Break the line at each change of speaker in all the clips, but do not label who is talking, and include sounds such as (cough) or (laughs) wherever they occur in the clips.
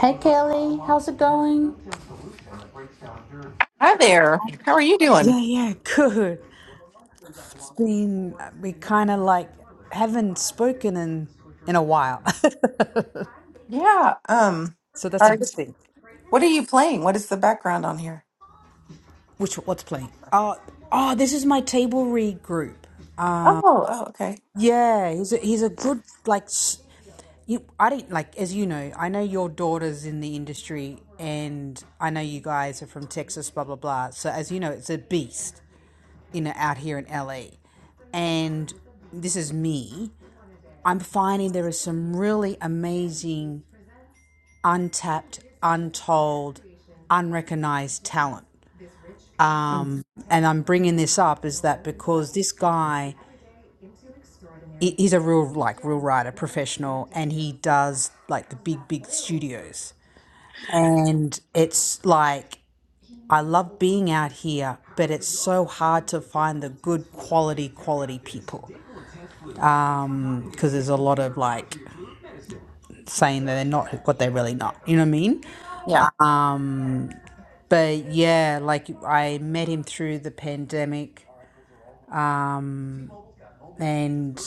Hey Kelly, how's it going?
Hi there. How are you doing?
Yeah, yeah, good. It's been we kind of like haven't spoken in in a while,
Yeah. Um.
(laughs) so that's a
are-
good thing.
what are you playing? What is the background on here?
Which what's playing? Oh, oh, this is my table read group.
Oh. Oh. Okay.
Yeah, he's a, he's a good like. s- You, I didn't like as you know. I know your daughter's in the industry, and I know you guys are from Texas. Blah blah blah. So as you know, it's a beast, you know, out here in LA, and this is me. I'm finding there is some really amazing, untapped, untold, unrecognized talent.
Mm,
Um, and I'm bringing this up is that because this guy, he's a real like real writer, professional, and he does like the big big studios. And it's like I love being out here, but it's so hard to find the good quality quality people because there's a lot of like saying that they're not what they're really not. You know what I mean?
yeah.
But yeah, like I met him through the pandemic, and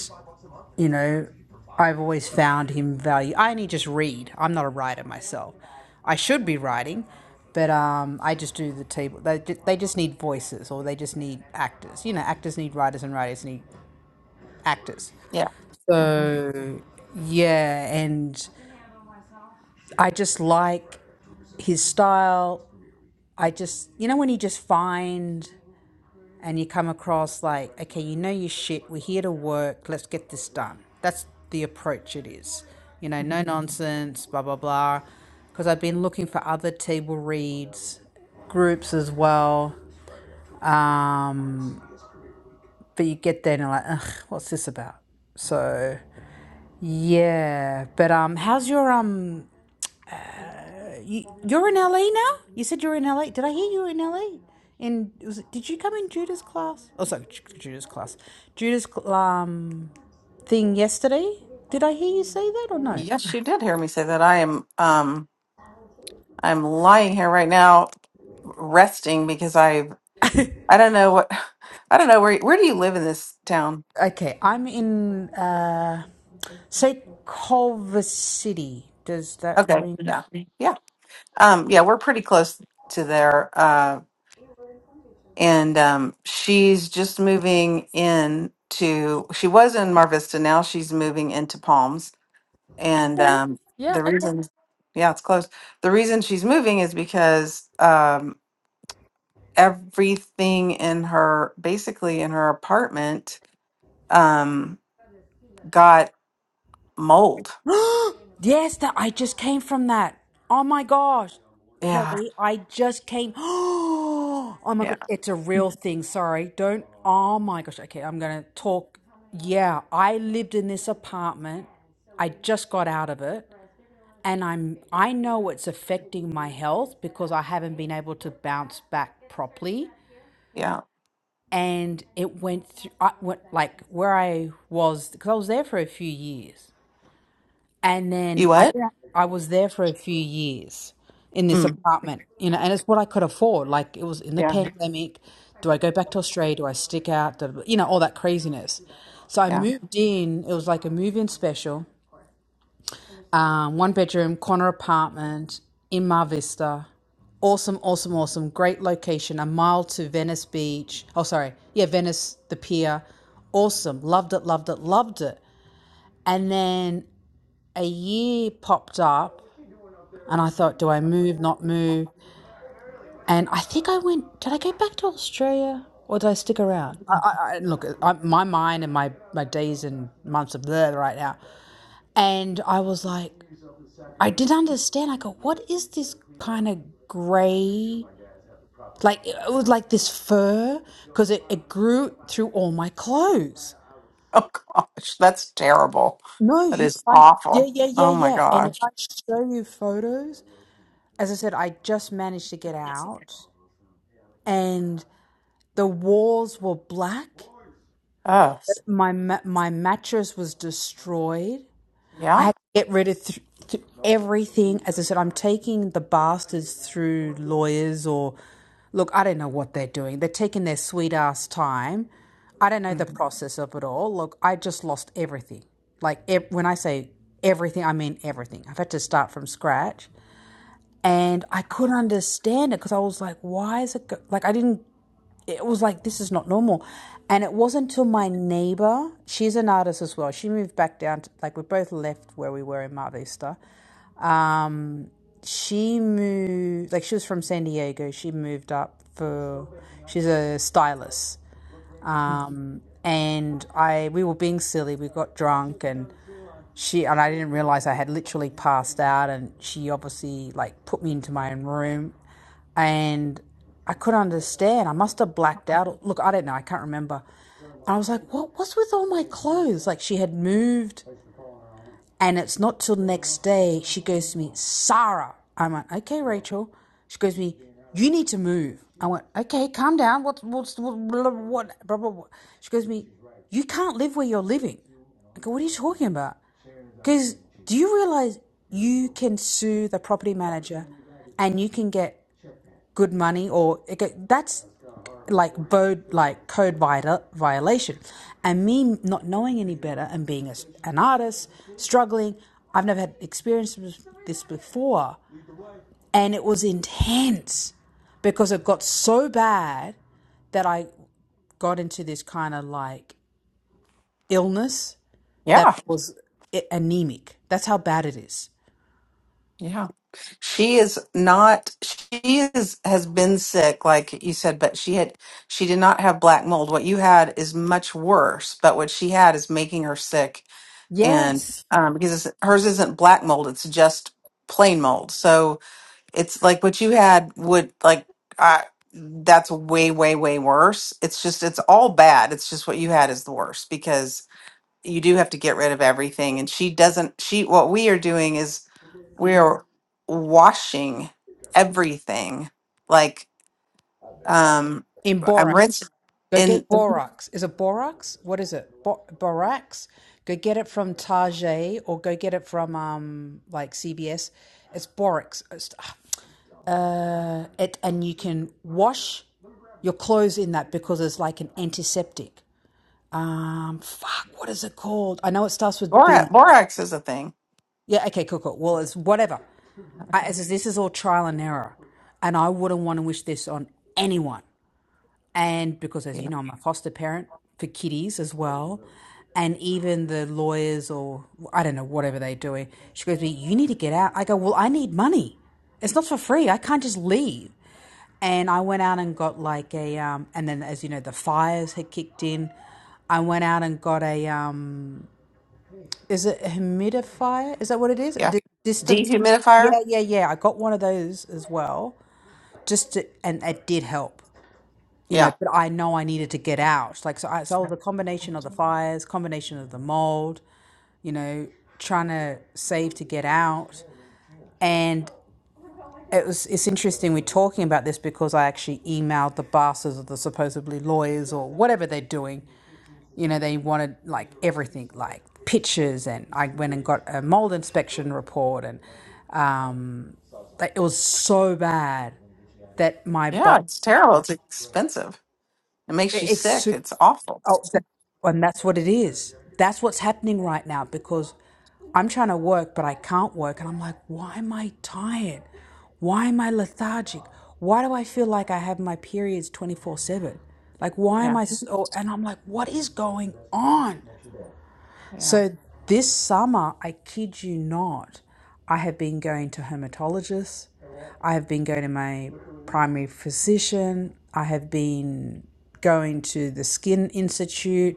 you know, I've always found him value. I only just read. I'm not a writer myself. I should be writing, but um, I just do the table. They they just need voices, or they just need actors. You know, actors need writers, and writers need actors.
Yeah. hmm
So yeah, and I just like his style. I just you know when you just find and you come across like, okay, you know your shit, we're here to work, let's get this done. That's the approach it is. You know, no nonsense, blah, blah, blah. Because I've been looking for other table reads, groups as well. Um, but you get there and you're like, ugh, what's this about? So yeah, but um, how's your um? You're in LA now. You said you're in LA. Did I hear you were in LA? In was it, did you come in Judah's class? Oh, sorry, Ju- Judah's class. Judah's cl- um thing yesterday. Did I hear you say that or no?
Yes, you did hear me say that. I am. Um. I'm lying here right now, resting because I. I don't know what. (sighs) I don't know where. Where do you live in this town?
Okay, I'm in uh, say Culver City. Does that
Okay.
ring?
Yeah. Yeah. Um. Yeah. We're pretty close to there. uh, and um, she's just moving in to she was in mar vista now she's moving into palms and um, the reason yeah it's close the reason she's moving is because um, everything in her basically in her apartment um, got mold
(gasps) Yes, that I just came from that. Oh my gosh,
yeah
Kelly, I just came. (gasps) Oh my
yeah
god, it's a real thing. Sorry, don't. Oh my gosh. Okay, I'm gonna talk. Yeah, I lived in this apartment. I just got out of it. and I'm I know it's affecting my health because I haven't been able to bounce back properly.
yeah
And it went through I went like where I was because I was there for a few years, and then
you
I
what
Yeah. I was there for a few years in this
mm,
apartment, you know, and it's what I could afford. Like it was in the
yeah
pandemic. Do I go back to Australia? Do I stick out? Do, you know, all that craziness. So I
yeah
moved in. It was like a move in special um, one bedroom corner apartment in Mar Vista. Awesome, awesome, awesome. Great location, a mile to Venice Beach. Oh, sorry. Yeah, Venice, the pier. Awesome. Loved it, loved it, loved it. And then a year popped up, and I thought, do I move, not move? And I think I went, did I go back to Australia or did I stick around? I, I, I look, I, my mind and my, my days and months of blur right now. And I was like, I didn't understand. I go, what is this kind of gray? Like it was like this fur because it, it grew through all my clothes.
(laughs) oh gosh that's terrible
No,
that
you,
is
I, yeah,
awful
yeah, yeah,
oh my
yeah. And if
gosh
I show you photos, as I said, I just managed to get out, and the walls were black.
oh
My ma- my mattress was destroyed. I
yeah
had to get rid of th- th- everything. As I said, I'm taking the bastards through lawyers or Look, I don't know what they're doing. They're taking their sweet ass time. I don't know the
Mhm.
process of it all. Look, I just lost everything. Like ev- when I say everything, I mean everything. I've had to start from scratch, and I couldn't understand it because I was like, "Why is it go-? like I didn't it was like this is not normal and it wasn't until my neighbor she's an artist as well she moved back down to, like we both left where we were in mar vista um, she moved like she was from san diego she moved up for she's a stylist um, and i we were being silly we got drunk and she and I didn't realize I had literally passed out and she obviously like put me into my own room and I couldn't understand. I must have blacked out. Look, I don't know. I can't remember. And I was like, "What what's with all my clothes?" Like she had moved and it's not till next day she goes to me, "Sarah." I went, "Okay, Rachel." She goes to me, "You need to move." I went, "Okay, calm down. What what's what blah, blah, blah, blah, blah." She goes to me, "You can't live where you're living." I go, what are you talking about? Because do you realize you can sue the property manager and you can get good money or it get, that's like bode like code viola- violation. And me not knowing any better and being a, an artist, struggling, I've never had experience with this before. And it was intense because it got so bad that I got into this kind of like illness that
Yeah,
I was a- anemic. That's how bad it is.
yeah. She is not, she is, has been sick, like you said, but she had, she did not have black mold. What you had is much worse, but what she had is making her sick. And
Yes.
um, because it's, hers isn't black mold, it's just plain mold. So it's like what you had would, like, I, that's way, way, way worse. It's just, it's all bad. It's just what you had is the worst because. you do have to get rid of everything. And she doesn't, she, what we are doing is we're washing everything. Like, um,
in
I'm
borax.
rinsing
Go get
in
borax. Is it borax? What is it? Bo- borax. Go get it from Target or go get it from um like CBS. It's borax. It's- Uh, it and you can wash your clothes in that because it's like an antiseptic. Um, fuck. What is it called? I know it starts with B.
borax, borax is a thing.
Yeah. Okay. Cool. Cool. Well, it's whatever. I, this is this is all trial and error, and I wouldn't want to wish this on anyone. and because, as
You know,
you know, I'm a foster parent for kitties as well. And even the lawyers, or I don't know, whatever they're doing, she goes to me, You need to get out. I go, Well, I need money. It's not for free. I can't just leave. And I went out and got like a, um, and then as you know, the fires had kicked in. I went out and got a, um, is it a humidifier? Is that what it is?
yeah.
D- distant.
Dehumidifier.
Yeah, yeah, yeah. I got one of those as well. Just to, and it did help you know,
Yeah.
but I know I needed to get out. Like, so I, so the combination of the fires, combination of the mold, you know, trying to save to get out. And it was, it's interesting we're talking about this because I actually emailed the bastards or the supposedly lawyers or whatever they're doing. You know, they wanted like everything, like pictures. And I went and got a mold inspection report and, um, like, it was so bad that my
Yeah.
body,
It's terrible. It's expensive. It makes
it,
you
it's
sick.
super
It's awful.
Oh, that, and that's what it is. That's what's happening right now because I'm trying to work, but I can't work. And I'm like, why am I tired? Why am I lethargic? Why do I feel like I have my periods 24 7? Like, why am
Yeah.
I so? And I'm like, what is going on?
Yeah.
So this summer, I kid you not, I have been going to hermatologists. I have been going to my primary physician. I have been going to the Skin Institute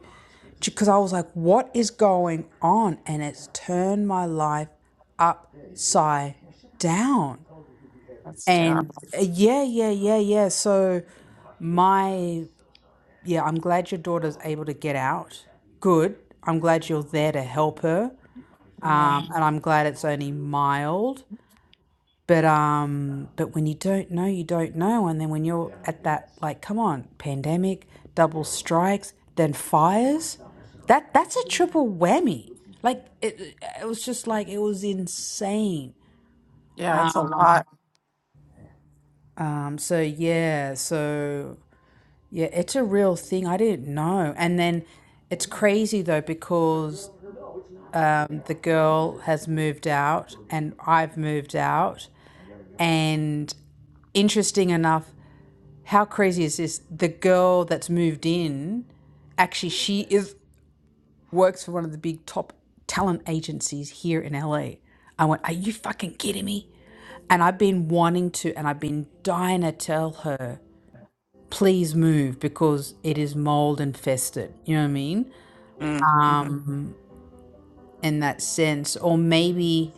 because I was like, what is going on? And it's turned my life upside down.
That's
And
terrible.
uh, yeah, yeah, yeah, yeah. So, my, yeah, I'm glad your daughter's able to get out. Good. I'm glad you're there to help her.
Yeah.
Um, and I'm glad it's only mild. But um, but when you don't know, you don't know, and then when you're at that, like, come on, pandemic, double strikes, then fires, that that's a triple whammy. Like it, it was just like it was insane.
Yeah. It's a lot.
Um, so yeah, so yeah, it's a real thing. I didn't know, and then it's crazy though because um, the girl has moved out and I've moved out, and interesting enough, how crazy is this? The girl that's moved in, actually, she is works for one of the big top talent agencies here in LA. I went, are you fucking kidding me? And I've been wanting to, and I've been dying to tell her, please move because it is mold infested. You know what I mean?
Mm-hmm.
Um, in that sense, or maybe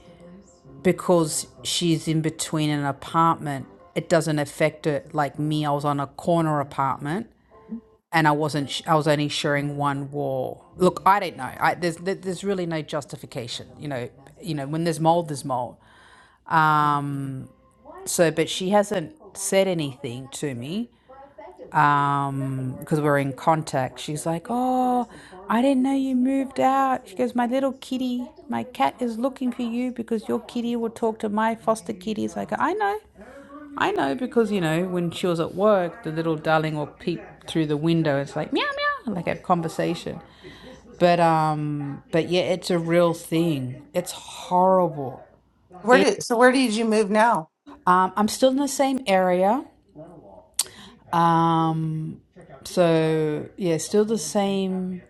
because she's in between an apartment, it doesn't affect her like me. I was on a corner apartment and I wasn't. sh- I was only sharing one wall. Look, I don't know. I, there's there's really no justification. You know, you know when there's mold, there's mold. Um. So, but she hasn't said anything to me. Um, because we're in contact. She's like, oh, I didn't know you moved out. She goes, my little kitty, my cat is looking for you because your kitty will talk to my foster kitties. I go, I know. I know because, you know, when she was at work, the little darling will peep through the window. It's like meow meow, like a conversation. But um but yeah, it's a real thing. It's horrible.
Where
It
did, so where did you move now?
um I'm still in the same area. Um so yeah, still the same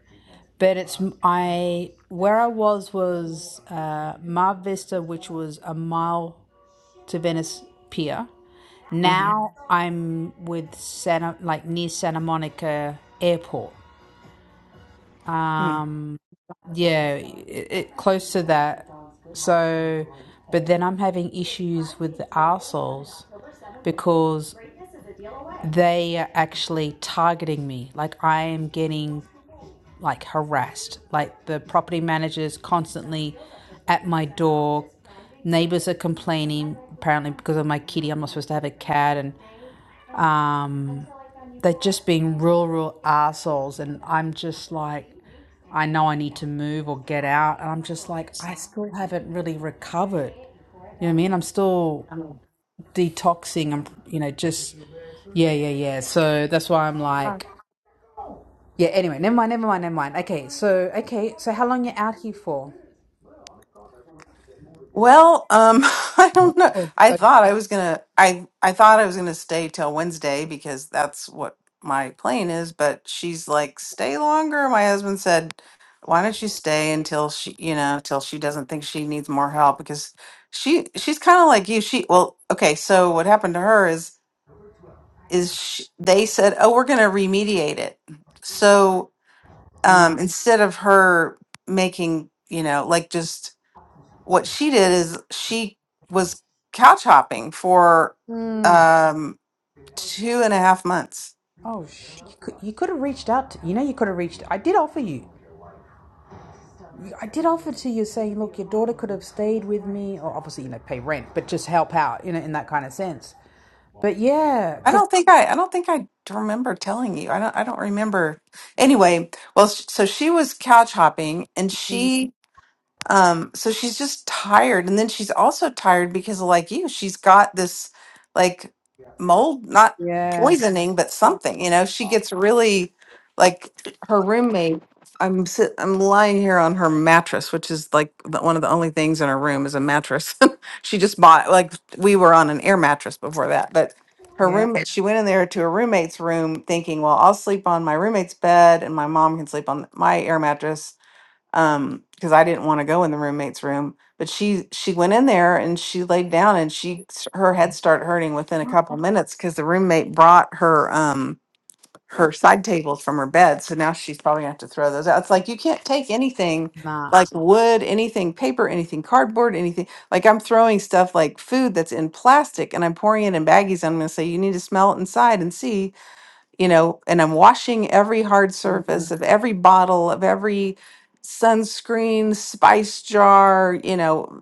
but it's I where I was was uh Mar Vista, which was a mile to Venice Pier Now I'm with Santa, like near Santa Monica Airport.
Mm-hmm.
Yeah, it, it, close to that. So, but then I'm having issues with the arseholes because they are actually targeting me. Like I am getting like harassed. Like the property managers constantly at my door. Neighbors are complaining apparently because of my kitty. I'm not supposed to have a cat, and. um, they're just being real, real assholes. And I'm just like, I know I need to move or get out. And I'm just like, I still haven't really recovered. You know what I mean? I'm still
Mm.
detoxing. I'm, you know, just, yeah, yeah, yeah. So that's why I'm like, yeah, anyway, never mind, never mind, never mind. Okay, so, okay, so how long you out here for?
Well, um, (laughs) I don't know.
Oh,
I
uh,
thought I was gonna I I thought I was gonna stay till Wednesday because that's what my plane is, but she's like, stay longer. My husband said, why don't you stay until she, you know, till she doesn't think she needs more help because she she's kind of like you. She well, okay, so what happened to her is is she, they said, "Oh, we're going to remediate it." So, um instead of her making, you know, like just what she did is she was couch hopping for
mm,
um two and a half months
oh sh- you, could, you could have reached out. To, you know, you could have reached. I did offer you. I did offer to you saying, look, your daughter could have stayed with me, or obviously, you know, pay rent, but just help out, you know, in that kind of sense. But yeah,
i
because,
don't think i i don't think i remember telling you i don't i don't remember anyway well s- so she was couch hopping and she Um, so she's just tired. And then she's also tired because, like you, she's got this like mold, not
yeah,
poisoning, but something, you know, she gets really like her roommate. I'm sit, I'm lying here on her mattress, which is like the, one of the only things in her room is a mattress. (laughs) she just bought like we were on an air mattress before that, but her
yeah,
roommate she went in there to her roommate's room thinking, well, I'll sleep on my roommate's bed and my mom can sleep on my air mattress um because I didn't want to go in the roommate's room but she she went in there and she laid down and she s- her head started hurting within a couple minutes cuz the roommate brought her um her side tables from her bed so now she's probably going to have to throw those out it's like you can't take anything
nah.
like wood anything paper anything cardboard anything like I'm throwing stuff like food that's in plastic and I'm pouring it in baggies I'm going to say you need to smell it inside and see you know, and I'm washing every hard surface of every bottle of every sunscreen, spice jar, you know,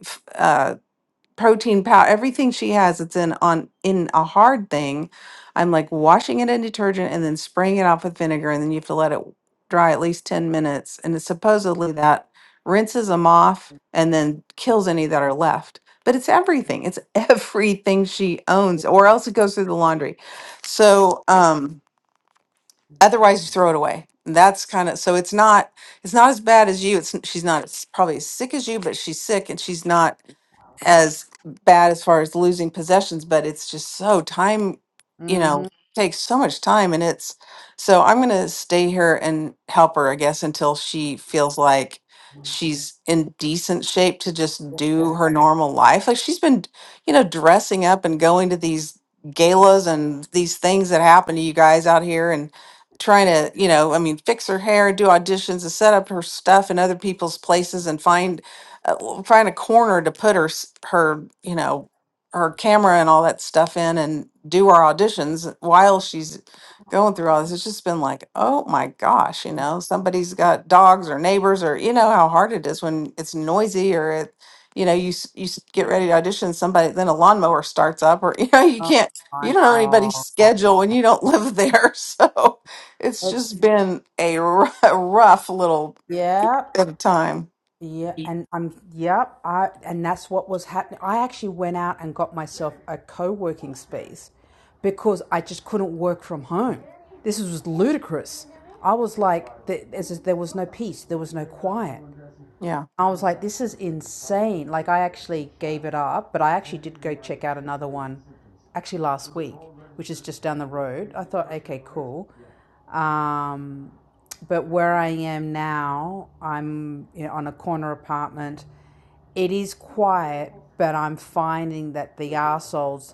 f- uh, protein powder, everything she has. It's in on in a hard thing. I'm like washing it in detergent and then spraying it off with vinegar, and then you have to let it dry at least ten minutes. And it's supposedly that rinses them off and then kills any that are left. But it's everything. It's (laughs) everything she owns, or else it goes through the laundry. So, um, otherwise you throw it away that's kind of so it's not it's not as bad as you it's she's not as probably as sick as you but she's sick and she's not as bad as far as losing possessions, but it's just so time, you know,
Mm-hmm.
takes so much time. And it's so I'm going to stay here and help her, I guess, until she feels like she's in decent shape to just do her normal life. Like she's been, you know, dressing up and going to these galas and these things that happen to you guys out here and trying to, you know, I mean, fix her hair, do auditions and set up her stuff in other people's places and find uh, find a corner to put her s- her you know her camera and all that stuff in and do our auditions while she's going through all this it's just been like oh my gosh you know somebody's got dogs or neighbors or you know how hard it is when it's noisy or it you know you s- you s- get ready to audition somebody then a lawnmower starts up or (laughs) you know you
Oh
can't you
my
don't know anybody's
God.
schedule when you don't live there (laughs) so it's
It's,
just been a r- (laughs) rough little
yeah,
bit of time
yeah. And I'm, yeah, I, and that's what was happening. I actually went out and got myself a co working space because I just couldn't work from home. This was ludicrous. I was like, there was no peace, there was no quiet.
yeah
I was like, this is insane. Like, I actually gave it up, but I actually did go check out another one actually last week, which is just down the road. I thought, okay, cool. Um, but where I am now, I'm you know, on a corner apartment. It is quiet, but I'm finding that the arseholes,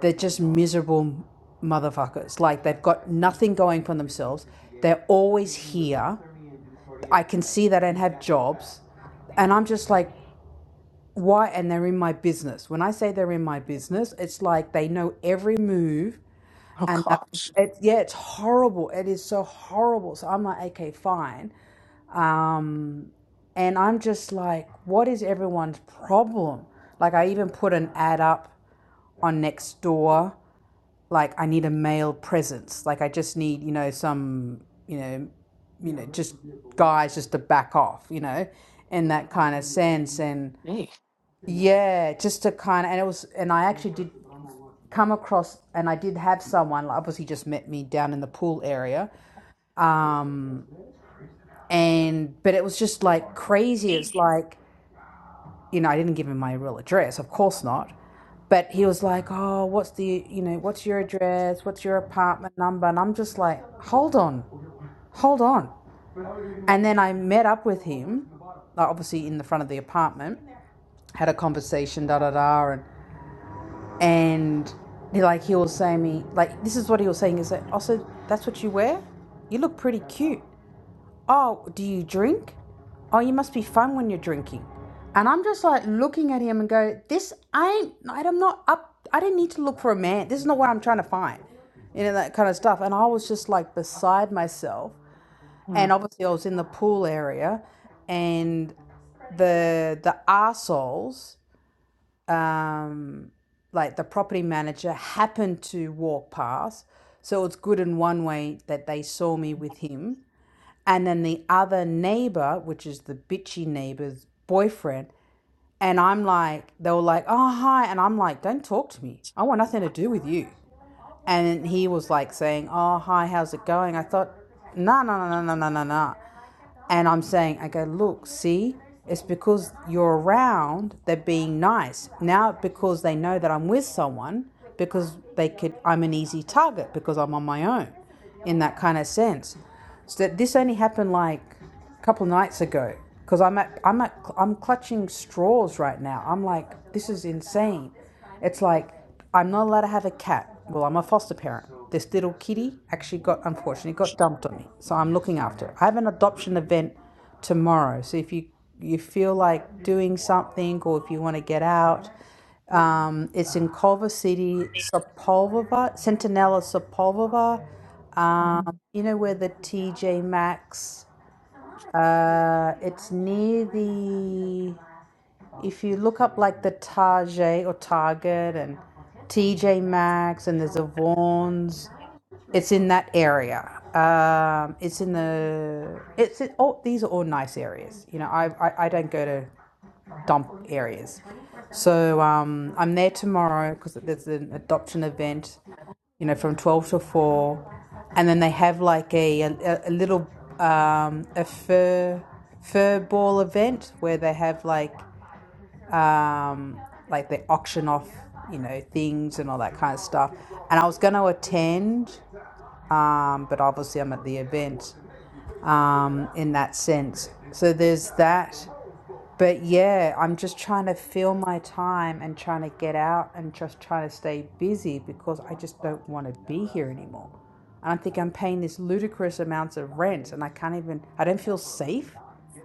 they're just miserable motherfuckers. Like, they've got nothing going for themselves. They're always here. I can see they don't have jobs. And I'm just like, why and they're in my business when i say they're in my business it's like they know every move
oh
and that
gosh
it's yeah it's horrible it is so horrible so i'm like okay fine um and i'm just like what is everyone's problem like i even put an ad up on next door like i need a male presence like i just need you know some you know you know just guys just to back off you know in that kind of sense and
Hey.
yeah, just to kind of, and it was, and I actually did come across, and I did have someone, like, obviously just met me down in the pool area. Um, and, but it was just like crazy. It's like, you know, I didn't give him my real address, of course not. But he was like, oh, what's the, you know, what's your address? What's your apartment number? And I'm just like, hold on, hold on. And then I met up with him like obviously in the front of the apartment, had a conversation, da da da, and and he- like he was saying me like this is what he was saying is that so that's what you wear you look pretty cute oh do you drink oh you must be fun when you're drinking and i'm just like looking at him and go this ain't i'm not up i didn't need to look for a man this is not what i'm trying to find you know that kind of stuff and i was just like beside myself
Mm,
and obviously i was in the pool area and the the arseholes um, like the property manager happened to walk past. So it's good in one way that they saw me with him. And then the other neighbor, which is the bitchy neighbor's boyfriend, and I'm like, they were like, oh, hi. And I'm like, don't talk to me. I want nothing to do with you and he was like saying, "Oh, hi, how's it going?" I thought, "No, no, no, no, no, no, no." And I'm saying, "I go look, see, it's because you're around. They're being nice now because they know that I'm with someone because they could. I'm an easy target because I'm on my own, in that kind of sense. So that this only happened like a couple of nights ago because I'm at I'm at I'm clutching straws right now. I'm like, this is insane it's like, I'm not allowed to have a cat. Well, I'm a foster parent. This little kitty actually got, unfortunately, got dumped on me. So I'm looking after it. I have an adoption event tomorrow. So if you, you feel like doing something or if you want to get out, um, it's in Culver City, Sepulveda, Centinela Sepulveda.
mhm.
You know where the TJ Maxx. Uh, it's near the if you look up like the Target or Target and TJ Maxx and there's a Vaughn's, it's in that area. Um, it's in the it's in, oh these are all nice areas. You know, I I, I don't go to dump areas, so um, I'm there tomorrow because there's an adoption event. You know, from twelve to four, and then they have like a a, a little um, a fur fur ball event where they have like um, like they auction off, you know, things and all that kind of stuff. And I was going to attend, um, but obviously I'm at the event um, in that sense. So there's that. But yeah, I'm just trying to fill my time and trying to get out and just trying to stay busy because I just don't want to be here anymore. And I think I'm paying this ludicrous amounts of rent and I can't even, I don't feel safe.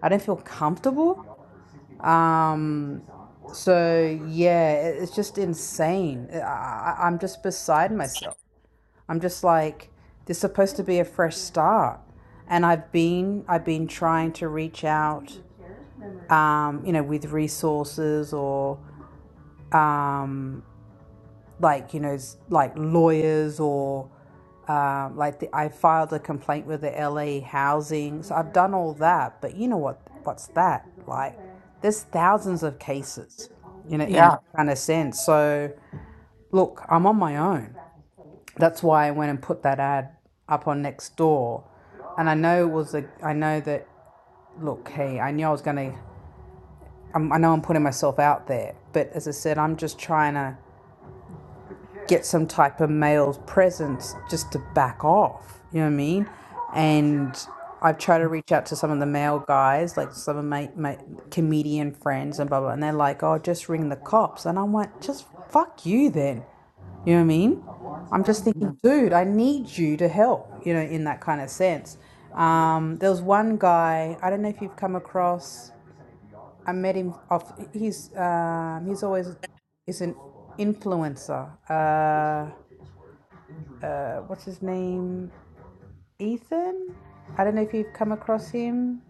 I don't feel comfortable. Um, so yeah, it- it's just insane. I, I, I'm just beside myself. I'm just like, there's supposed to be a fresh start, and I've been I've been trying to reach out, um, you know, with resources or um, like you know s- like lawyers or um, like the, I filed a complaint with the LA housing so I've done all that but you know what what's that like there's thousands of cases you know in
Yeah.
that kind of sense so look I'm on my own that's why I went and put that ad up on Nextdoor. and I know it was a I know that look hey I knew I was gonna I'm, I know I'm putting myself out there but as I said I'm just trying to get some type of male presence just to back off. You know what I mean? And I've tried to reach out to some of the male guys, like some of my, my comedian friends and blah, blah, and they're like, oh, just ring the cops. And I'm like, just fuck you then. You know what I mean? I'm just thinking,
No,
dude, I need you to help, you know, in that kind of sense. Um, there was one guy, I don't know if you've come across, I met him off, he's, um, he's always, is an influencer. uh, what's his name? Ethan? I don't know if you've come across him.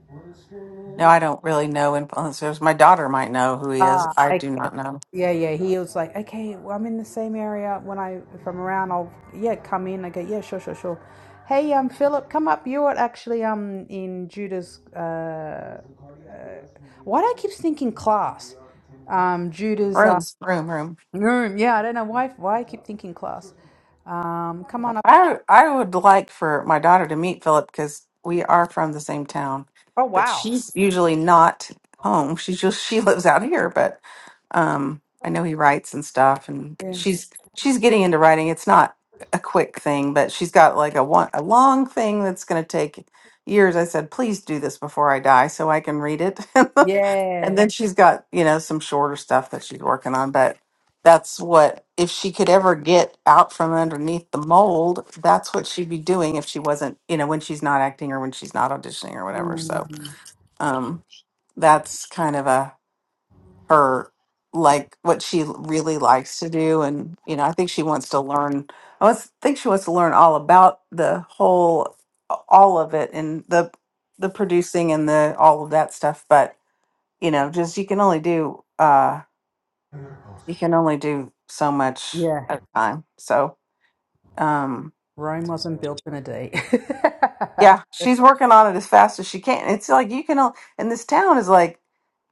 No, I don't really know influencers. My daughter might know who he is.
Ah,
I
okay.
do not know.
yeah, yeah. He was like, okay, well, I'm in the same area. When I, if I'm around, I'll, yeah, come in. I go, yeah, sure, sure, sure. Hey, um, Philip, come up. You're at actually, um, in Judah's, uh, why do I keep thinking class? Um, Judah's, um,
Room, room, room.
room. Yeah, I don't know why, why I keep thinking class. Um, come on up.
I I would like for my daughter to meet Philip because we are from the same town,
Oh,
but
wow.
she's usually not home. She's just she (laughs) lives out here, but um, I know he writes and stuff, and
Yeah.
she's she's getting into writing. It's not a quick thing, but she's got like a one a long thing that's going to take years. I said, please do this before I die so I can read it, (laughs) and
Yeah.
then she's got you know some shorter stuff that she's working on, but. That's what, if she could ever get out from underneath the mold, that's what she'd be doing if she wasn't, you know, when she's not acting or when she's not auditioning or whatever. So, um, that's kind of a her like what she really likes to do. And, you know, I think she wants to learn, I was, think she wants to learn all about the whole, all of it and the, the producing and the, all of that stuff. But, you know, just you can only do, uh, you can only do so much
Yeah.
at a time. So, um
Rome wasn't built in a day.
yeah she's working on it as fast as she can it's like you can o- and this town is like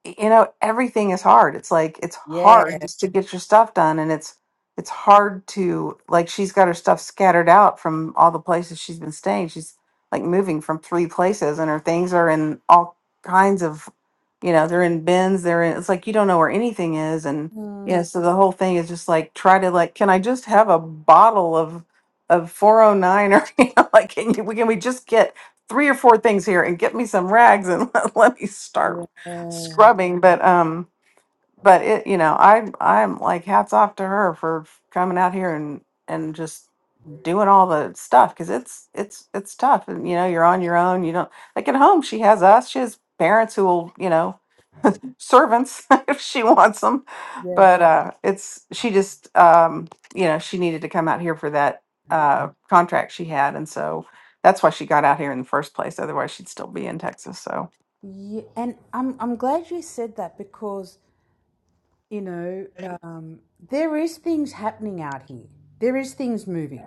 you know everything is hard it's like it's
(laughs) Yeah.
hard Right. just to get your stuff done and it's it's hard to like she's got her stuff scattered out from all the places she's been staying she's like moving from three places and her things are in all kinds of you know they're in bins they're in it's like you don't know where anything is and yeah so the whole thing is just like try to like can i just have a bottle of of 409 or (laughs) you know, like can you, we can we just get three or four things here and get me some rags and (laughs) let, let me start
Uh,
scrubbing but um but it you know i i'm like hats off to her for coming out here and and just doing all the stuff because it's it's it's tough and you know you're on your own you don't like at home she has us she has parents who will you know servants (laughs) if she wants them.
yeah.
But uh, it's she just um, you know she needed to come out here for that uh, contract she had, and so that's why she got out here in the first place. Otherwise, she'd still be in Texas. So
Yeah, and I'm I'm glad you said that because you know um, there is things happening out here. There is things moving.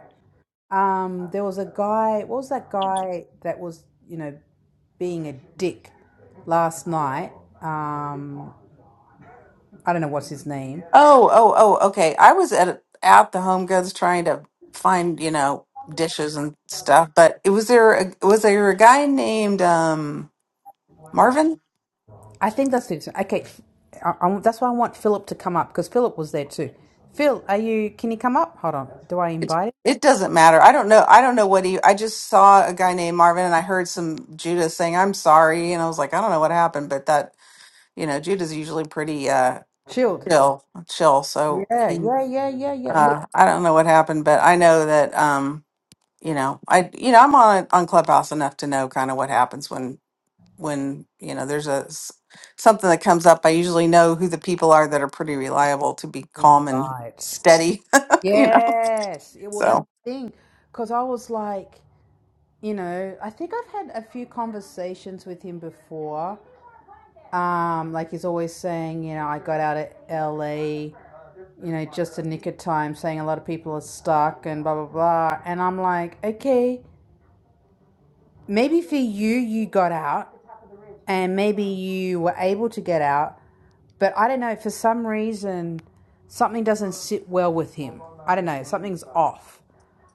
Um, there was a guy. What was that guy that was you know being a dick last night? Um, I don't know what's his name.
oh oh oh okay, I was at out the Home Goods trying to find you know dishes and stuff, but it was there a, was there a guy named um, Marvin?
I think that's it. Okay, I, I, that's why I want Philip to come up because Philip was there too. Phil, are you? Can you come up? Hold on. Do I
It,
invite him?
it doesn't matter. I don't know. I don't know what he. I just saw a guy named Marvin, and I heard some Judah saying, "I'm sorry," and I was like, "I don't know what happened," but that you know, Judah's usually pretty uh
Chilled.
chill, chill. So
Yeah,
he,
yeah, yeah, yeah, yeah. Look,
uh, I don't know what happened, but I know that um, you know, I you know, I'm on on Clubhouse enough to know kind of what happens when when you know there's a s- something that comes up. I usually know who the people are that are pretty reliable to be calm and
right.
steady. (laughs) you know,
Yes. Yeah, well,
so.
that's the thing. Because I was like, you know, I think I've had a few conversations with him before. Um, like he's always saying, you know, I got out of LA, you know, just a nick of time, saying a lot of people are stuck and blah, blah, blah. And I'm like, okay, maybe for you, you got out and maybe you were able to get out. But I don't know, for some reason, something doesn't sit well with him. I don't know, something's off.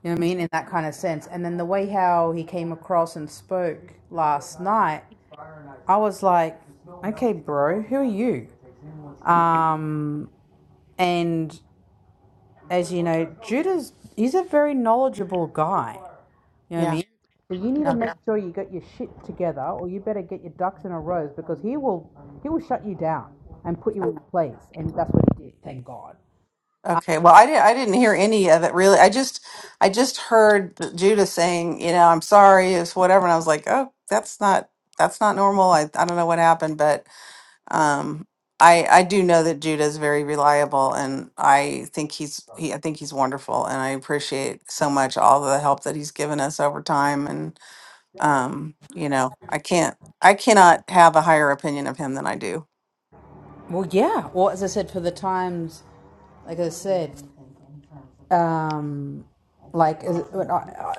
You know what I
Mm,
mean? In that kind of sense. And then the way how he came across and spoke last night, I was like, okay, bro, who are you? Um, and as you know, Judah's, he's a very knowledgeable guy. You know what I
Yeah,
mean? So you need to
yeah,
make sure you got your shit together or you better get your ducks in a row because he will, he will shut you down and put you
yeah.
in place. And that's what he did. Thank God.
Okay. Well, I didn't. I didn't hear any of it really. I just, I just heard th- Judah saying, you know, I'm sorry, it's whatever, and I was like, oh, that's not, that's not normal. I, I don't know what happened, but um, I, I do know that Judah is very reliable, and I think he's, he, I think he's wonderful, and I appreciate so much all the help that he's given us over time, Um, you know, I can't, I cannot have a higher opinion of him than I do.
Well, yeah. Well, as I said, for the times like I said, um, like it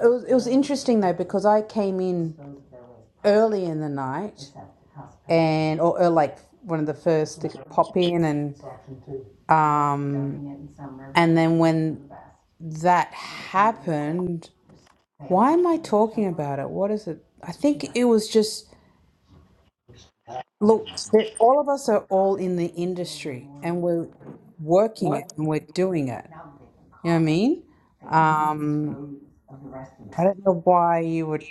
it was, it was interesting though because I came in early in the night and or, or like one of the first to pop in and um and then when that happened why am I talking about it what is it I think it was just look that all of us are all in the industry and we're working it and we're doing it you know what I mean? Um, I don't know why you would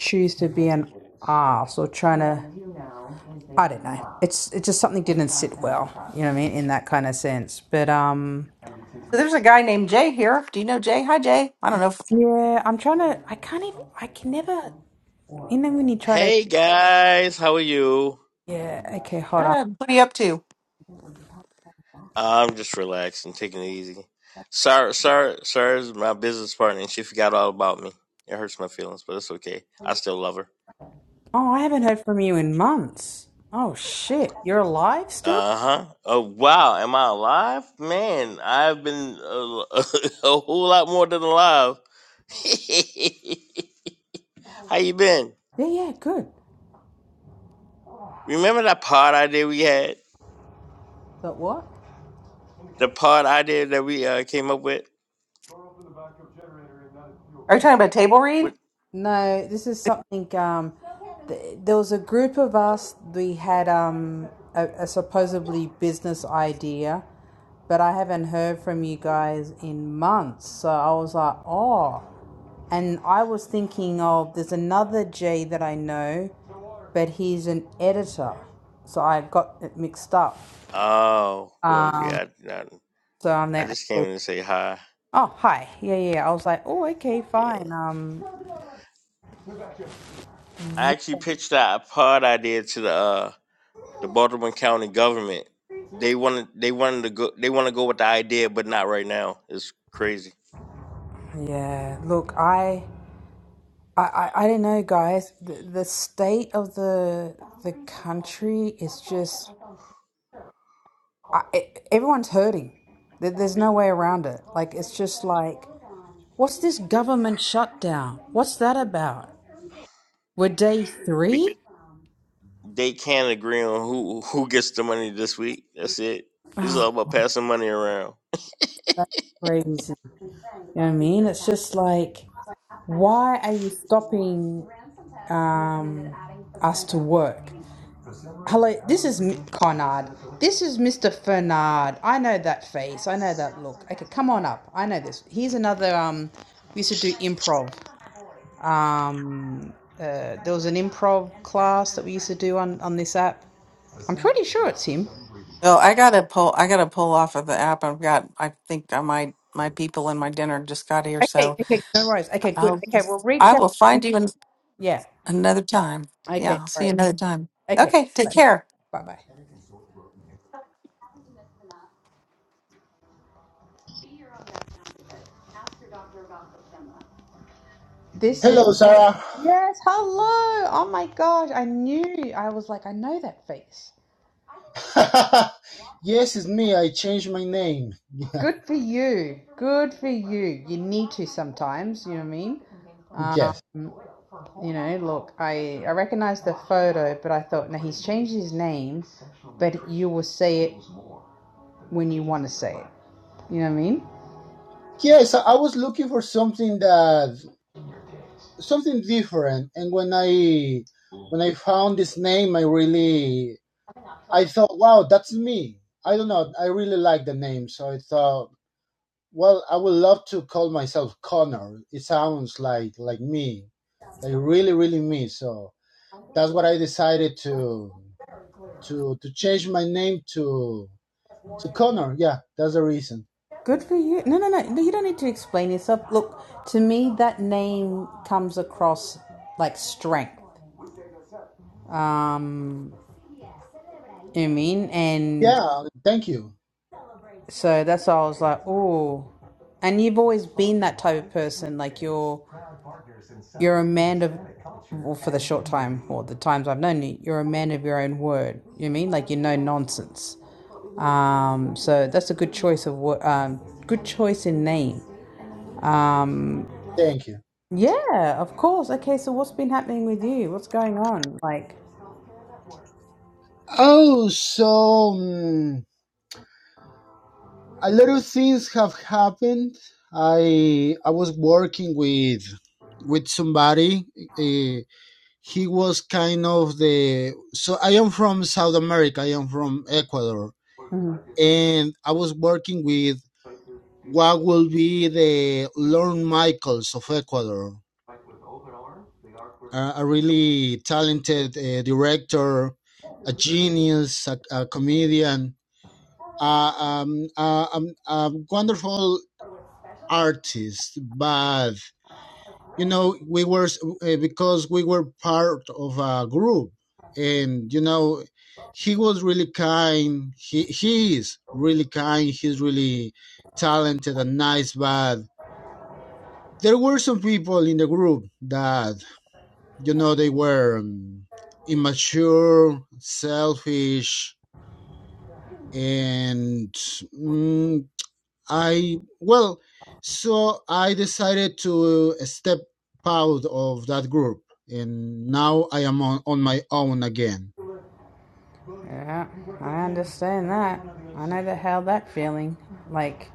choose to be an ass or trying to. I don't know. It's it's just something didn't sit well. You know what I mean in that kind of sense. But um,
So there's a guy named Jay here. Do you know Jay? Hi, Jay. I don't know. If,
yeah, I'm trying to. I can't even. I can never. You know when you try to.
Hey guys, how are you?
Yeah. Okay. Hold on.
uh, what are you up to?
I'm just relaxing, taking it easy. Sarah, Sarah, Sarah's my business partner, and she forgot all about me. It hurts my feelings, but it's okay. I still love her.
Oh, I haven't heard from you in months. Oh shit. You're alive still?
Uh huh. Oh wow, am I alive? Man, I've been uh, (laughs) a whole lot more than alive. (laughs) how you been?
Yeah. Yeah. Good.
Remember that pod idea we had?
But what?
The pod idea that we uh, came up with?
Are you talking about table read?
With
No, this is something. Um, th- there was a group of us. We had um, a, a supposedly business idea, but I haven't heard from you guys in months. So I was like, oh. And I was thinking of there's another J that I know, but he's an editor. So I got it mixed up.
oh well,
Um,
yeah. I, I
so I'm
I
there.
just came
okay.
in to say hi.
Oh, hi. Yeah, yeah. yeah. I was like, oh, okay,
Yeah.
fine. Um,
I actually pitched that a pod idea to the uh, the Baltimore County government. They wanted they wanted to go they want to go with the idea, but not right now. It's crazy.
yeah. Look, I. I, I, I don't know, guys. The, the state of the the country is just I, it, everyone's hurting. There, there's no way around it. Like it's just like, what's this government shutdown? What's that about? We're day
Be,
three.
they can't agree on who who gets the money this week. That's it. It's all about passing money around.
Crazy. You know what I mean? It's just like, why are you stopping um, us to work? Hello, this is Conard. This is Mr. Fernard. I know that face. I know that look. Okay, come on up. I know this. Here's another. Um, we used to do improv. Um, uh, there was an improv class that we used to do on on this app. I'm pretty sure it's him.
No, I gotta pull. I gotta pull off of the app. I've got. I think I might. My people and my dinner just got here,
Okay,
so
okay, no worries. Okay, good.
I'll.
Okay, we'll reach
I
out.
will find you an,
Yeah.
another time. Yeah,
Okay,
I'll
all
see you
right.
another time.
Okay,
Okay, take
bye
care.
bye. This
Hello,
is
Sarah.
yes. Hello. Oh my gosh, I knew. I was like, I know that face.
(laughs) yes, it's me. I changed my name. (laughs) Yeah,
Good for you. Good for you. You need to sometimes, you know what I mean? Um,
yes.
you know, look, I, I recognized the photo, but I thought, now he's changed his name, but you will say it when you want to say it. You know what I mean?
Yes, I I was looking for something that something different, and when I when I found this name, I really I thought, wow, that's me. I don't know. I really like the name, so I thought, well, I would love to call myself Connor. It sounds like like me, like really, really me. So that's what I decided to to to change my name to To Connor, yeah, that's the reason.
Good for you. No, no, no. no, You don't need to explain yourself. Look, to me, that name comes across like strength. Um, you know what I mean? And
Yeah, thank you.
so that's why I was like, oh. And you've always been that type of person. Like you're You're a man of, well, for the short time or the times I've known you, you're a man of your own word. You mean like you know nonsense. Um, so that's a good choice of what, um, good choice in name. Um,
Thank you.
yeah, of course. Okay, so what's been happening with you? What's going on? Like,
Oh, so mm, a lot of things have happened. I I was working with with somebody. Uh, he was kind of the so I am from South America. I am from Ecuador, and I was working with what will be the Lorne Michaels of Ecuador uh, a really talented uh, director, a genius, a, a comedian, uh, um, uh, um, a wonderful artist. But you know, we were uh, because we were part of a group, and you know, he was really kind. He he is really kind. He's really talented and nice, but. There were some people in the group that you know they were um, immature selfish and mm, i well so i decided to step out of that group and now i am on, on my own again
yeah, I understand that. I know the hell that feeling. Like,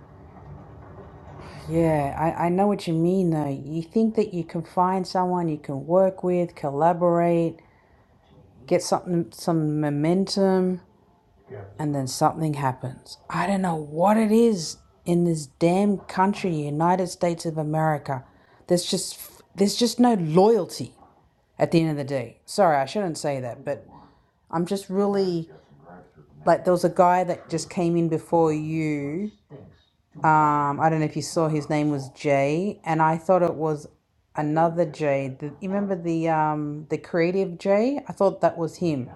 yeah, I, I know what you mean though. You think that you can find someone you can work with, collaborate, get something, some momentum, and then something happens. I don't know what it is in this damn country, United States of America. There's just there's just no loyalty at the end of the day. Sorry, I shouldn't say that, but I'm just really like there was a guy that just came in before you. Um, I don't know if you saw his name was Jay, and I thought it was another Jay. The, you remember the um the creative Jay? I thought that was him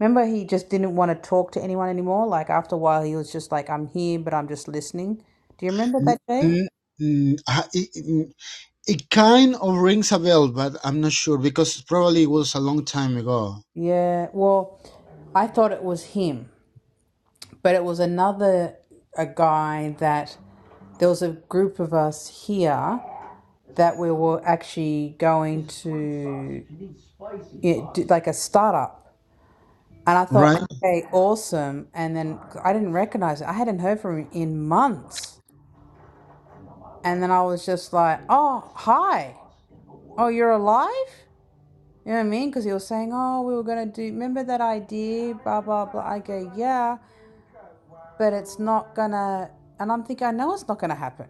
Remember, he just didn't want to talk to anyone anymore. Like after a while, he was just like, "I'm here, but I'm just listening." Do you remember
N-
that day?
n- n- I- it, it it kind of rings a bell but i'm not sure because probably it was a long time ago
Yeah. Well, I thought it was him, but it was another a guy that there was a group of us here that we were actually going to it, do- like a startup, and I thought,
right
okay, awesome. And then I didn't recognize it. I hadn't heard from him in months, and then I was just like, oh, hi. Oh, you're alive? You know what I mean? Because he was saying, oh, we were going to do, remember that idea, blah, blah, blah. I go, yeah, but it's not going to, and I'm thinking, I know it's not going to happen.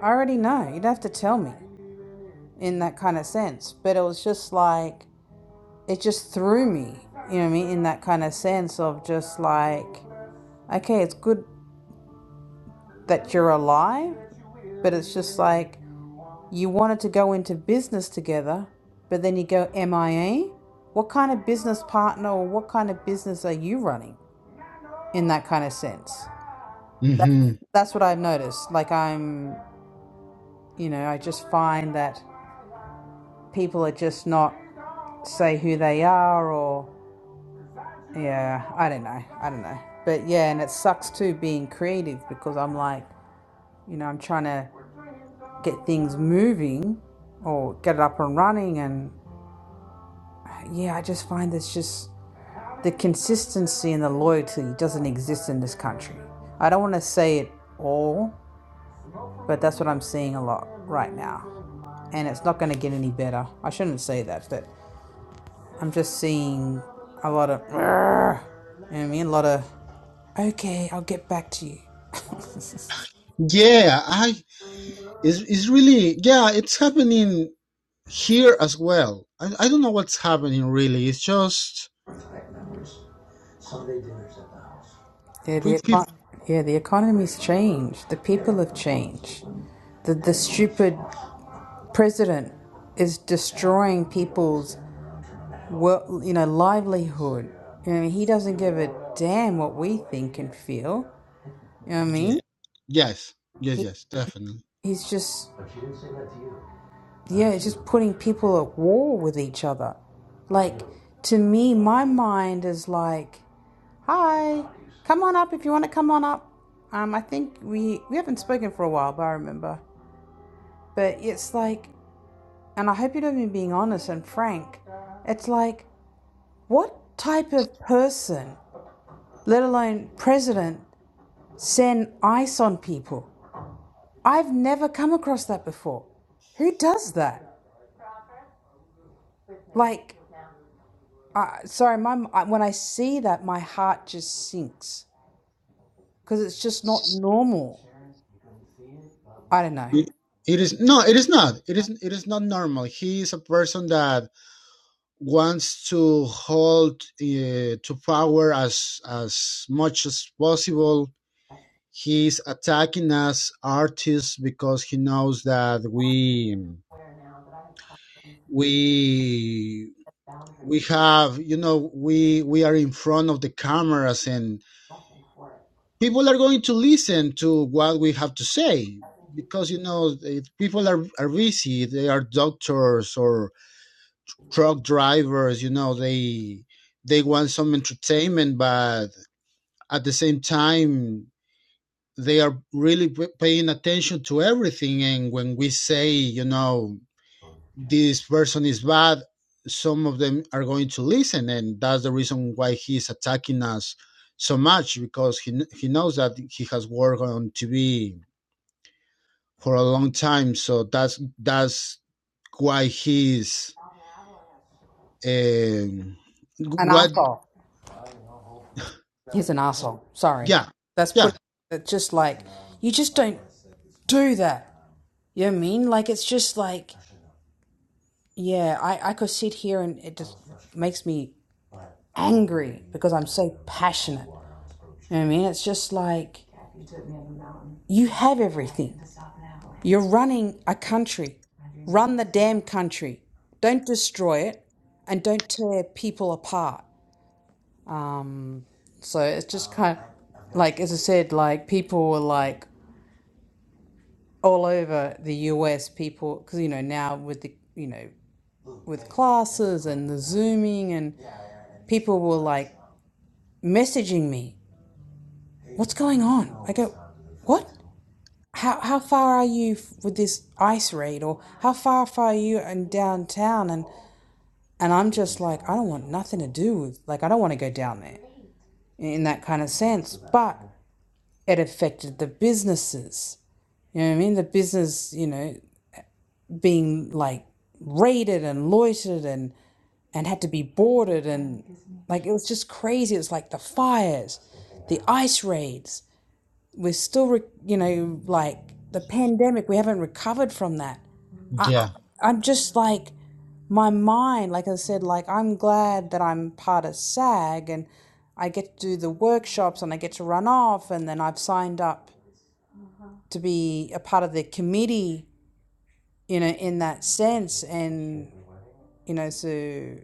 I already know. You'd have to tell me in that kind of sense. But it was just like, it just threw me, you know what I mean? In that kind of sense of just like, okay, it's good that you're alive, but it's just like, You wanted to go into business together, but then you go MIA? What kind of business partner or what kind of business are you running in that kind of sense? That,
hmm
that's what I've noticed. Like, I'm, you know, I just find that people are just not say who they are or, yeah, I don't know. I don't know. But yeah, and it sucks too being creative because I'm like, you know, I'm trying to get things moving or get it up and running. And yeah, I just find it's just the consistency and the loyalty doesn't exist in this country. I don't want to say it all, but that's what I'm seeing a lot right now. And it's not going to get any better. I shouldn't say that, but I'm just seeing a lot of, you know what I mean? A lot of, okay, I'll get back to you.
yeah, I Is is really, yeah, it's happening here as well. I, I don't know what's happening really. It's just
Yeah,
we
the,
people.
eco- yeah, the economy's changed. The people have changed. The, the stupid president is destroying people's well, you know, livelihood. You know, he doesn't give a damn what we think and feel. You know what I mean?
Yeah. Yes. Yes.
He,
Yes. Definitely.
he's just, yeah, he's just putting people at war with each other. Like, to me, my mind is like, hi, come on up if you want to come on up. Um, I think we, we haven't spoken for a while, but I remember. But it's like, and I hope you don't mind being honest and frank. It's like, what type of person, let alone president, send ice on people. I've never come across that before. Who does that? Like, uh, sorry, my when I see that, my heart just sinks because it's just not normal. I don't know.
It, it is no. It is not. It is. It is not normal. He is a person that wants to hold uh, to power as as much as possible. He's attacking us artists because he knows that we we we have you know we we are in front of the cameras and people are going to listen to what we have to say because you know people are, are busy they are doctors or truck drivers you know they they want some entertainment but at the same time they are really paying attention to everything and when we say you know this person is bad, some of them are going to listen, and that's the reason why he's attacking us so much because he he knows that he has worked on TV for a long time, so that's that's why he's um,
An
what
asshole. He's an asshole. Sorry,
yeah
that's put.
yeah
It's just like you just don't do that. You know what I mean? Like it's just like yeah. I I could sit here and it just makes me angry because I'm so passionate. You know what I mean? It's just like You have everything. You're running a country. Run the damn country. Don't destroy it and don't tear people apart. Um, so it's just kind of like, as I said, like people were like all over the US, people, because you know, now with the, you know, with classes and the Zooming, and people were like messaging me, What's going on? I go, What? how how far are you f- with this ice raid or how far, far are you in downtown and And I'm just like, I don't want nothing to do with, like, I don't want to go down there in that kind of sense. But it affected the businesses. You know what I mean? The business, you know, being like raided and loitered and, and had to be boarded. And like, it was just crazy. It was like the fires, the ice raids. We're still, re- you know, like the pandemic, we haven't recovered from that. I, I-
yeah
I'm just like, my mind, like I said, like I'm glad that I'm part of SAG and I get to do the workshops and I get to run off and then I've signed up to be a part of the committee, you know, in that sense. And, you know, so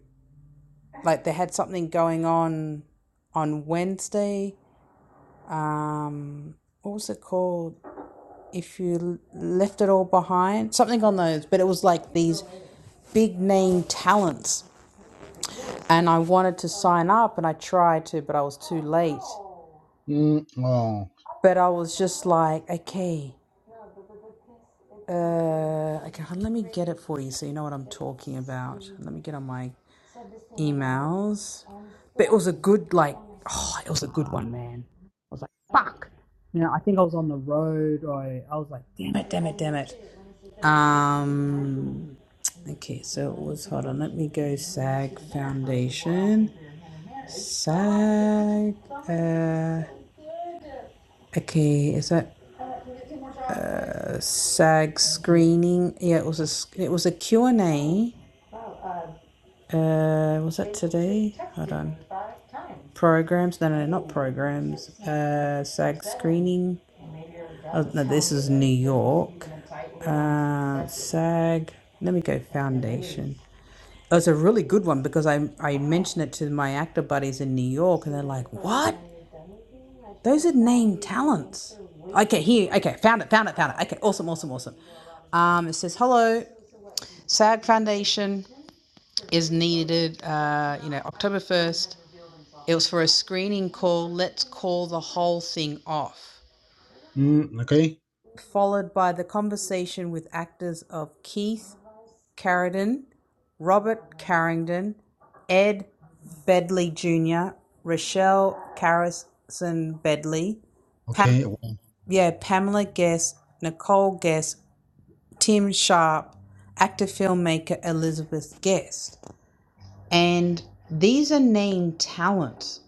like they had something going on on Wednesday. Um, what was it called? If you left it all behind, something on those, but it was like these big name talents and I wanted to sign up and I tried to, but I was too late.
mm, oh
But I was just like, okay, uh, okay, let me get it for you so you know what I'm talking about. Let me get on my emails. But it was a good, like, oh, it was a good one, man. I was like, fuck. You know, I think I was on the road. Or I, I was like, damn it, damn it, damn it. Um, okay, so it was, hold on, let me go SAG Foundation. SAG. Uh, Okay, is that a SAG screening? Yeah, it was a it was a Q and A. Uh, was that today? Hold on. Programs? No, no, no, not programs. Uh, SAG screening. Oh no, this is New York. Uh, SAG. Let me go foundation. It was a really good one because I I mentioned it to my actor buddies in New York, and they're like, "What? Those are named talents." Okay, here. Okay, found it, found it, found it. Okay, awesome, awesome, awesome. Um, it says hello. SAD Foundation is needed, uh, you know, October 1st. It was for a screening call. Let's call the whole thing off.
mm, okay
Followed by the conversation with actors of Keith Carradine, Robert Carrington, Ed Bedley Jr., Rochelle Carrison Bedley, Pam-
okay
yeah, Pamela Guest, Nicole Guest, Tim Sharp, actor filmmaker Elizabeth Guest. And these are named talents.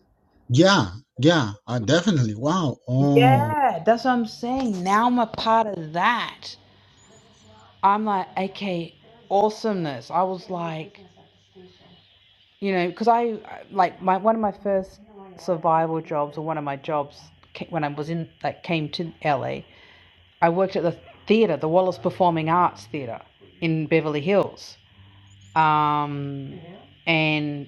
yeah yeah uh, definitely wow oh
Yeah, that's what I'm saying. Now I'm a part of that. I'm like, okay, awesomeness. I was like, you know, because I like my one of my first survival jobs or one of my jobs ca- when I was in like came to LA. I worked at the theater, the Wallace Performing Arts Theater in Beverly Hills. Um, and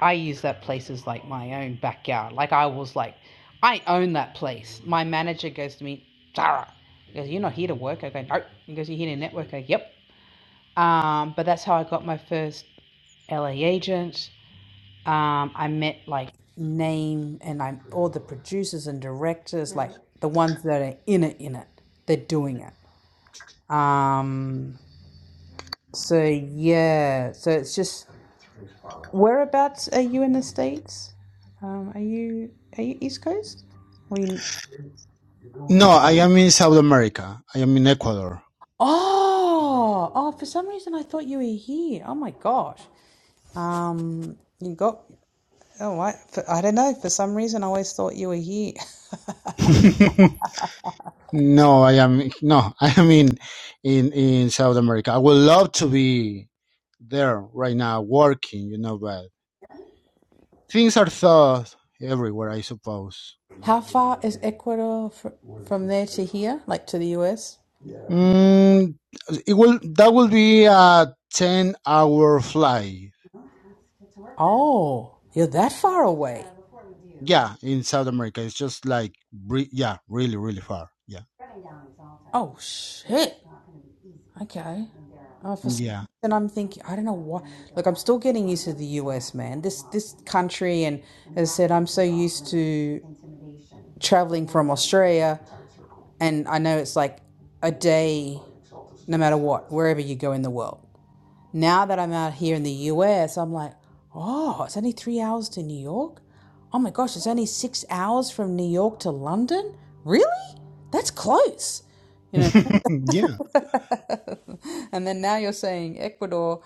I use that place as like my own backyard. Like I was like, I own that place. My manager goes to me, Sarah. He goes, You're not here to work. I go, no. He goes, You're here to network. I go, Yep. Um, but that's how I got my first LA agent. Um, I met like name and I'm all the producers and directors, like the ones that are in it, in it. They're doing it. Um, so yeah, so it's just Whereabouts are you in the States? Um, are you are you East Coast? Or you...
no I am in South America I am in Ecuador
Oh, oh! For some reason, I thought you were here. Oh my gosh. Um, you got. Oh, I, I don't know. For some reason, I always thought you were here.
(laughs) No, I am no, (laughs) I am in in in South America. I would love to be there right now working, you know, but things are tough everywhere, I suppose.
(laughs) How far is Ecuador fr- from there to here, like to the US?
Mm, it will that will be a 10 hour flight.
Oh, you're that far away.
Yeah, in South America. It's just like re- yeah, really really far. Yeah.
Oh shit. Okay. Oh, for some
Yeah.
reason I'm thinking I don't know what. Look, I'm still getting used to the US, man. This this country, and as I said, I'm so used to traveling from Australia, and I know it's like a day, no matter what, wherever you go in the world. Now that I'm out here in the US, I'm like, oh, it's only three hours to New York. Oh my gosh, it's only six hours from New York to London. Really? That's close. You know.
(laughs) yeah.
(laughs) and then now you're saying Ecuador.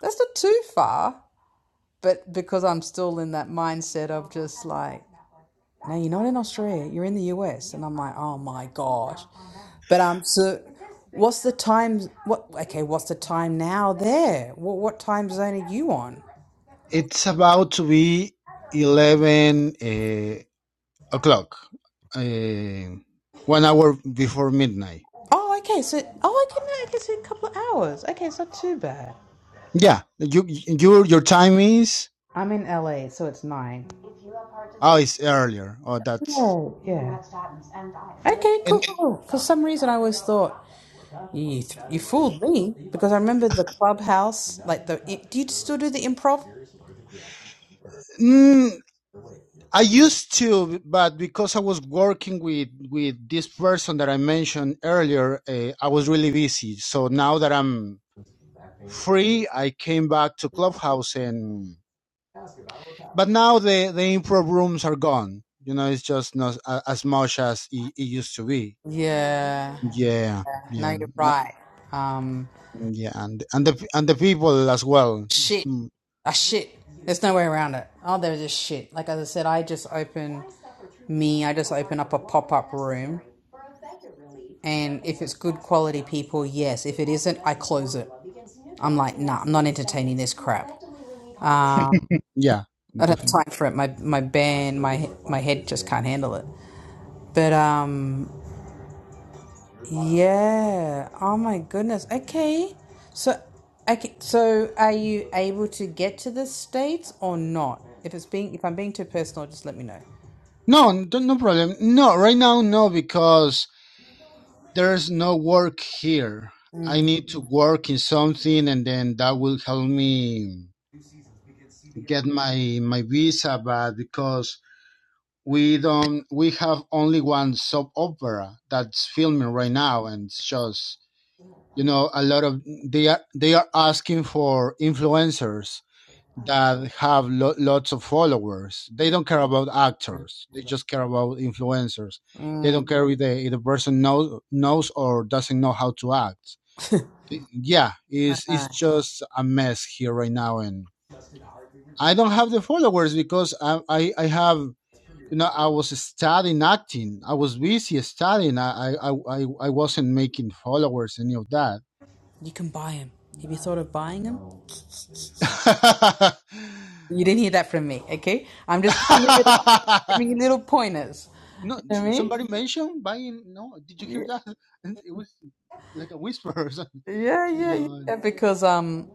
That's not too far, but because I'm still in that mindset of just like, no, you're not in Australia, you're in the US, and I'm like, oh my gosh. But um, so what's the time? What okay? What's the time now there? What what time zone are you on?
It's about to be 11 Uh, o'clock, uh, one hour before midnight.
Oh, okay. So oh, I can I can see a couple of hours. Okay, it's not too bad.
Yeah, you you, your time is
I'm in LA, so it's nine.
oh it's earlier. Oh, that's
Oh yeah. Okay, cool,
and
cool. cool. For some reason, I always thought. You you fooled me because I remember the clubhouse, like the. Do you still do the improv?
mm, I used to, but because I was working with with this person that I mentioned earlier, uh, I was really busy. So now that I'm free, I came back to Clubhouse and but now the the improv rooms are gone. You know, it's just not a- as much as it, it used to be.
Yeah.
Yeah,
No, you're
yeah.
right. Um,
Yeah, and and the and the people as well.
shit.
Mm,
ah, shit. There's no way around it. Oh, they're just shit. Like as I said, I just open me. I just open up a pop up room, and if it's good quality people, yes. If it isn't, I close it. I'm like, nah, I'm not entertaining this crap. Uh,
Yeah,
I don't have
definitely.
time for it. My my band, my my head just can't handle it. But um. Yeah. Oh my goodness. Okay. So, okay. So, are you able to get to the states or not? If it's being, if I'm being too personal, just let me know.
No, no no problem. No, right now no because there's no work here. I
Mm,
need to work in something, and then that will help me get my my visa. But because we don't, we have only one soap opera that's filming right now, and it's just you know a lot of they are they are asking for influencers that have lo- lots of followers. They don't care about actors. They just care about influencers. They don't care if the, if the person knows knows or doesn't know how to act. Yeah, it's it's just a mess here right now, and I don't have the followers because I I, I have you know I was studying acting. I was busy studying. I I I, I wasn't making followers any of that.
you can buy them. Have you thought of buying them? You didn't hear that from me. Okay. I'm just giving you little,
(laughs)
giving you little pointers.
No,
You know
s-
what I
somebody
mean?
mentioned buying. No, did you hear that? (laughs) And It was like a whisper or something.
Yeah, yeah,
No,
yeah. Because um,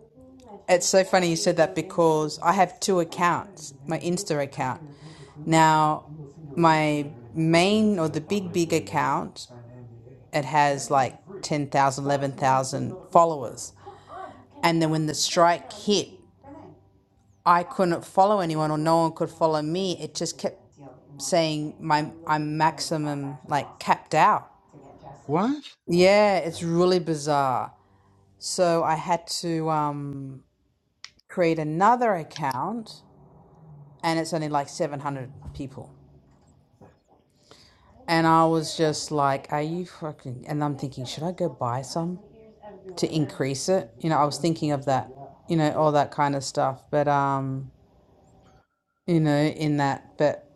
it's so funny you said that because I have two accounts. My Insta account. Now, my main or the big big account it has like 10,000, 11,000 followers. And then when the strike hit, I couldn't follow anyone or no one could follow me. It just kept saying my I'm maximum like capped out.
what?
Yeah, it's really bizarre. So I had to um, create another account, and it's only like 700 people. And I was just like, "Are you fucking?" And I'm thinking, should I go buy some? to increase it. You know, I was thinking of that, you know, all that kind of stuff. But um, you know, in that, but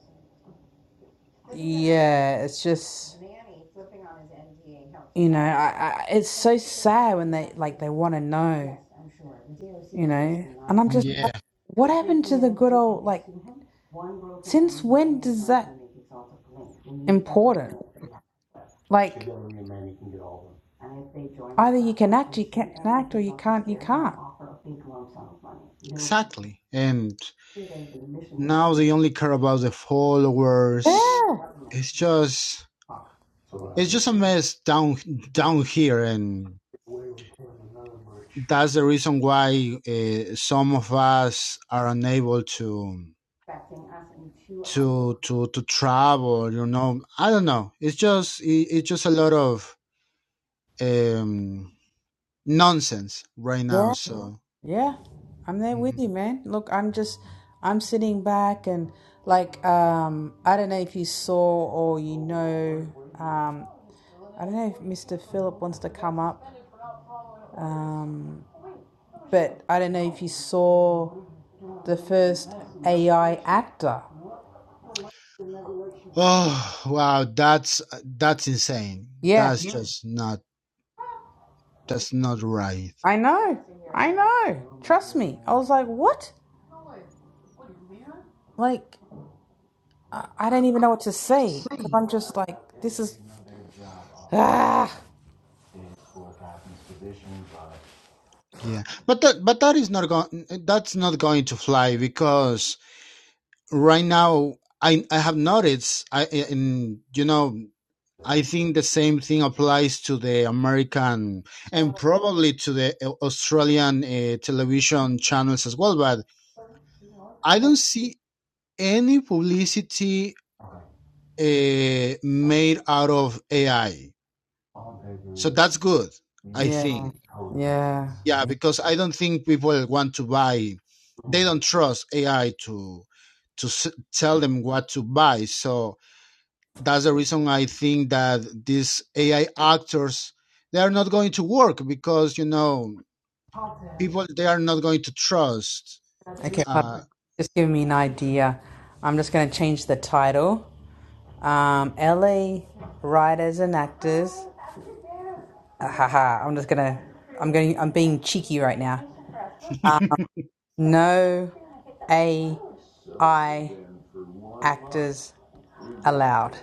yeah, it's just you know, I, I it's so sad when they like they want to know, you know, and I'm just like,
Yeah,
what happened to the good old like? Since when does that important? Like either you can act, you can act, or you can't, you can't.
exactly. And now they only care about the followers.
Yeah.
It's just, it's just a mess down down here, and that's the reason why uh, some of us are unable to to to to travel. You know, I don't know. It's just, it, it's just a lot of. um nonsense right
Yeah.
now. So,
Yeah, I'm there with
mhm.
you, man. Look, I'm just I'm sitting back and like um I don't know if you saw or you know um I don't know if Mr. Philip wants to come up. Um but I don't know if you saw the first AI actor.
oh wow, that's that's insane.
Yeah,
That's Yeah. just not that's not right.
I know. I know. Trust me. I was like, "What?" Like I, I don't even know what to say cuz I'm just like this is ah
Yeah, but that but that is not going that's not going to fly because right now I I have noticed I in you know I think the same thing applies to the American and probably to the uh, Australian uh, television channels as well. But I don't see any publicity uh, made out of AI. So that's good, I
yeah,
think.
yeah.
Yeah,
yeah.
because I don't think people want to buy. They don't trust AI to to s- tell them what to buy. So that's the reason I think that these AI actors they are not going to work because you know people they are not going to trust.
Okay.
Uh,
Just give me an idea. I'm just going to change the title. Um, LA writers and actors. Ah, haha, I'm just gonna. I'm going. I'm being cheeky right now.
(laughs)
No AI actors allowed.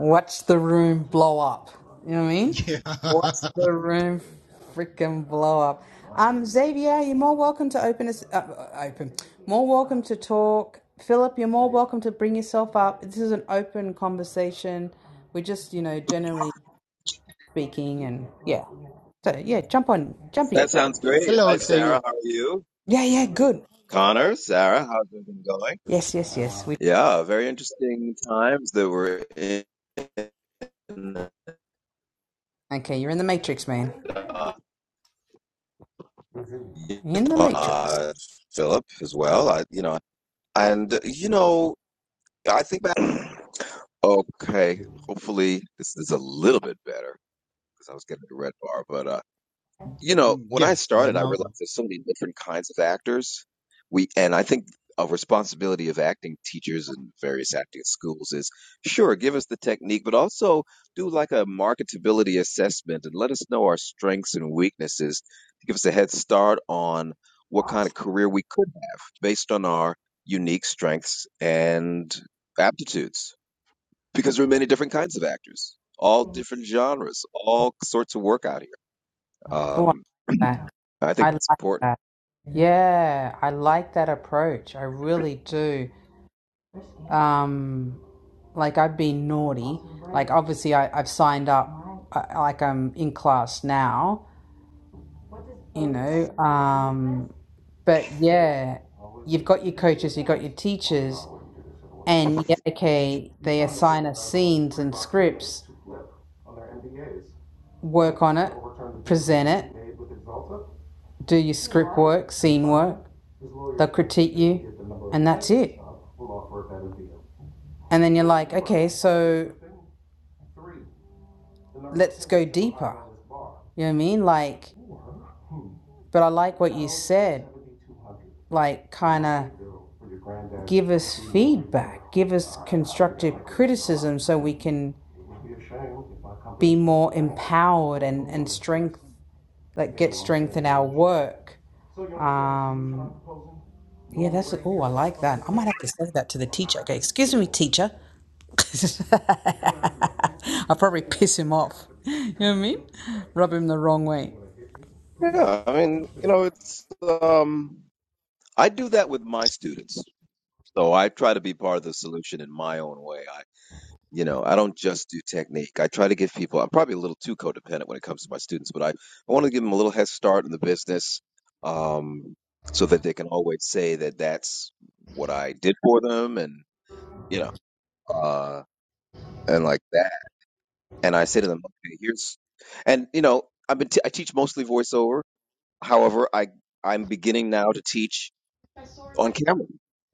Watch the room blow up. You know what I mean?
yeah.
Watch
(laughs)
the room freaking blow up. Um, Xavier, you're more welcome to open us. Uh, uh, open. More welcome to talk. Philip, you're more welcome to bring yourself up. This is an open conversation. We're just, you know, generally speaking, and yeah. So yeah, jump on, jump in.
That sounds great.
Hello,
Hi,
Xavier.
Sarah. How are you?
Yeah, yeah, good.
Connor, Sarah, how's it been going?
Yes, yes, yes. We
Yeah, very interesting times that we're in.
okay. You're in the matrix, man.
Uh, you
You're in the
know,
matrix.
uh, Philip as well. I, you know, and uh, you know, I think back. Okay, hopefully this is a little bit better because I was getting a red bar, but. uh, You know,
Mm,
when
Yeah,
I
yeah.
started, I
Now
realized there's so many different kinds of actors. We and I think a responsibility of acting teachers and various acting schools is sure, give us the technique, but also do like a marketability assessment and let us know our strengths and weaknesses to give us a head start on what kind of career we could have based on our unique strengths and aptitudes. Because there are many different kinds of actors, all different genres, all sorts of work out here.
Oh, I'm
Um,
What?
I think
I
that's
like
important.
that. Yeah, I like that approach. I really do. Um, like I've been naughty. Like obviously I, I've signed up. I, like I'm in class now, you know. Um, but yeah, you've got your coaches, you've got your teachers, and yeah, okay, they assign us scenes and scripts. Work on it, present it, do your script work, scene work. They'll critique you, and that's it. And then you're like, okay, so let's go deeper. You know what I mean? Like, but I like what you said. Like, kind of give us feedback, give us constructive criticism so we can be more empowered and, and strength, like, get strength in our work. Um, yeah, that's, oh, I like that. I might have to say that to the teacher. Okay, excuse me, teacher. This is (laughs) I'll probably piss him off. You know what I mean? Rub him the wrong way.
Yeah, I mean, you know, it's um, I do that with my students, so I try to be part of the solution in my own way. I, you know, I don't just do technique. I try to give people. I'm probably a little too codependent when it comes to my students, but I, I want to give them a little head start in the business, um, so that they can always say that that's what I did for them, and you know, uh, and like that. And I say to them, okay, here's, and you know, I've been t- I teach mostly voiceover However, I I'm beginning now to teach on camera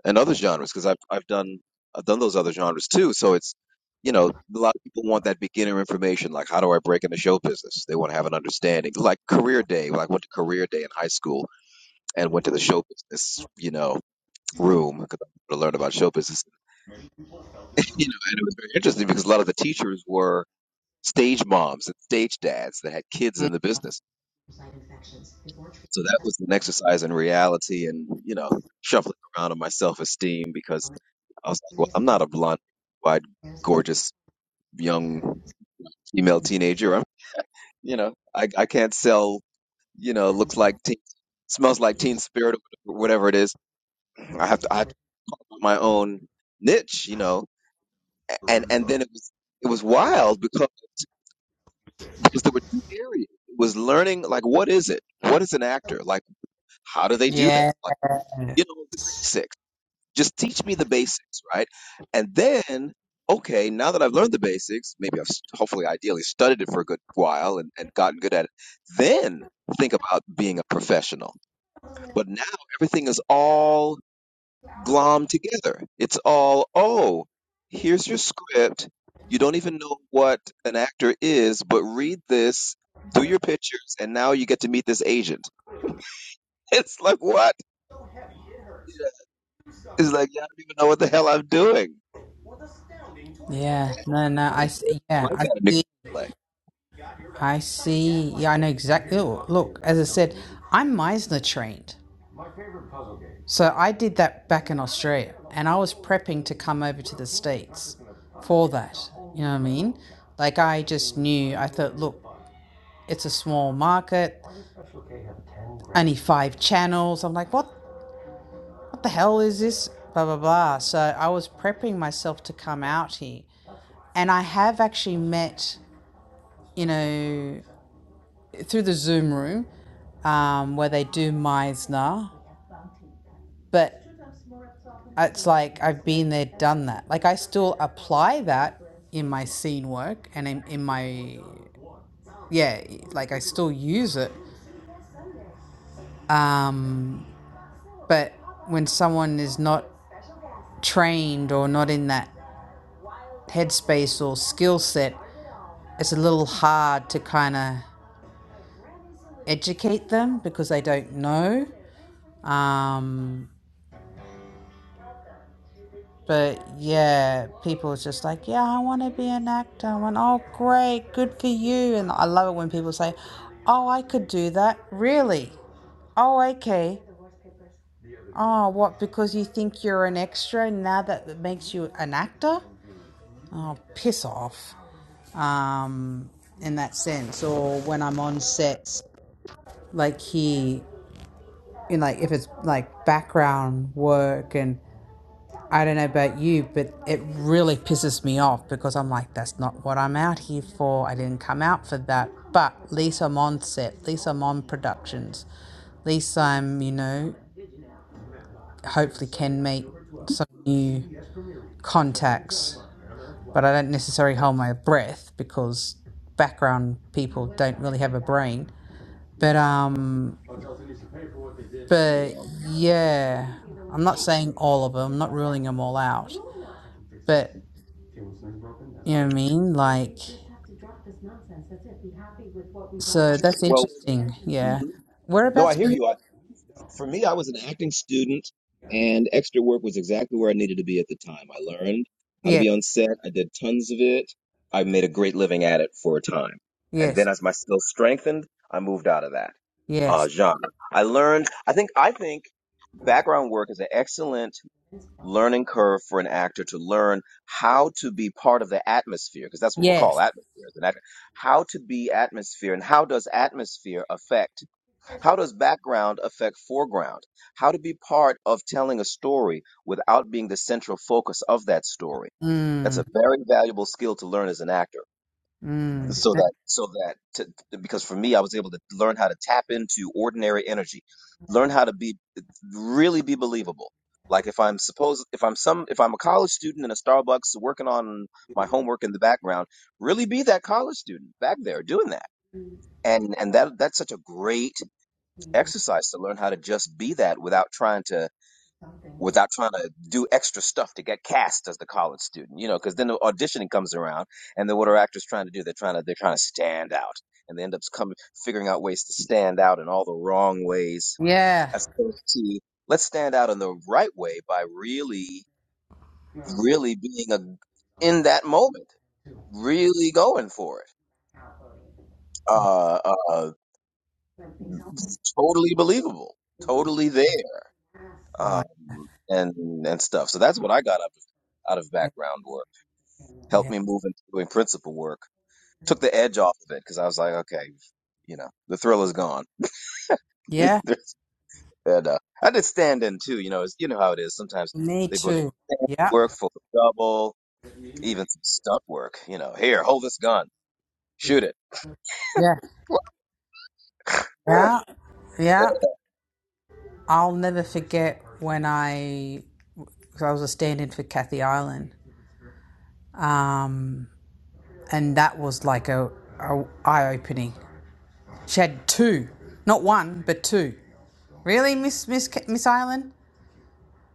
and other genres because I've I've done I've done those other genres too. So it's you know a lot of people want that beginner information like how do I break into show business? They want to have an understanding like career day. When I went to career day in high school and went to the show business you know room because I wanted to learn about show business. (laughs) You know, and it was very interesting because a lot of the teachers were stage moms and stage dads that had kids in the business So that was an exercise in reality and, you know, shuffling around on my self esteem because I was like, well, I'm not a blonde, wide, gorgeous young female teenager. I'm, you know, I, I can't sell, you know, looks like teen, smells like teen spirit or whatever it is. I have to, I have to put my own niche, you know, A- and, and then it was, it was wild because, because there were two areas. It was learning, like, what is it? What is an actor? Like, how do they do that?
Yeah,
Like, you know, the basics Just teach me the basics, right? And then, okay, now that I've learned the basics, maybe I've st- hopefully, ideally, studied it for a good while and, and gotten good at it, then think about being a professional. But now everything is all glommed together. It's all, oh, here's your script. You don't even know what an actor is, but read this, do your pictures, and now you get to meet this agent. (laughs) It's like, what? It's like, yeah, I don't even know what the hell I'm doing.
yeah, no, no, I.
It's good.
yeah,
Well, I
I
got a
see,
play.
I see, yeah, I know exactly. oh, Look, as I said, I'm Meisner trained, so I did that back in Australia, and I was prepping to come over to the States for that. You know what I mean? Like I just knew. I thought, look, it's a small market, only five channels. I'm like, what what the hell is this? Blah, blah, blah. So I was prepping myself to come out here. And I have actually met, you know, through the Zoom room um, where they do Meisner. But it's like I've been there, done that. Like I still apply that in my scene work and in, in my, yeah, like I still use it. Um, but when someone is not trained or not in that headspace or skill set, it's a little hard to kind of educate them because they don't know. Um, but yeah, people are just like, yeah, I want to be an actor. I went, oh, great, good for you. And I love it when people say, oh, I could do that. Really? Oh, okay. Oh, what? Because you think you're an extra now that makes you an actor? Oh, piss off. Um, in that sense, or when I'm on sets, like here. in like if it's like background work and I don't know about you, but it really pisses me off because I'm like, that's not what I'm out here for. I didn't come out for that. But at least I'm on set, at least I'm on productions, at least I'm, you know, hopefully can make some new contacts. But I don't necessarily hold my breath because background people don't really have a brain. But um, But yeah, I'm not saying all of them, I'm not ruling them all out. But you know what I mean? Like, so that's
Well,
interesting. Yeah.
mhm. no, I
Whereabouts are
hear
you?
you. I, for me, I was an acting student, and extra work was exactly where I needed to be at the time. I learned how to
Yes,
be on set. I did tons of it. I made a great living at it for a time, and
yes,
then as my skills strengthened, I moved out of that uh,
yes,
genre. I learned. I think. I think background work is an excellent learning curve for an actor to learn how to be part of the atmosphere because that's what we call
yes.
atmosphere as an actor how to be atmosphere and how does atmosphere affect how does background affect foreground how to be part of telling a story without being the central focus of that story that's
Mm,
a very valuable skill to learn as an actor
mm.
so
N-
that so that to, because for me i was able to learn how to tap into ordinary energy learn how to be really be believable like if i'm supposed if i'm some if i'm a college student in a starbucks working on my homework in the background really be that college student back there doing that and and that that's such a great exercise to learn how to just be that without trying to without trying to do extra stuff to get cast as the college student, you know, because then the auditioning comes around and then what are actors trying to do? They're trying to they're trying to stand out and they end up coming figuring out ways to stand out in all the wrong ways
Yeah.
as opposed to let's stand out in the right way by really really being a in that moment, really going for it. Uh, uh totally believable, totally there. Um
Right.
and and stuff. So that's what I got out out of
Yeah.
background work helped
Yeah.
me move into doing principal work. Took the edge off of it because I was like, okay, you know, the thrill is gone. (laughs)
Yeah,
There's- and uh, I did stand in too. You know, it's, you know how it is. Sometimes
Me
they book
too.
(laughs) stand
Yeah.
work for double, even some stunt work. You know, here, hold this gun, shoot it.
Yeah.
(laughs)
Yeah. Yeah. I'll never forget when I, because I was a stand in for Kathy Ireland. Um, and that was like a, a eye opening. She had two, not one, but two. Really, Miss Miss Miss Island?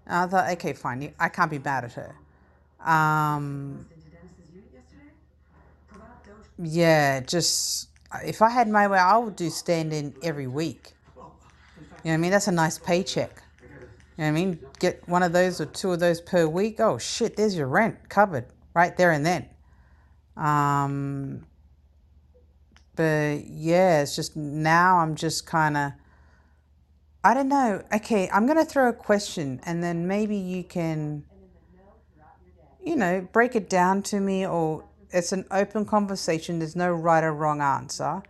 And I thought, okay, fine. I can't be mad at her. Um, yeah, just if I had my way, I would do stand in every week. You know what I mean? That's a nice paycheck. You know what I mean? Get one of those or two of those per week. Oh shit, there's your rent covered right there and then. Um, but yeah, it's just now I'm just kind of I don't know. Okay, I'm going to throw a question and then maybe you can, you know, break it down to me or it's an open conversation. There's no right or wrong answer.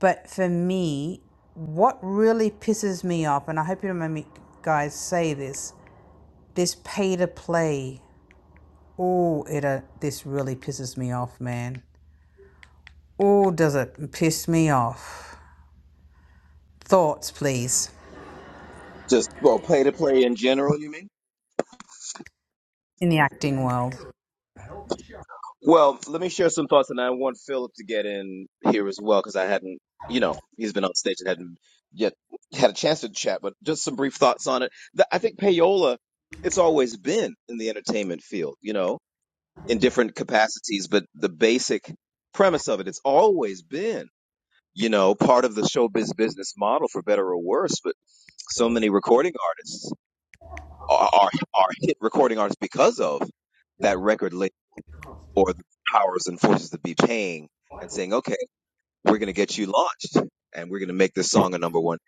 But for me, what really pisses me off, and I hope you don't mind me guys say this, this pay to play. Oh, it uh, this really pisses me off, man. Oh, does it piss me off? Thoughts, please,
Just well, play to play in general. You mean?
in the acting world.
Well, let me share some thoughts, and I want Philip to get in here as well because I hadn't, you know, he's been on stage and hadn't yet had a chance to chat, but just some brief thoughts on it. The- I think payola, it's always been in the entertainment field, you know, in different capacities, but the basic premise of it, it's always been, you know, part of the showbiz business model for better or worse. But so many recording artists are are, are hit recording artists because of that record label or the powers and forces that be paying and saying, okay, we're going to get you launched and we're going to make this song a number one.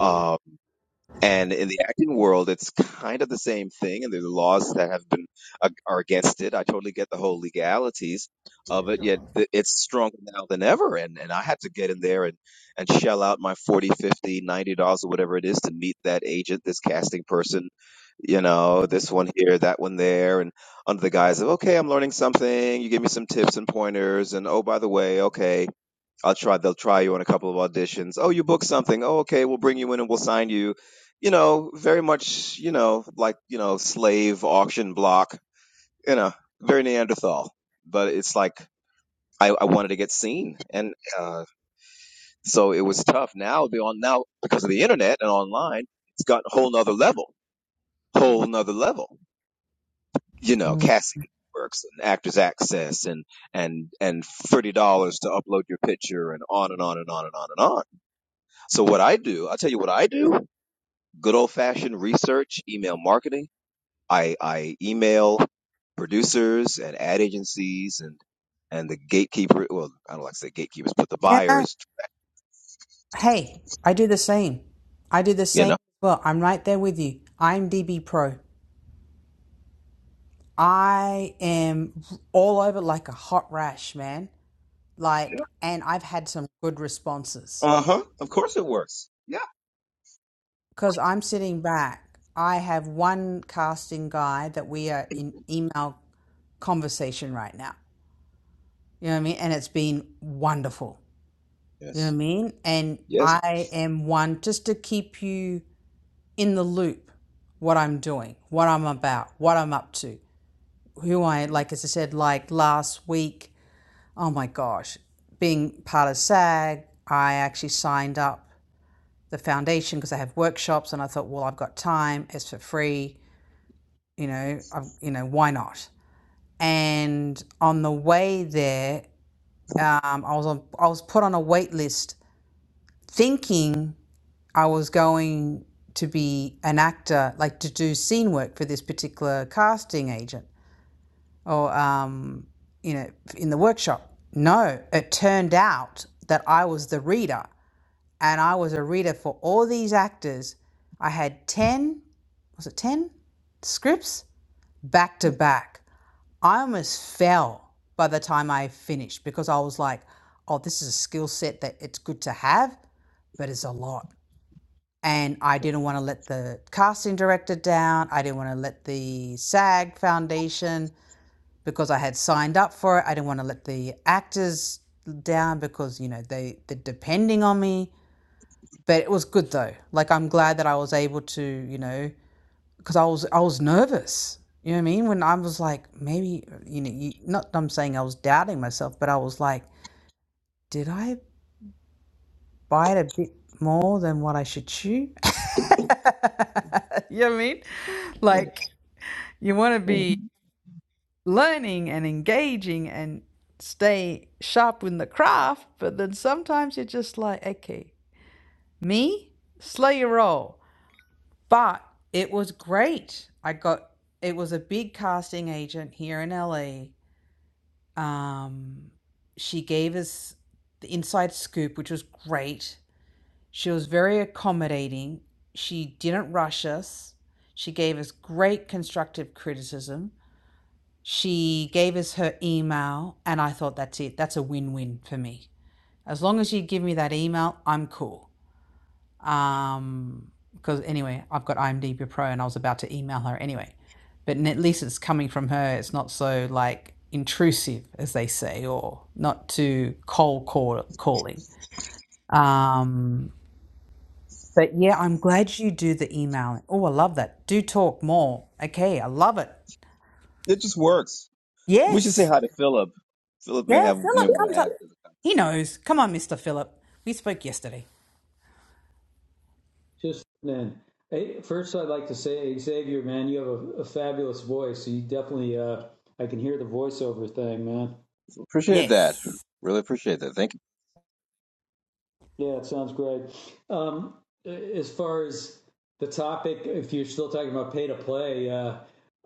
Um, and in the acting world, it's kind of the same thing, and there's laws that have been uh, are against it. I totally get the whole legalities of it, yet th- it's stronger now than ever. And and I had to get in there and and shell out my 40, 50, ninety dollars or whatever it is to meet that agent, this casting person, you know, this one here, that one there, and under the guise of okay, I'm learning something. You give me some tips and pointers, and oh by the way, okay I'll try. They'll try you on a couple of auditions. Oh, you booked something. Oh, okay. We'll bring you in and we'll sign you. You know, very much. You know, like you know, slave auction block. You know, very Neanderthal. But it's like I, I wanted to get seen, and uh, so it was tough. Now beyond now because of the internet and online, it's gotten a whole nother level. Whole nother level. You know,
Yeah,
casting works and actors access and and and thirty dollars to upload your picture and on and on and on and on and on So what I do, I'll tell you what I do. Good old fashioned research, email marketing. I, I email producers and ad agencies and, and the gatekeeper. Well, I don't like to say gatekeepers, but the
no,
buyers,
Hey, I do the same. I do the
you
same.
know.
Well, I'm right there with you. I'm DB Pro. I am all over like a hot rash, man. Like,
Yeah.
and I've had some good responses
Uh huh. Of course it works. Yeah.
because I'm sitting back. I have one casting guy that we are in email conversation right now. You know what I mean? And it's been wonderful. You know what
Yes.
I mean? And
Yes.
I am one just to keep you. in the loop what I'm doing, what I'm about, what I'm up to, who I like. As I said, like last week, oh my gosh, being part of SAG, I actually signed up the foundation because I have workshops, and I thought, well, I've got time; it's for free. You know, I've, you know, why not? And on the way there, um, I was on, I was put on a wait list, thinking I was going to be an actor, like to do scene work for this particular casting agent or, um, you know, in the workshop. No, it turned out that I was the reader and I was a reader for all these actors. I had 10, was it 10 scripts back to back. I almost fell by the time I finished because I was like, oh, this is a skill set that it's good to have, but it's a lot and I didn't want to let the casting director down. I didn't want to let the SAG Foundation because I had signed up for it. I didn't want to let the actors down because you know they they're depending on me. But it was good though. Like I'm glad that I was able to you know because I was I was nervous. You know what I mean? When I was like maybe you know you, not I'm saying I was doubting myself, but I was like, did I bite a bit more than what I should chew. (laughs) you know what I mean?
Mm,
Like you want to
mm.
be learning and engaging and stay sharp in the craft, but then sometimes you're just like, okay, me, slow your roll. But it was great. I got it was a big casting agent here in LA. Um, she gave us the inside scoop, which was great. She was very accommodating. She didn't rush us. She gave us great constructive criticism. She gave us her email, and I thought that's it. That's a win win for me. As long as you give me that email, I'm cool. Um, because anyway, I've got IMDb Pro and I was about to email her anyway. But at least it's coming from her. It's not so like intrusive, as they say, or not too cold call- calling. Um, But yeah, I'm glad you do the email. Oh, I love that. Do talk more. Okay, I love it.
It just works. We should
Yes.
say hi to Philip. Philip may
Yeah,
have, may
Philip
want to
comes
add
up.
to the
He
conversation.
knows. Come on, Mr. Philip. We spoke yesterday.
Just then, hey, first I'd like to say, Xavier, man, you have a, a fabulous voice. You definitely, uh, I can hear the voiceover thing, man.
Appreciate that.
Yes.
Really appreciate that. Thank you.
Yeah, it sounds great. Um, as far as the topic, if you're still talking about pay to play, uh,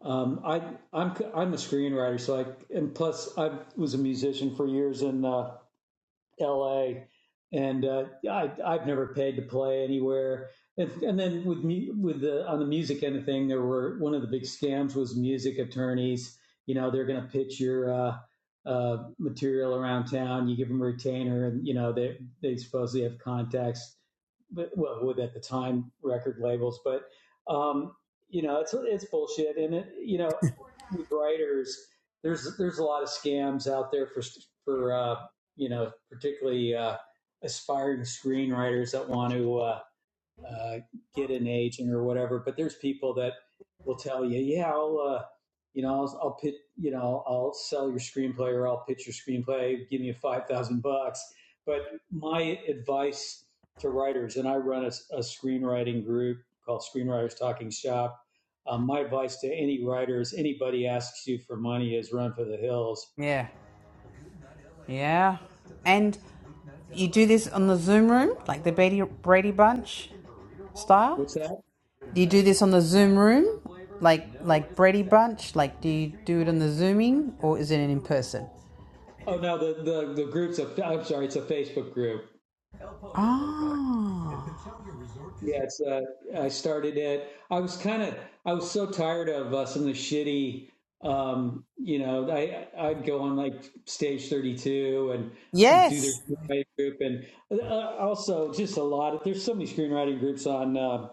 um, I, I'm I'm a screenwriter, so I and plus I was a musician for years, and uh, LA, and uh, I, I've never paid to play anywhere. And, and then with mu- with the on the music end of thing, there were one of the big scams was music attorneys. You know, they're going to pitch your uh, uh, material around town. You give them a retainer, and you know they they supposedly have contacts but well, with at the time record labels, but um, you know, it's it's bullshit, and it you know, with writers, there's there's a lot of scams out there for for uh, you know, particularly uh, aspiring screenwriters that want to. Uh, uh, get an agent or whatever. But there's people that will tell you, yeah, I'll, uh, you know, I'll, I'll pit, you know, I'll sell your screenplay or I'll pitch your screenplay. Give me a five thousand bucks. But my advice to writers, and I run a, a screenwriting group called Screenwriters Talking Shop. Um, my advice to any writers, anybody asks you for money, is run for the hills.
Yeah. Yeah. And you do this on the Zoom room, like the Brady, Brady Bunch style?
What's that?
Do you do this on the Zoom room? Like like Brady Bunch? Like do you do it on the Zooming or is it in person?
Oh no, the the, the group's a. I'm sorry, it's a Facebook group
Ah. Oh.
Yeah, it's, uh, I started it. I was kind of, I was so tired of uh, some of the shitty, um, you know, I, I'd go on like stage 32 and do their
Yes.
screenwriting group. And uh, also just a lot of, there's so many screenwriting groups on, uh,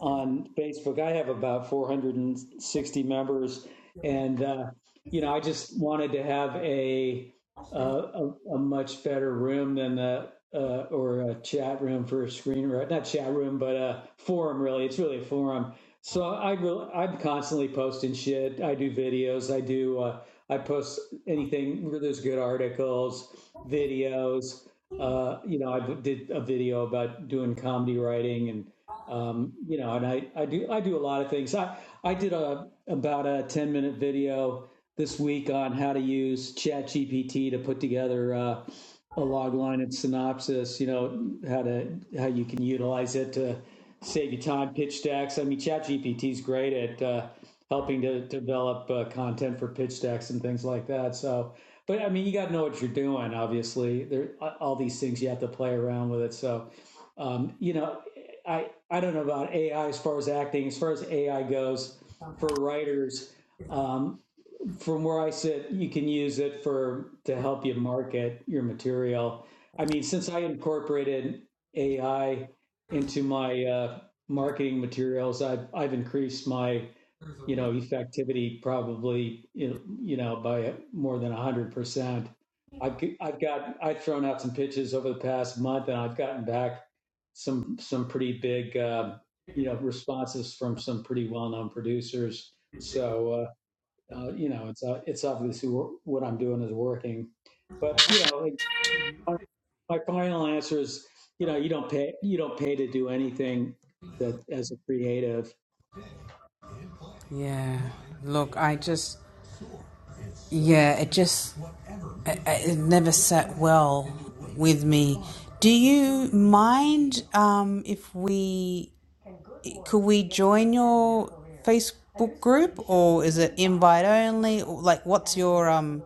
on Facebook. I have about 460 members and, uh, you know, I just wanted to have a, uh, a, a much better room than the uh, or a chat room for a screenwriter. Not chat room, but a forum. Really, it's really a forum. So I really, I'm constantly posting shit. I do videos. I do. Uh, I post anything where there's good articles, videos. Uh, you know, I did a video about doing comedy writing and um, you know, and I, I do I do a lot of things. I I did a about a ten minute video this week on how to use ChatGPT to put together uh, a log line and synopsis. You know how to how you can utilize it to save you time, pitch decks. I mean, ChatGPT is great at uh, helping to develop uh, content for pitch decks and things like that. So, but I mean, you got to know what you're doing. Obviously, there all these things you have to play around with it. So um, you know I I don't know about AI as far as acting, as far as AI goes for writers. Um, from where I sit, you can use it for to help you market your material. I mean, since I incorporated AI into my uh, marketing materials, I've I've increased my you know, effectivity probably, you know, you know, by more than 100%. I've, have i I've got, I've thrown out some pitches over the past month and I've gotten back some, some pretty big, uh, you know, responses from some pretty well-known producers. So, uh, uh, you know, it's, uh, it's obviously wor- what I'm doing is working, but you know, like, my final answer is, you know, you don't pay, you don't pay to do anything that as a creative
Yeah. Look, I just Yeah, it just it, it never sat well with me. Do you mind um, if we could we join your Facebook group or is it invite only? Or, Like, what's your um?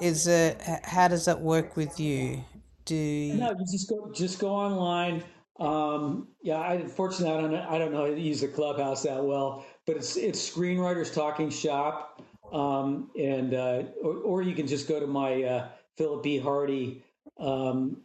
Is it h- how does that work with you? Do
No, you just go just go online. Um, yeah, I unfortunately I don't know, I don't know how to use the clubhouse that well, but it's it's Screenwriters Talking Shop, um, and uh, or, or you can just go to my uh, Philip B. Hardy um,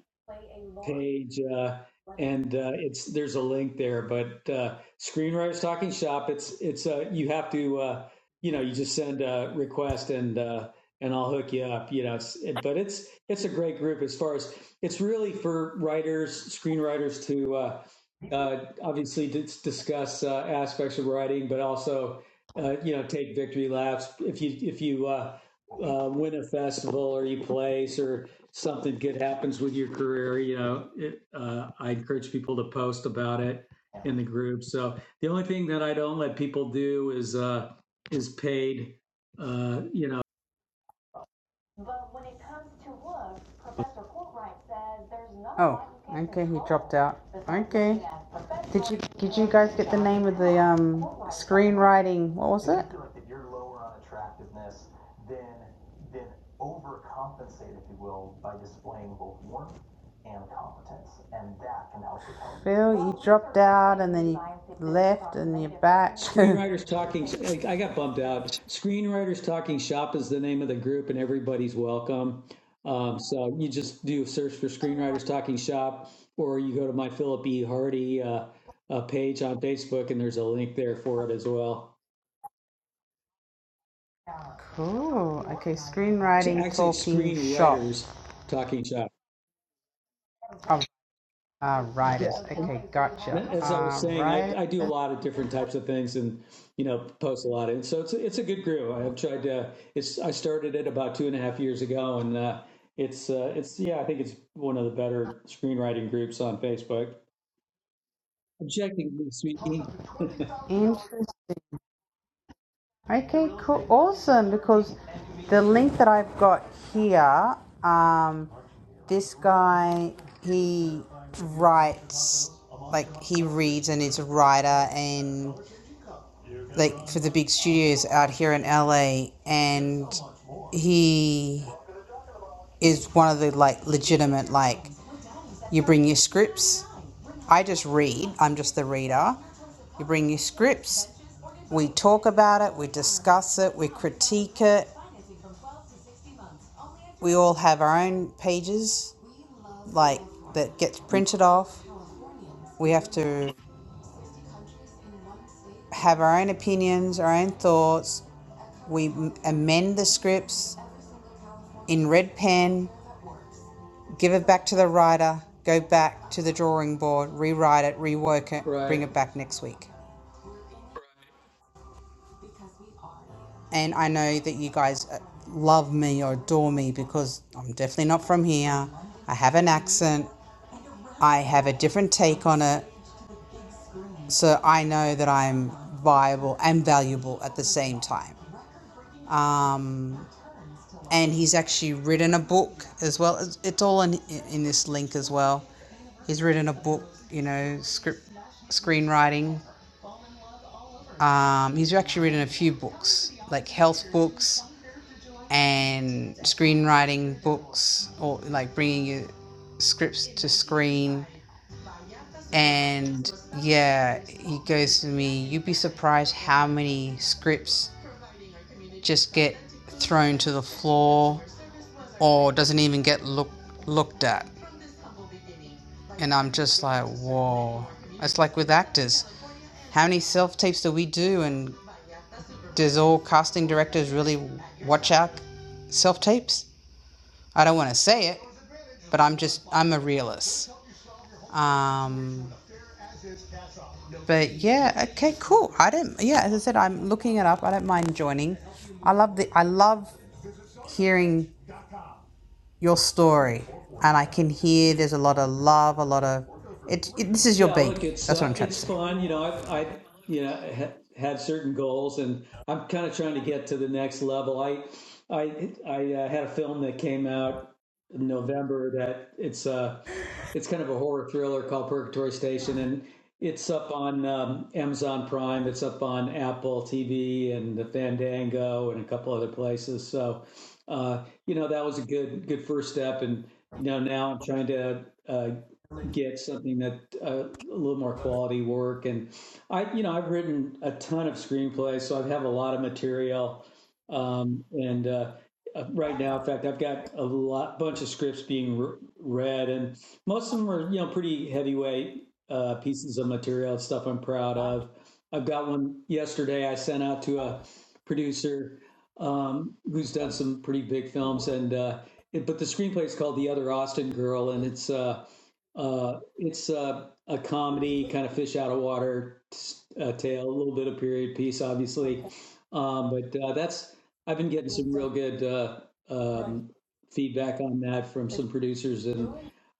page, uh, and uh, it's there's a link there. But uh, Screenwriters Talking Shop, it's it's uh, you have to uh, you know you just send a request and uh, and I'll hook you up. You know, it's, it, but it's it's a great group as far as it's really for writers, screenwriters to uh, uh, obviously dis- discuss uh, aspects of writing, but also uh, you know take victory laps if you if you uh, uh, win a festival or you place or something good happens with your career, you know, it, uh, I encourage people to post about it in the group. So the only thing that I don't let people do is uh, is paid, uh, you know.
Oh, okay, he dropped out. Okay. Did you did you guys get the name of the um screenwriting? What was it? Phil, you Well, dropped out and then you left and many you're back.
Screenwriters Talking, I I got bummed
(laughs)
out. Screenwriters Talking Shop is the name of the group, and everybody's welcome. Um, so you just do a search for Screenwriters Talking Shop, or you go to my Philip E. Hardy uh, uh, page on Facebook, and there's a link there for it as well.
Cool. Okay, screenwriting
actually, it's
talking shop.
screenwriters talking shop.
Oh, uh, writers.
Yeah.
Okay, gotcha.
And As I was
Uh,
saying, I,
writers.
I do a lot of different types of things, and you know, post a lot. of it. so it's it's a good group. I've tried to. It's I started it about two and a half years ago, and uh, it's uh, it's yeah, I think it's one of the better screenwriting groups on Facebook. Objectively speaking,
Interesting. Okay, cool. Awesome. Because the link that I've got here, um, this guy, he writes, like, he reads and is a writer and, like, for the big studios out here in LA. And he is one of the, like, legitimate, like, You bring your scripts. I just read, I'm just the reader. You bring your scripts. We talk about it, we discuss it, we critique it. We all have our own pages like that gets
(laughs)
printed off. We have to have our own opinions, our own thoughts. We m- amend the scripts in red pen, give it back to the writer, go back to the drawing board, rewrite it, rework it, bring
right?
it back next week. and I know that you guys uh, love me or adore me because I'm definitely not from here. I have an accent. I have a different take on it. So I know that I'm viable and valuable at the same time. Um, and he's actually written a book as well. It's, it's all in, in this link as well. He's written a book, you know, script screenwriting. Um, he's actually written a few books, like health books and screenwriting books or like bringing your scripts to screen. And yeah, he goes to me, You'd be surprised how many scripts just get thrown to the floor or doesn't even get look, looked at. And I'm just like, Whoa. It's like with actors. How many self tapes do we do? And does all casting directors really watch out self tapes? I don't want to say it, but I'm just, I'm a realist. Um, but yeah, okay, cool. I don't. Yeah, as I said, I'm looking it up. I don't mind joining. I love the. I love hearing your story, and I can hear there's a lot of love, a lot of. It, it this is your
Yeah, look,
baby.
it's
That's what
uh,
I'm trying to
it's
say.
fun. You know, I, I you know ha- had certain goals, and I'm kind of trying to get to the next level. I I I uh, had a film that came out in November that it's uh it's kind of a horror thriller called Purgatory Station, and it's up on um, Amazon Prime. It's up on Apple TV and the Fandango and a couple other places. So, uh, you know, that was a good good first step, and you know, now I'm trying to. Uh, get something that uh, a little more quality work. And I, you know, I've written a ton of screenplays, so I have a lot of material. Um, and uh, uh, right now, in fact, I've got a lot bunch of scripts being re- read, and most of them are you know pretty heavyweight uh, pieces of material, stuff I'm proud of. I've got one yesterday I sent out to a producer um, who's done some pretty big films, and uh, it, but the screenplay is called The Other Austin Girl, and it's uh, uh, it's uh, a comedy, kind of fish out of water uh, tale, a little bit of period piece, obviously. Um, but uh, that's I've been getting some real good uh, um, feedback on that from some producers, and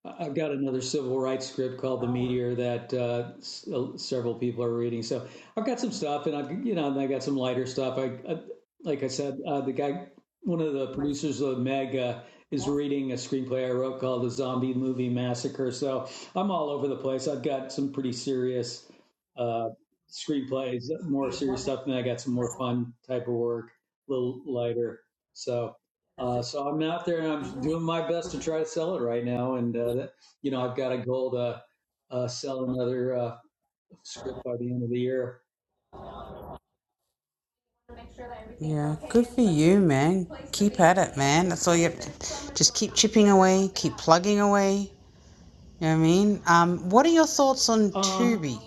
I- I've got another civil rights script called "The Meteor" that uh, s- uh, several people are reading. So I've got some stuff, and I've you know and I got some lighter stuff. I, I like I said, uh, the guy, one of the producers of Meg. Uh, is reading a screenplay I wrote called The Zombie Movie Massacre. So I'm all over the place. I've got some pretty serious uh, screenplays, more serious stuff, and I got some more fun type of work, a little lighter. So uh, so I'm out there and I'm doing my best to try to sell it right now. And uh, that, you know I've got a goal to uh, sell another uh, script by the end of the year.
Yeah, good for you, man. Keep at it, man. That's all you have to, just keep chipping away, keep plugging away. You know what I mean? Um, what are your thoughts on
Um,
Tubi?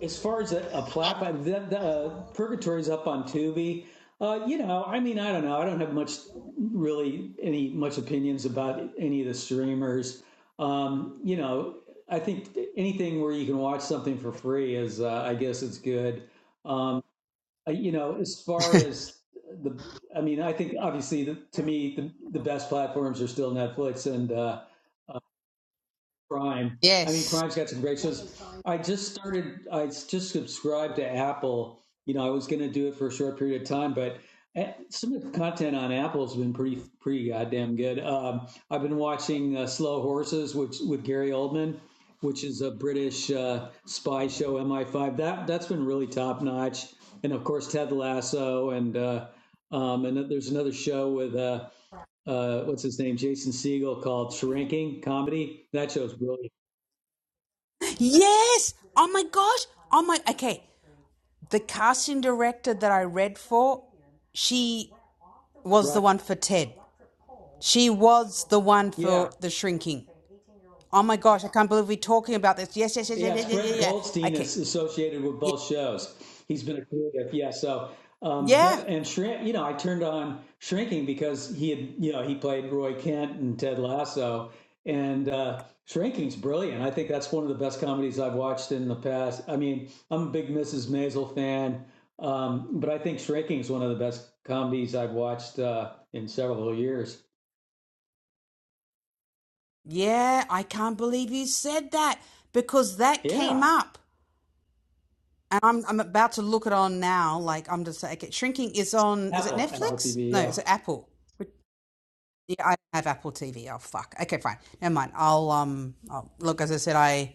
As far as a, a plap, the, the, uh, Purgatory's up on Tubi. Uh, you know, I mean, I don't know. I don't have much, really, any much opinions about any of the streamers. Um, you know, I think anything where you can watch something for free is, uh, I guess, it's good. Um, I- you know, as far as the, I mean, I think obviously, the, to me, the, the best platforms are still Netflix and uh, Prime. I mean,
Yes.
Prime's got some great shows. I just started. I just subscribed to Apple. You know, I was going to do it for a short period of time, but eh, some of the content on Apple's been pretty pretty goddamn good. Um, I've been watching uh, Slow Horses, which with Gary Oldman, which is a British uh, spy show, MI5. That that's been really top notch. And of course, Ted Lasso, and uh, um, and there's another show with. Uh, uh, what's his name, Jason Segel, called Shrinking Comedy. That show's brilliant.
Yes. Oh my gosh. Oh my. Okay. The casting director that I read for, she was the
Right.
one for Ted. She was the one for
Yeah.
The Shrinking. Oh my gosh, I can't believe we're talking about this. Yes, yes, yes, yes,
Yeah.
yes,
It's
yes, yeah,
Brett
yeah. yeah.
Goldstein
Okay.
is associated with
Yeah.
both shows. He's been a creative. Yeah. So, um, the,
Yeah.
and shrink, you know, I turned on Shrinking because he had, you know, he played Roy Kent and Ted Lasso. And uh, Shrinking's brilliant. I think that's one of the best comedies I've watched in the past. I mean, I'm a big Mrs. Maisel fan, um, but I think Shrinking's one of the best comedies I've watched uh, in several years.
Yeah, I can't believe you said that because that came
Yeah.
up. And I'm I'm about to look it on now. Like I'm just like okay, shrinking is on is it
Apple, Apple
Netflix?
TV.
No,
Yeah.
is it Apple? Which, Yeah, I don't have Apple TV. Oh fuck. Okay, fine. Never mind. I'll um. I'll, look, as I said, I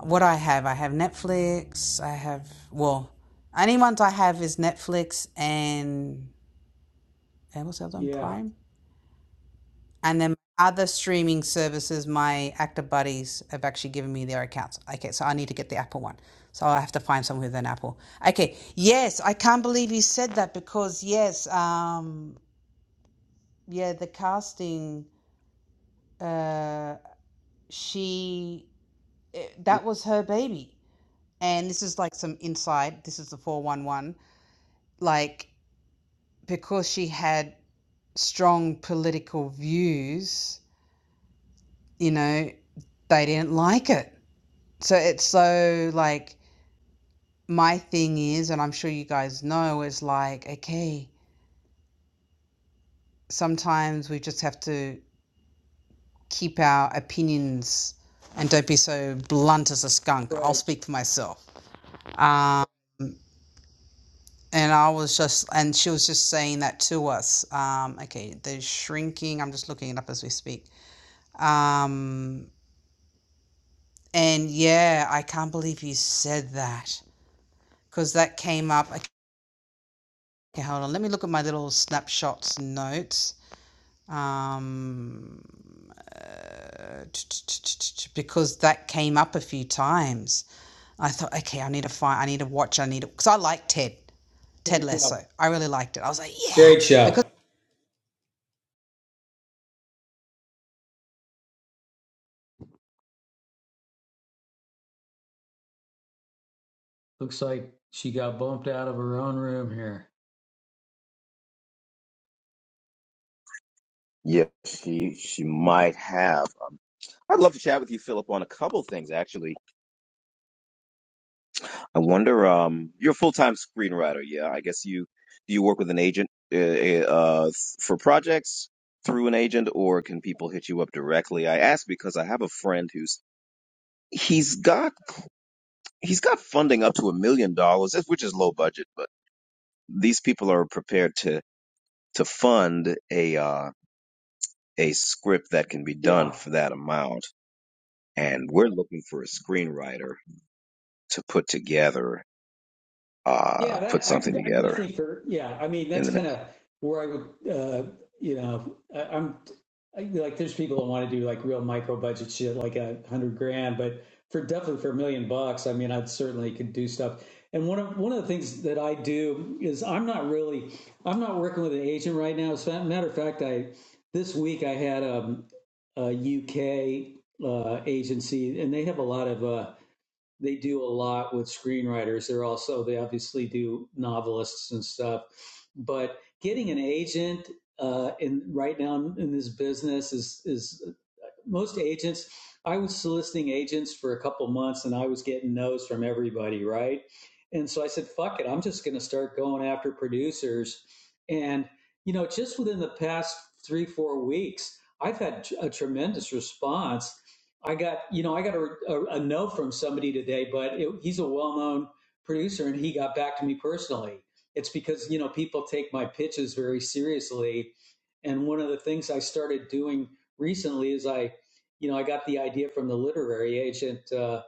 what I have. I have Netflix. I have well, only ones I have is Netflix and and what's the other one?
Yeah.
Prime. And then other streaming services. My actor buddies have actually given me their accounts. Okay, so I need to get the Apple one. So I have to find someone with an Apple. Okay. Yes, I can't believe you said that because yes, um, yeah, the casting. Uh, she it,
Yeah.
that was her baby. And this is like some inside, this is the 411. Like, because she had strong political views, you know, they didn't like it. So it's so like, my thing is, and I'm sure you guys know, is like, okay, sometimes we just have to keep our opinions and don't be so blunt as a skunk. I'll
Right.
speak for myself. Um, And I was just, and she was just saying that to us. Um, okay, they're shrinking. I'm just looking it up as we speak. Um, and yeah, I can't believe you said that because that came up. Okay, hold on. Let me look at my little snapshots notes. Um, because that came up a few times. I thought, okay, I need to find, I need to watch, I need to, because I like Ted, Ted
Great job.
Lasso. I really liked it. I was like, yeah,
Great
because.
show. Looks like she got bumped out of her own room here.
Yeah, she, she might have. Um, I'd love to chat with you, Philip, on a couple things actually I wonder. Um, you're a full time screenwriter, yeah? I guess you do you work with an agent uh, uh, for projects through an agent, or can people hit you up directly? I ask because I have a friend who's he's got he's got funding up to a million dollars, which is low budget, but these people are prepared to to fund a uh, a script that can be done
Yeah.
for that amount, and we're looking for a screenwriter to put together uh,
Yeah,
put
that I
something
could I
together
definitely for yeah. I mean,
in
that's
the
kind
next.
of where I would uh, you know I, I'm I, like there's people that want to do like real micro budget shit like a hundred grand, but for definitely for a million bucks, I mean, I'd certainly could do stuff. And one of one of the things that I do is I'm not really I'm not working with an agent right now. As a matter of fact, I this week I had um, a UK uh, agency, and they have a lot of. Uh, they do a lot with screenwriters. They're also they obviously do novelists and stuff, but getting an agent uh, in right now in this business is is most agents, I was soliciting agents for a couple months and I was getting no's from everybody, right? And so I said, fuck it, I'm just going to start going after producers. And, you know, just within the past three, four weeks, I've had a tremendous response. I got, you know, I got a, a, a no from somebody today, but it, he's a well known producer and he got back to me personally. It's because, you know, people take my pitches very seriously. And one of the things I started doing recently is I you know, I got the idea from the literary agent uh,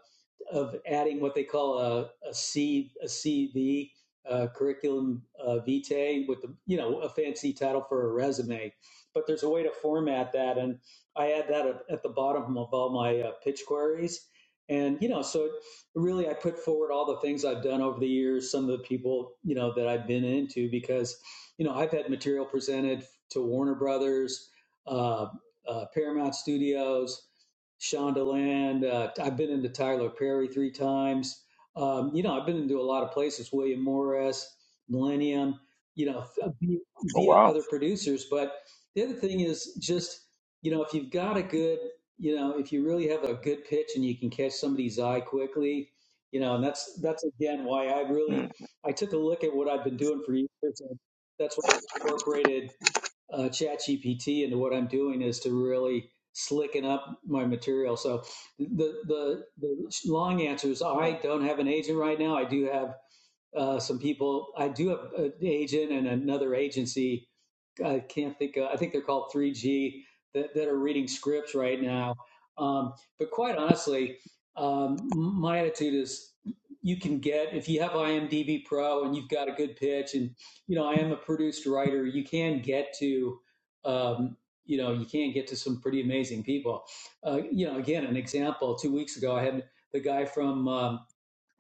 of adding what they call a, a C a CV uh, curriculum uh, vitae with the you know a fancy title for a resume. But there's a way to format that, and I add that at at the bottom of all my uh, pitch queries. And you know, so really, I put forward all the things I've done over the years, some of the people you know that I've been into, because you know I've had material presented to Warner Brothers, uh, uh, Paramount Studios, Shondaland. Uh, I've been into Tyler Perry three times. Um, you know, I've been into a lot of places, William Morris, Millennium, you know,
Oh
via
wow.
other producers. But the other thing is just, you know, if you've got a good, you know, if you really have a good pitch and you can catch somebody's eye quickly, you know, and that's that's again why I really
Mm.
I took a look at what I've been doing for years. And that's what I incorporated uh, ChatGPT into what I'm doing is to really slicken up my material. So the the, the long answer is I don't have an agent right now. I do have uh, some people. I do have an agent and another agency I can't think. Of, I think they're called 3G that, that are reading scripts right now. Um, but quite honestly, um, my attitude is you can get if you have IMDb Pro and you've got a good pitch, and you know I am a produced writer. You can get to um, you know you can get to some pretty amazing people. Uh, you know, again, an example. Two weeks ago, I had the guy from. um,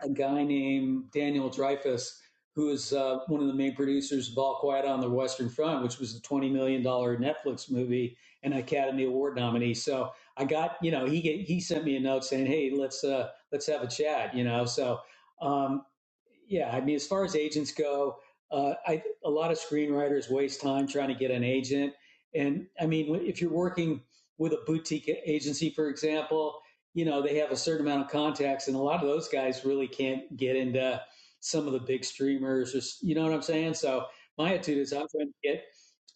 a guy named Daniel Dreyfus, who is uh, one of the main producers of All Quiet on the Western Front, which was the $20 million dollars Netflix movie and Academy Award nominee. So I got, you know, he get, he sent me a note saying, hey, let's uh, let's have a chat, you know. So, um, yeah, I mean, as far as agents go, uh, I, a lot of screenwriters waste time trying to get an agent. And I mean, if you're working with a boutique agency, for example, you know, they have a certain amount of contacts, and a lot of those guys really can't get into some of the big streamers, or you know what I'm saying. So my attitude is I'm trying to get.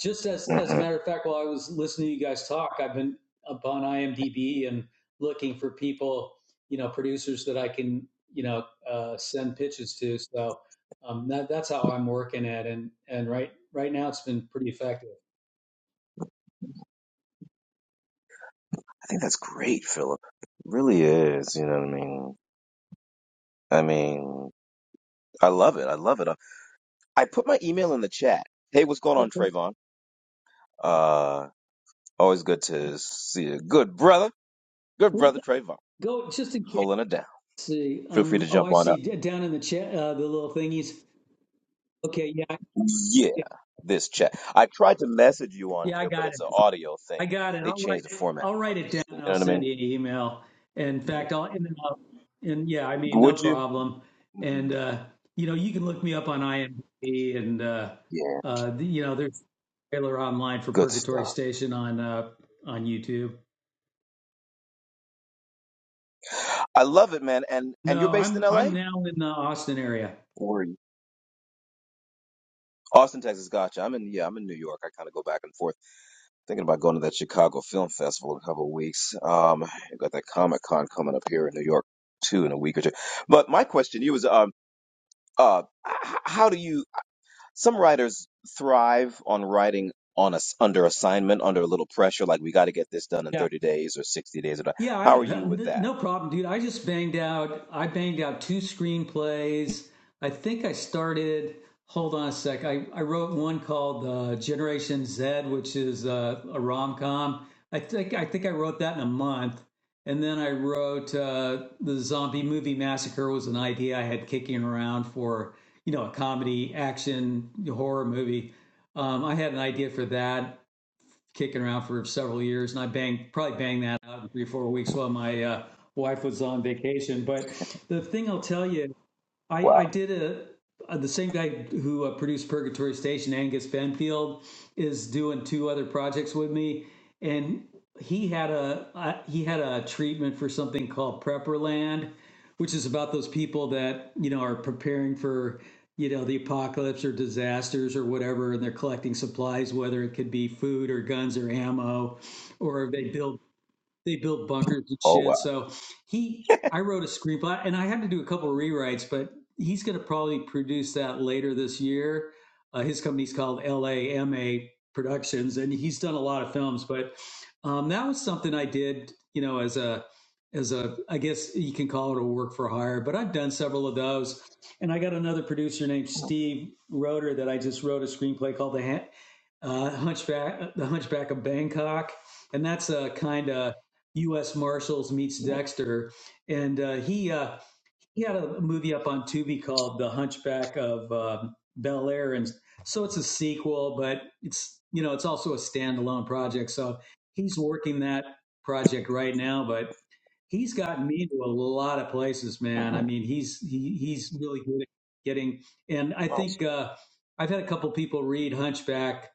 Just as as a
hmm
matter of fact, while I was listening to you guys talk, I've been up on IMDb and looking for people, you know, producers that I can, you know, uh, send pitches to. So um, that, that's how I'm working at, and and right right now it's been pretty effective.
I think that's great, Philip. It really is. You know what I mean? I mean, I love it. I love it. I put my email in the chat. Hey, what's going on,
Okay,
Trayvon? Uh, always good to see you. Good brother. Good brother, Trayvon.
go just in case.
Holding it down.
see.
Feel free
Um,
to
oh,
jump
I
on up.
see. D- Down in the chat, uh, the little thingies. Okay, yeah, I-
Yeah,
yeah,
this chat. I tried to message you on
yeah, I
here, but
got it.
it's an audio
I
thing.
got it.
They
I'll write.
changed the format
I'll
of
write it
this
down.
thing. You
I'll
know what I
send
mean?
you an email. In
Yeah.
fact, I'll and, then I'll- and yeah, I mean, no
Would you?
problem. And
Mhm.
uh, you know, you can look me up on IMDb, and uh,
Yeah,
uh, the, you know, there's a trailer online for
good
Purgatory
stuff.
Station on uh, on YouTube.
I love it, man. And and you're
No,
based in
I'm
LA?
I'm now in the Austin area.
Austin, Texas. Gotcha. I'm in. Yeah, I'm in New York. I kind of go back and forth, thinking about going to that Chicago Film Festival in a couple of weeks. Um, I got that Comic Con coming up here in New York too in a week or two. But my question to you is, um, uh, h- how do you? Some writers thrive on writing on us under assignment, under a little pressure, like we got to get this done in 30 days or 60 days. Or not.
Yeah, I,
how are you with
don't-
that?
no problem, dude. I just banged out. I banged out two screenplays. I think I started. Hold on a sec. I, I wrote one called uh, Generation Z, which is uh, a rom com. I think I think I wrote that in a month, and then I wrote uh, the Zombie Movie Massacre was an idea I had kicking around for you know a comedy action horror movie. Um, I had an idea for that kicking around for several years, and I banged probably banged that out in three or four weeks while my uh, wife was on vacation. But the thing I'll tell you I, I
Wow.
did a, uh, the same guy who uh, produced Purgatory Station, Angus Benfield, is doing two other projects with me, and he had a uh, he had a treatment for something called Prepperland, which is about those people that you know are preparing for you know the apocalypse or disasters or whatever, and they're collecting supplies, whether it could be food or guns or ammo, or they build they built bunkers and
Oh wow.
shit. So he, I wrote a screenplay, and I had to do a couple of rewrites, but he's going to probably produce that later this year. Uh, his company's called LAMA Productions, and he's done a lot of films. But um, that was something I did, you know, as a as a I guess you can call it a work for hire. But I've done several of those, and I got another producer named Steve Roeder that I just wrote a screenplay called the. uh, Hunchback, the Hunchback of Bangkok, and that's a kind of U.S. Marshals meets Dexter, and uh, he uh, he had a movie up on Tubi called The Hunchback of um Bel Air, and so it's a sequel, but it's you know it's also a standalone project. So he's working that project right now, but he's gotten me to a lot of places, man. I
hmm
mean, he's he, he's really good at getting. And I
Oh,
think uh, I've had a couple people read Hunchback,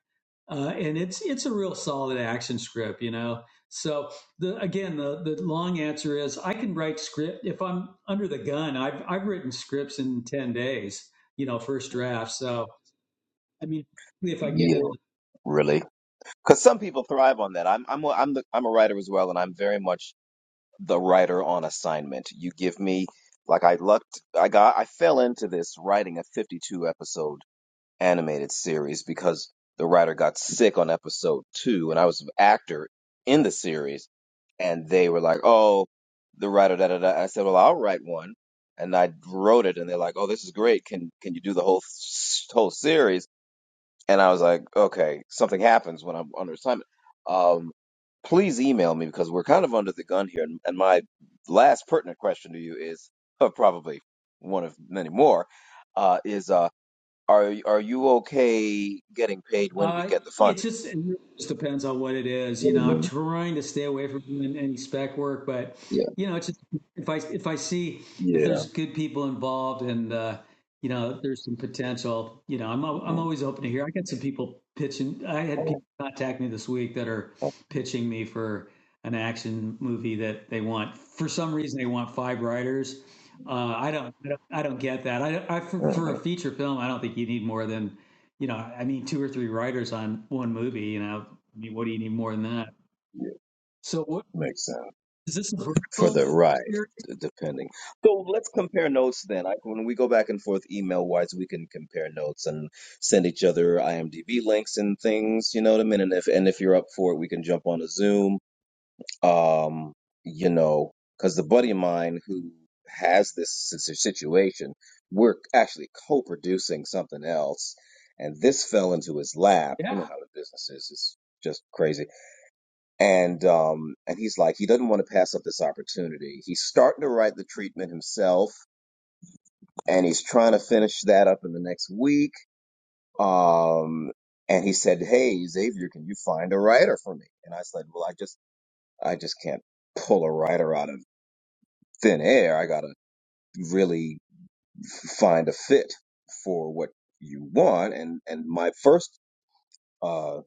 uh, and it's it's a real solid action script, you know. So the again, the the long answer is I can write script if I'm under the gun. I've I've written scripts in ten days, you know, first draft. So I mean, if I get
yeah.
in
Really? Because some people thrive on that. I'm I'm a- I'm the, I'm a writer as well, and I'm very much the writer on assignment. You give me like I lucked I got I fell into this writing a 52 episode animated series because the writer got sick on episode 2 and I was an actor in the series and they were like, "Oh, the writer da da da." I said, "Well, I'll write one." And I wrote it and they're like, "Oh, this is great. Can can you do the whole whole series?" And I was like, okay, something happens when I'm under assignment. Um, please email me because we're kind of under the gun here. And, and my last pertinent question to you is (laughs) uh, probably one of many more uh, is uh, are are you okay getting paid when we
Uh,
get the
it
funding?
just, it really just depends on what it is. You know, I'm
Yeah,
trying to stay away from doing any spec work, but
yeah,
you know, it's just if I if I see if
yeah.
there's good people involved and uh, you know there's some potential, you know, I'm al- I'm
All right,
always open to hear. I got some people pitching. I had
all
people contact me this week that are
right,
pitching me for an action movie that they want. For some reason, they want five writers. Uh, I don't, I don't, I don't get that. I, I for,
all
for
right.
a feature film, I don't think you need more than you know, I mean, two or three writers on one movie, you know, I mean, what do you need more than that?
yeah,
So what
makes sense.
is this a
for the
vertical
right,
series?
d- depending. So let's compare notes then. I, when we go back and forth email wise, we can compare notes and send each other IMDb links and things. You know what I mean? And if and if you're up for it, we can jump on a Zoom. Um, you know, because the buddy of mine who has this si- si- situation, we're actually co-producing something else, and this fell into his lap. You know
Yeah.
how the business is. It's just crazy and um and he's like he doesn't want to pass up this opportunity he's starting to write the treatment himself and he's trying to finish that up in the next week um and he said hey xavier can you find a writer for me and i said well i just i just can't pull a writer out of thin air i gotta really f- find a fit for what you want and and my first uh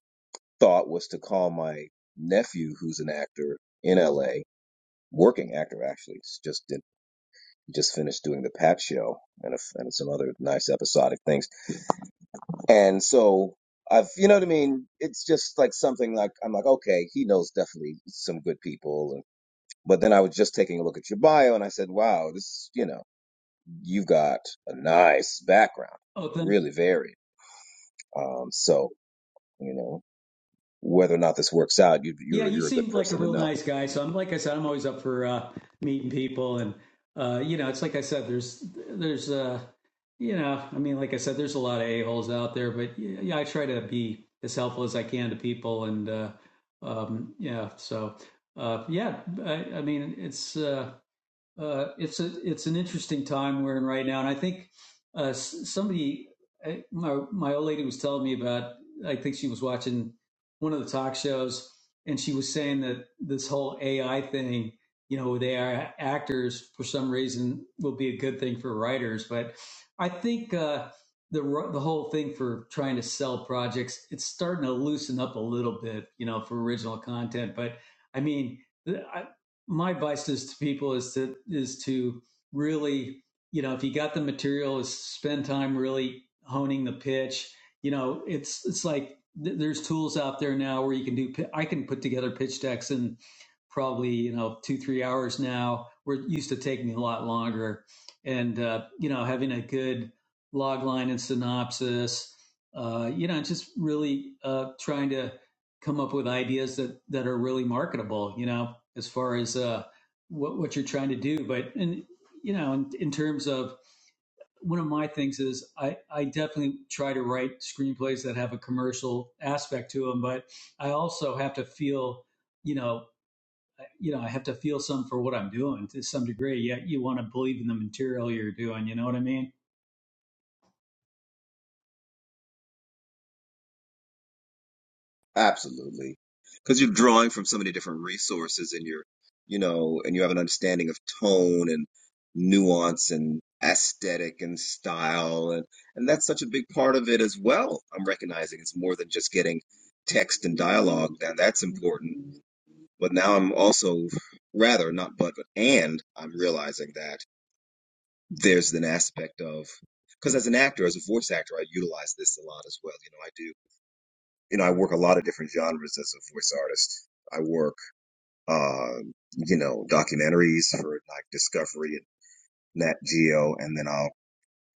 thought was to call my nephew who's an actor in la working actor actually. It's just just finished doing the Pat show and a, and some other nice episodic things. And so I've, you know what I mean? It's just like something like I'm like, okay, he knows definitely some good people. And, but then I was just taking a look at your bio and I said, wow, this, you know, you've got a nice background,
Oh, then,
really varied. Um, so you know whether or not this works out, you,
yeah,
you're
you
you're a good
seem like a
person to
real
know.
nice guy. So I'm, like I said, I'm always up for uh, meeting people. And, uh, you know, it's like I said, there's, there's, uh, you know, I mean, like I said, there's a lot of a-holes out there, but yeah, yeah, I try to be as helpful as I can to people. And, uh, um, yeah, so, uh, yeah, I, I mean, it's, uh, uh, it's a it's an interesting time we're in right now, and I think uh, somebody, I, my my old lady was telling me about. I think she was watching one of the talk shows, and she was saying that this whole AI thing, you know, they are actors for some reason will be a good thing for writers, but I think uh, the the whole thing for trying to sell projects it's starting to loosen up a little bit, you know, for original content, but I mean. I, my advice is to people is to is to really you know if you got the material is spend time really honing the pitch you know it's it's like th- there's tools out there now where you can do i can put together pitch decks in probably you know two three hours now where it used to take me a lot longer and uh, you know having a good log line and synopsis uh, you know just really uh, trying to come up with ideas that that are really marketable you know as far as uh what what you're trying to do but and you know in, in terms of one of my things is I, I definitely try to write screenplays that have a commercial aspect to them, but I also have to feel, you know, you know, I have to feel some for what I'm doing to some degree. Yeah, you want to believe in the material you're doing. You know what I mean?
Absolutely. Because you're drawing from so many different resources and you're, you know, and you have an understanding of tone and nuance and aesthetic and style and and that's such a big part of it as well. I'm recognizing it's more than just getting text and dialogue. Now that's important. But now I'm also rather not but but and I'm realizing that there's an aspect of because as an actor, as a voice actor, I utilize this a lot as well. You know, I do you know, I work a lot of different genres as a voice artist. I work, uh, you know, documentaries for like Discovery and Nat Geo, and then I'll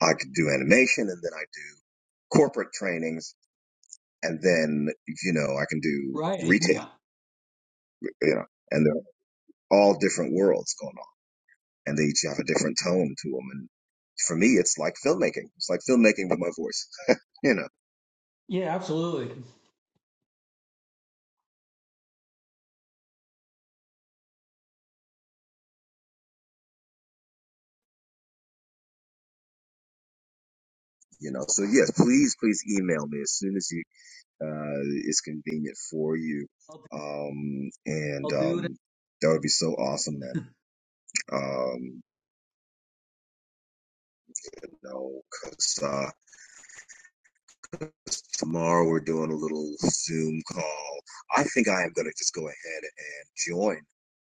I could do animation, and then I do corporate trainings, and then you know I can do
Right.
retail,
Yeah.
you know, and they're all different worlds going on, and they each have a different tone to them. And for me, it's like filmmaking. It's like filmmaking with my voice, you know,
Yeah. Absolutely.
you know. So yes, please, please email me as soon as you uh, it's convenient for you.
I'll,
Um, and
I'll do it.
um, that would be so awesome, man. Um, you know, 'cause, uh, tomorrow we're doing a little Zoom call. I think I am going to just go ahead and join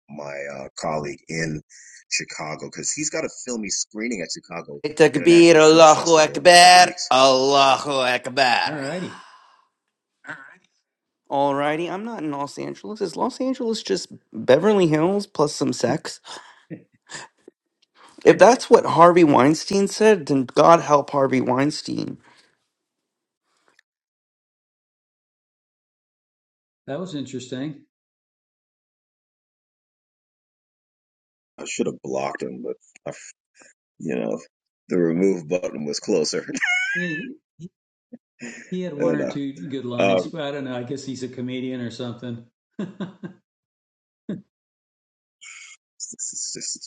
my uh, colleague in Chicago because he's got a filmy screening at Chicago
Takbir,
International Film
Allahu
Festival in a couple
Akbar,
weeks.
Allahu
All
Akbar.
righty.
Alrighty, I'm not in Los Angeles. Is Los Angeles just Beverly Hills plus some sex? If that's what Harvey Weinstein said, then God help Harvey Weinstein.
That was interesting.
I should have blocked him, but I f you know, the remove button was closer.
Hey, He had
(laughs)
one
and,
or
uh,
two good lines,
um,
but I don't know. I guess he's a comedian or something. (laughs)
s- s- s-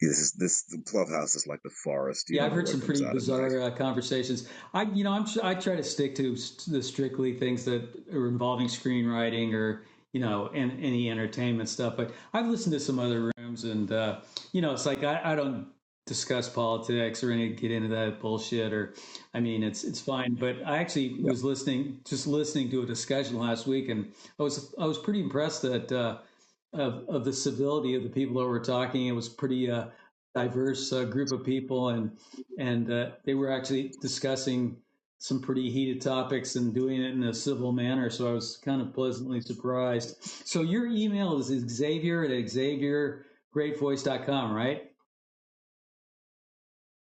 This is this the clubhouse is like the forest. You
Yeah,
don't
I've
know
heard
what
some
comes
pretty
out at night.
bizarre uh, conversations. I, you know, I'm I try to stick to s- the strictly things that are involving screenwriting or you know, and any entertainment stuff. But I've listened to some other rooms, and uh, you know, it's like I, I don't discuss politics or any get into that bullshit. Or, I mean, it's it's fine. But I actually
Yeah.
was listening, just listening to a discussion last week, and I was I was pretty impressed that uh, of of the civility of the people that were talking. It was pretty. Uh, diverse uh, group of people and and uh, they were actually discussing some pretty heated topics and doing it in a civil manner. So I was kind of pleasantly surprised. So your email is Xavier at Xavier Great Voice dot com, right?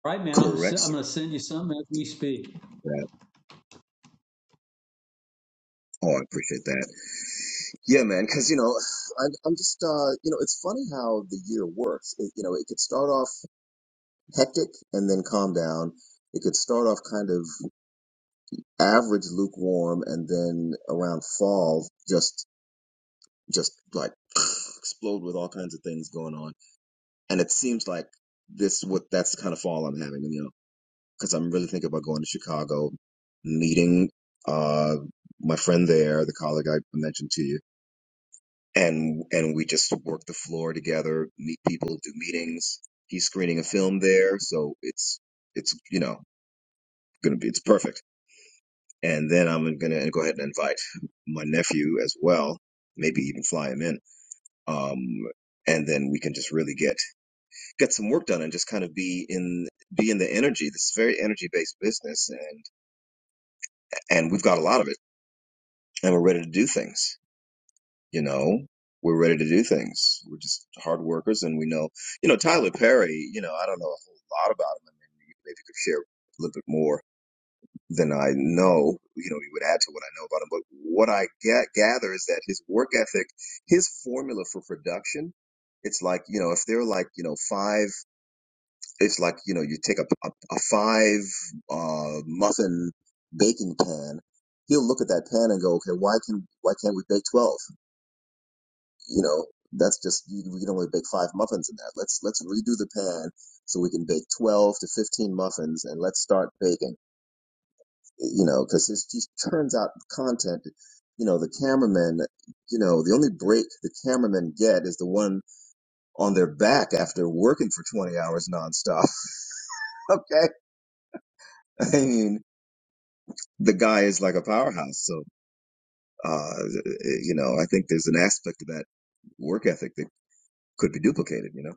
All right, man. I'm i
Correct,
I'm
sir.
going to send you some as we speak.
That. Oh, I appreciate that. Yeah, man. Because you know, I'm, I'm just uh, you know, it's funny how the year works. It, you know, it could start off hectic and then calm down. It could start off kind of average, lukewarm, and then around fall, just just like (sniffs) (clears throat) explode with all kinds of things going on. And it seems like this what that's the kind of fall I'm having. You know. because I'm really thinking about going to Chicago, meeting uh, my friend there, the colleague I mentioned to you, and and we just work the floor together, meet people, do meetings. He's screening a film there, so it's it's you know gonna be it's perfect. And then I'm gonna go ahead and invite my nephew as well, maybe even fly him in. Um, and then we can just really get get some work done and just kind of be in be in the energy. This is very energy based business, and and we've got a lot of it and we're ready to do things. You know, we're ready to do things. We're just hard workers, and we know. You know, Tyler Perry. You know, I don't know a whole lot about him. I mean, you maybe could share a little bit more than I know. You know, you would add to what I know about him. But what I get, gather is that his work ethic, his formula for production. It's like, you know, if they're like, you know, five, it's like, you know, you take a, a, a five uh, muffin baking pan, he'll look at that pan and go, okay, why can, why can't we bake 12? you know, that's just you, we can only bake five muffins in that. Let's let's redo the pan so we can bake twelve to fifteen muffins, and let's start baking. You know, because it just turns out content. You know, the cameraman. You know, the only break the cameramen get is the one on their back after working for twenty hours nonstop. (laughs) okay, I mean, the guy is like a powerhouse. So, uh, you know, I think there's an aspect of that work ethic that could be duplicated. You know,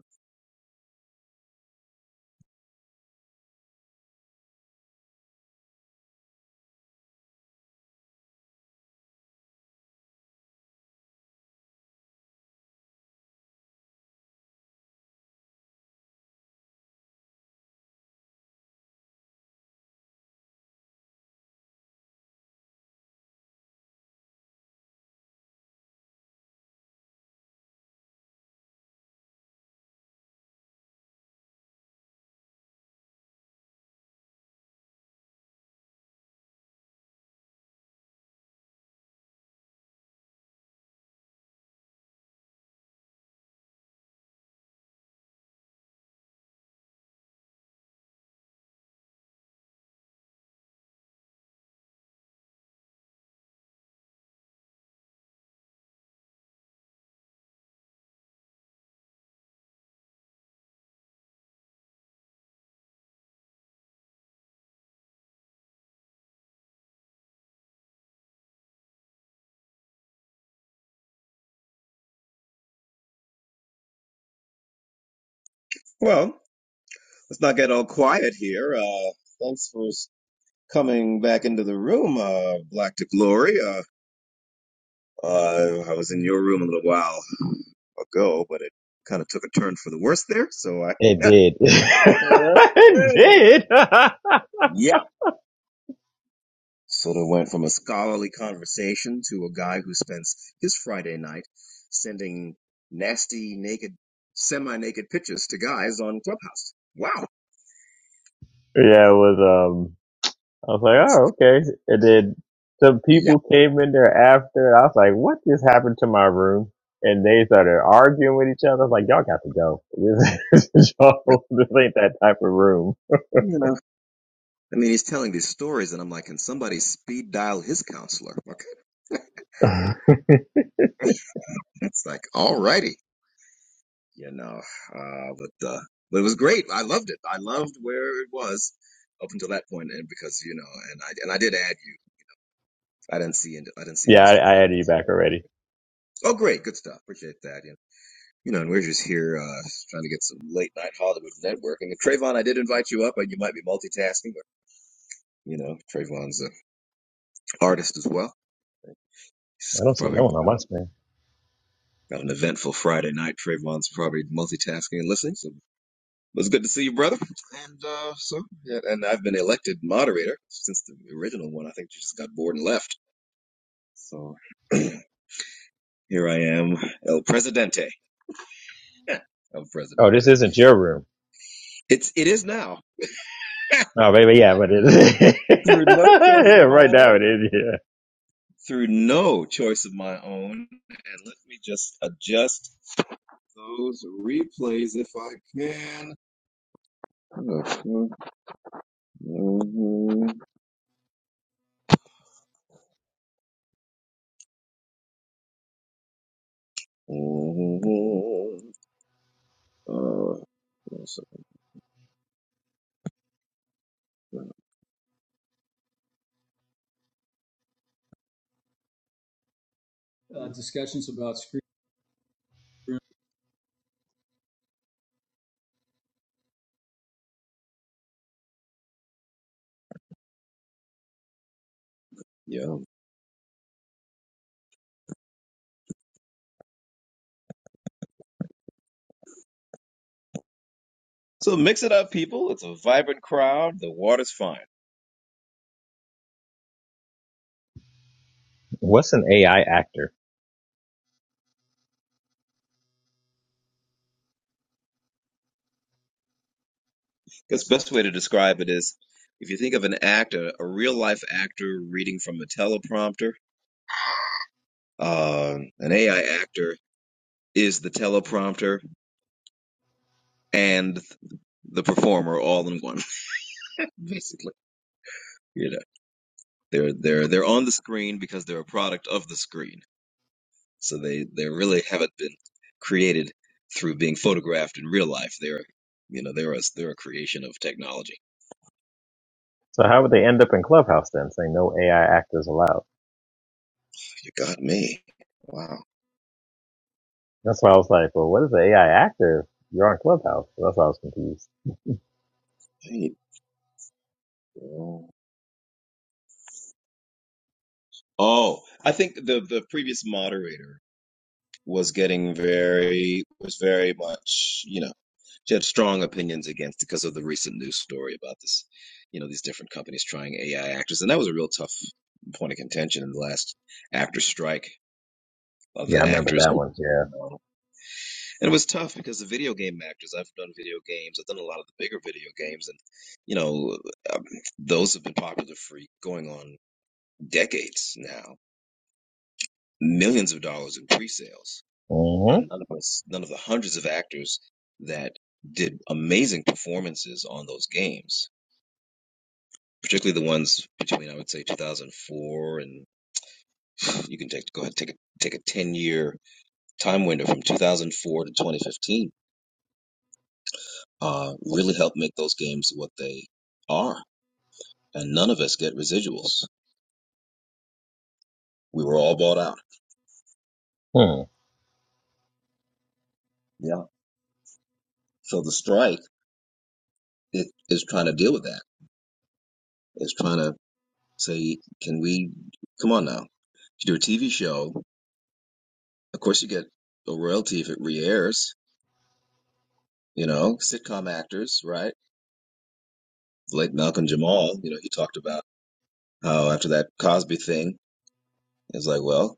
well. Let's not get all quiet here. Uh, thanks for s- coming back into the room, uh, Black to Glory. Uh, uh, I was in your room a little while ago, but it kind of took a turn for the worse there. So I,
It
(laughs)
did. (laughs) it
Hey.
did. (laughs) yeah,
yeah, sort of went from a scholarly conversation to a guy who spends his Friday night sending nasty, naked, semi-naked pictures to guys on Clubhouse. Wow.
it was. Um, I was like,
It's-
oh, okay. And then some
yeah,
people came in there after. I was like, what just happened to my room? And they started arguing with each other. I was like, y'all got to go. This, (laughs)
really.
y'all, this ain't that type of room.
You know. I mean, he's telling these stories, and I'm like, can somebody speed dial his counselor? Okay,
(laughs)
it's like, alrighty, you know. Uh, but uh, but it was great. I loved it. I loved where it was up until that point, and because you know, and I and I did add you. I didn't see I didn't see an
yeah, I, I
Instagram.
added
I
you back
tried.
already.
Oh, great, good stuff. Appreciate that. You know, you know, and we're just here uh, trying to get some late night Hollywood networking. And Trayvon, I did invite you up, and you might be multitasking, but you know, Trayvon's an artist as well. She's
I don't see
probably
no one on
got
my screen.
Got an eventful Friday night. Trayvon's probably multitasking and listening. So it was good to see you, brother. And uh, so, yeah, and I've been elected moderator since the original one. I think you just got bored and left. So (clears throat) here I am, El Presidente. (laughs) El
Oh, this
Presidente.
isn't your room.
It's it is now (laughs)
Oh, baby, yeah, but it is. (laughs)
through no choice
Yeah,
of my
right now it
own.
is. Yeah.
Through no choice of my own. And let me just adjust those replays if I can. Mhm. Uh, what's up?
Uh, discussions about screen rooms.
yeah. So mix it up, people. It's a vibrant crowd. The water's fine.
What's an AI actor?
Because best way to describe it is if you think of an actor, a real life actor reading from a teleprompter, uh, an AI actor is the teleprompter and the performer all in one, (laughs) basically. You know, they're they're they're on the screen because they're a product of the screen So they they really haven't been created through being photographed in real life. They're you know they're a, they're a creation of technology.
So how would they end up in Clubhouse then, saying no AI actors allowed?
You got me. Wow.
That's why I was like, well, what is the AI actor? if You're on Clubhouse. So That's why I was confused.
Hey, bro. Oh, I think the the previous moderator was getting very was very much you know she had strong opinions against because of the recent news story about this you know these different companies trying AI actors and that was a real tough point of contention in the last actor strike of
Yeah, I
the
remember
actors
that one. Yeah.
And it was tough because the video game actors, I've done video games, I've done a lot of the bigger video games, and, you know, um, those have been popular for going on decades now. Millions of dollars in pre-sales. And
Mm-hmm.
none of us, none of the hundreds of actors that did amazing performances on those games, particularly the ones between, I would say, 2004 and you can take, go ahead, take a, take a 10 year time window from 2004 to 2015, uh, really helped make those games what they are and none of us get residuals. We were all bought out.
Hmm.
Yeah. So the strike it is trying to deal with that. It's trying to say, can we come on now? You do a TV show, of course you get a royalty if it re-airs. You know, sitcom actors, right? Like Malcolm Jamal, you know, he talked about how after that Cosby thing, it was like, well,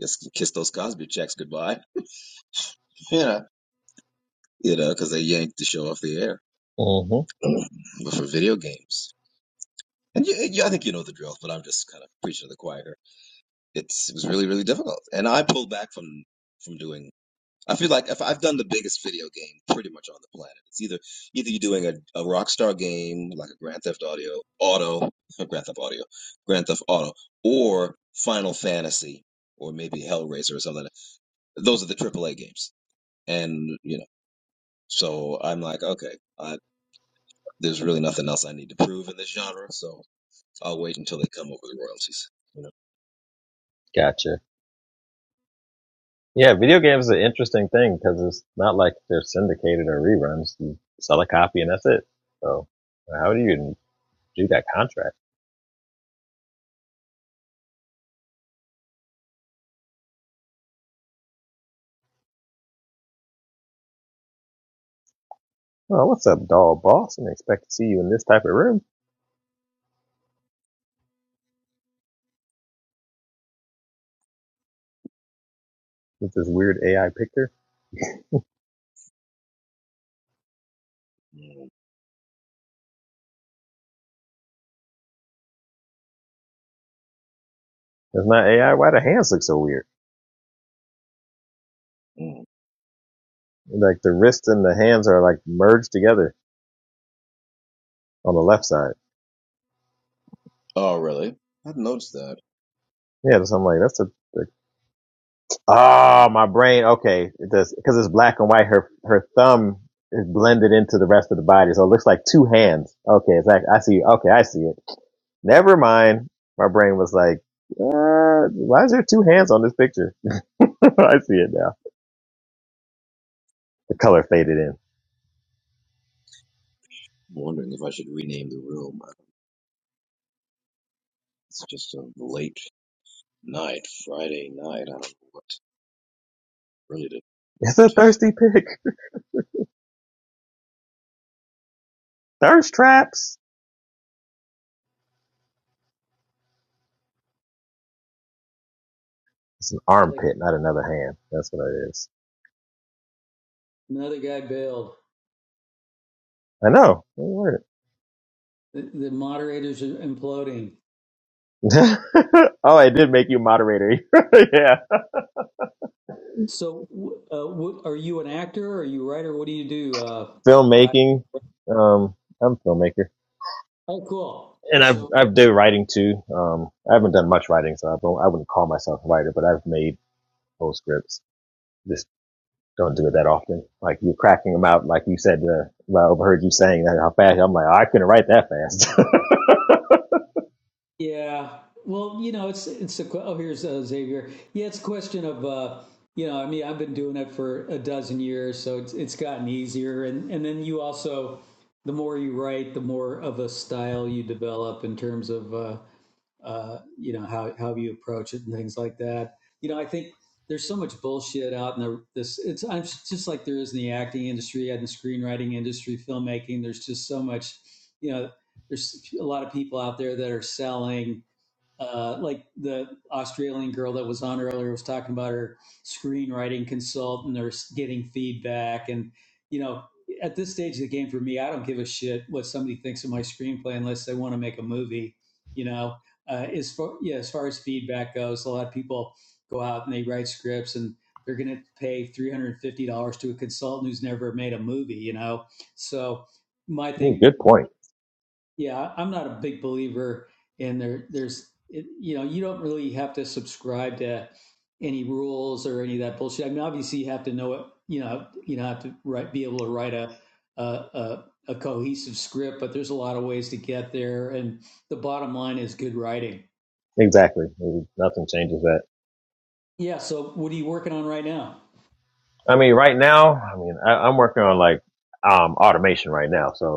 just kiss those Cosby checks goodbye. Yeah. You know, because they yanked the show off the air.
Mm-hmm.
(clears throat) but for video games. And you, you, I think you know the drill, but I'm just kind of preaching to the choir. here. It's it was really really difficult, and I pulled back from from doing. I feel like if I've done the biggest video game pretty much on the planet, it's either either you're doing a, a Rockstar game like a Grand Theft Audio Auto, (laughs) Grand Theft Audio, Grand Theft Auto, or Final Fantasy, or maybe Hellraiser or something. Those are the AAA games, and you know. So I'm like, okay, I, there's really nothing else I need to prove in this genre, so I'll wait until they come over the royalties. you know.
Gotcha. Yeah, video games are an interesting thing because it's not like they're syndicated or reruns. You sell a copy and that's it. So how do you even do that contract? Well, what's up, doll boss? And expect to see you in this type of room with this weird AI picture.
Mm.
It's not AI. Why the hands look so weird?
mm.
Like the wrist and the hands are like merged together on the left side.
Oh, really? I've noticed that.
Yeah, so I'm like, that's a like, ah, oh, my brain. Okay, it does because it's black and white. Her her thumb is blended into the rest of the body, so it looks like two hands. Okay, it's like I see. Okay, I see it. Never mind. My brain was like, uh, why is there two hands on this picture? (laughs) I see it now. The color faded in.
I'm wondering if I should rename the room. I- It's just a late night, Friday night. I don't know what really to.
It's a thirsty pic. (laughs) Thirst traps. It's an
Like
armpit, not another hand. That's what it is.
another guy bailed.
I know.
The, the moderators are imploding.
(laughs) oh, I did make you moderator. (laughs) yeah,
So, uh, what, are you an actor? Or Are you a writer? What do you do? Uh, Black.
filmmaking. Um, I'm a filmmaker,
Oh, cool.
and I've
So
I've done writing too. Um, I haven't done much writing, so I don't. I wouldn't call myself a writer, but I've made whole scripts. Just don't do it that often. Like you're cracking them out, like you said. Uh, well, I overheard you saying that how fast. I'm like, "Oh, I couldn't write that fast.
Yeah. Well, you know, it's it's a oh here's uh, Xavier. Yeah, it's a question of uh, you know, I mean, I've been doing it for a dozen years, so it's it's gotten easier. And and then you also, the more you write, the more of a style you develop in terms of uh, uh, you know how how you approach it and things like that. You know, I think there's so much bullshit out in the this. It's I'm just like there is in the acting industry, in the screenwriting industry, filmmaking. There's just so much, you know. There's a lot of people out there that are selling uh, like the Australian girl that was on earlier was talking about her screenwriting consultant or s- getting feedback. And, you know, at this stage of the game for me, I don't give a shit what somebody thinks of my screenplay unless they want to make a movie, you know. Uh, as far yeah, as far as feedback goes, a lot of people go out and they write scripts and they're going to pay three hundred and fifty dollars to a consultant who's never made a movie, you know. So my
(laughs) Ooh,
thing,
Good point.
yeah, I'm not a big believer in there. There's, it, you know, you don't really have to subscribe to any rules or any of that bullshit. I mean, obviously, you have to know it. You know, you know, have to write, be able to write a a, a a cohesive script, but there's a lot of ways to get there. And the bottom line is good writing.
Exactly. Nothing changes that.
Yeah. So, what are you working on right now?
I mean, right now, I mean, I, I'm working on like um automation right now, so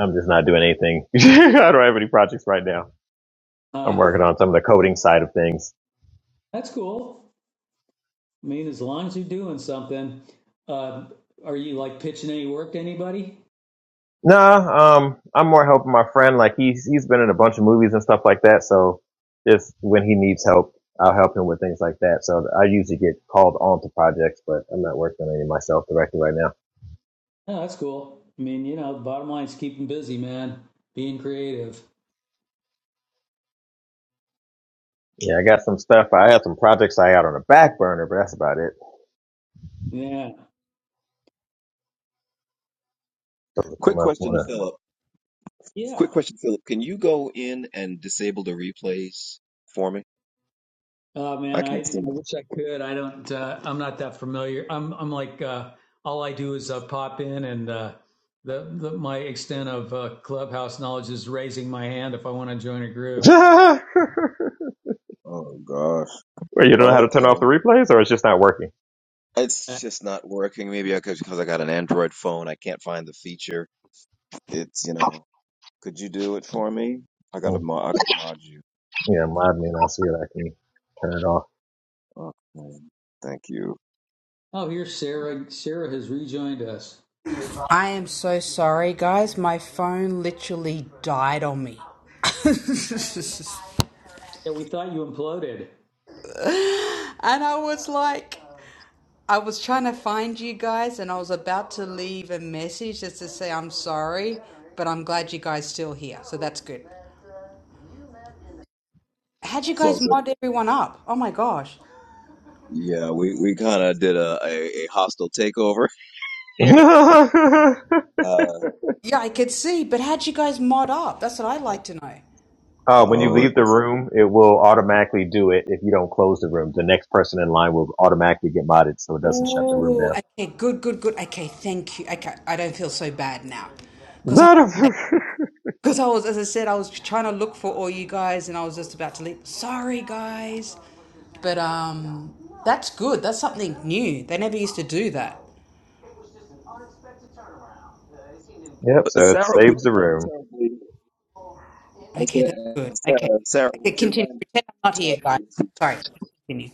I'm just not doing anything. (laughs) I don't have any projects right now. I'm
Uh,
working on some of the coding side of things.
that's cool. I mean, as long as you're doing something, uh, are you like pitching any work to anybody?
Nah, um, I'm more helping my friend. Like he's he's been in a bunch of movies and stuff like that. So just when he needs help, I'll help him with things like that. So I usually get called on to projects, but I'm not working on any myself directly right now.
No, that's cool. I mean, you know, the bottom line is keeping busy, man. Being creative.
Yeah, I got some stuff. I have some projects I got on the back burner, but that's about it.
Yeah.
Those will
Quick
come up
question to
when
Philip.
Yeah.
Quick question, Philip. Can you go in and disable the replays for me?
Oh
I
man, I,
can't
I
see.
wish I could. I don't uh, I'm not that familiar. I'm I'm like uh all I do is uh, pop in and uh the, the my extent of uh, clubhouse knowledge is raising my hand if I want to join a group.
I... (laughs)
Oh gosh.
Well, you don't know how to turn off
Okay.
the replays, or it's just not working.
It's
Uh,
just not working. Maybe I could because I got an Android phone. I can't find the feature. It's you know. Could you do it for me? I gotta.
Mm,
Mo- I gotta mod you.
Yeah, mod me and I'll see if I can turn it off.
Okay. Thank you.
oh, here's Sarah. Sarah has rejoined us.
I am so sorry, guys. My phone literally died on me. (laughs) and
Yeah, we thought you imploded.
I was like, I was trying to find you guys, and I was about to leave a message just to say I'm sorry, but I'm glad you guys still here. So that's good. How'd you
It's
guys
all good.
mod everyone up? Oh my gosh.
Yeah, we, we kind of did a, a, a hostile takeover (laughs)
(laughs)
here.
uh,
Uh,
Yeah, I could see, but how'd you guys mod up? That's what I'd like to know.
when you
oh,
leave the room, it will automatically do it if you don't close the room. The next person in line will automatically get modded so it doesn't shut the room
Ooh,
down.
okay, good, good, good. Okay, thank you. Okay, I don't feel so bad now. Because I Because I was, as I said, I was trying to look for all you guys and I was just about to leave. Sorry, guys. But um, that's good. That's something new. They never used to do that.
(laughs) yep, so it
Sarah, would
saves
you
the
mind
room.
terribly? I was
Okay, that's
going to
good.
ask
Okay.
Sarah. Sarah,
Okay,
would you
continue.
mind
Pretend I'm not here, guys.
terribly?
Sorry. Continue.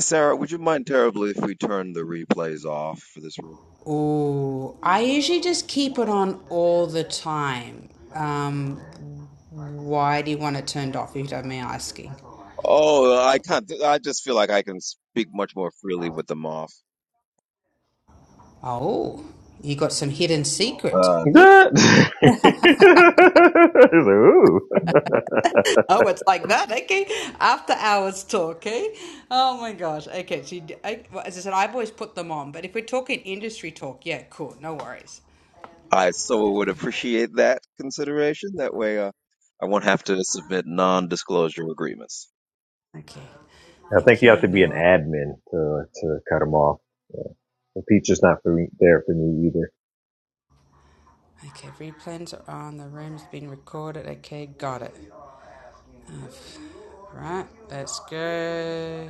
Sarah, would you mind terribly if we turn the replays off for this room?
Oh, I usually just keep it on all the time. Um, why do you want it turned off, if you don't mind me asking?
Oh, I can't. I just feel like I can speak much more freely with them off.
Oh, you got some hidden secrets.
Uh,
(laughs) ooh.
Oh, it's like that. Okay. After hours talk. Okay. Oh my gosh. Okay. So, you, d- I, well, as I said, I've always put them on, but if we're talking industry talk, yeah, cool. No worries.
I so would appreciate that consideration. That way, uh, I won't have to submit non-disclosure agreements.
Okay.
I think you have
Okay.
to be
No
an
worries.
admin to to cut them off. Yeah. The feature's not for, there for me either.
Okay. Replans are on. The room's been recorded. Okay. Got it. Right. Let's go.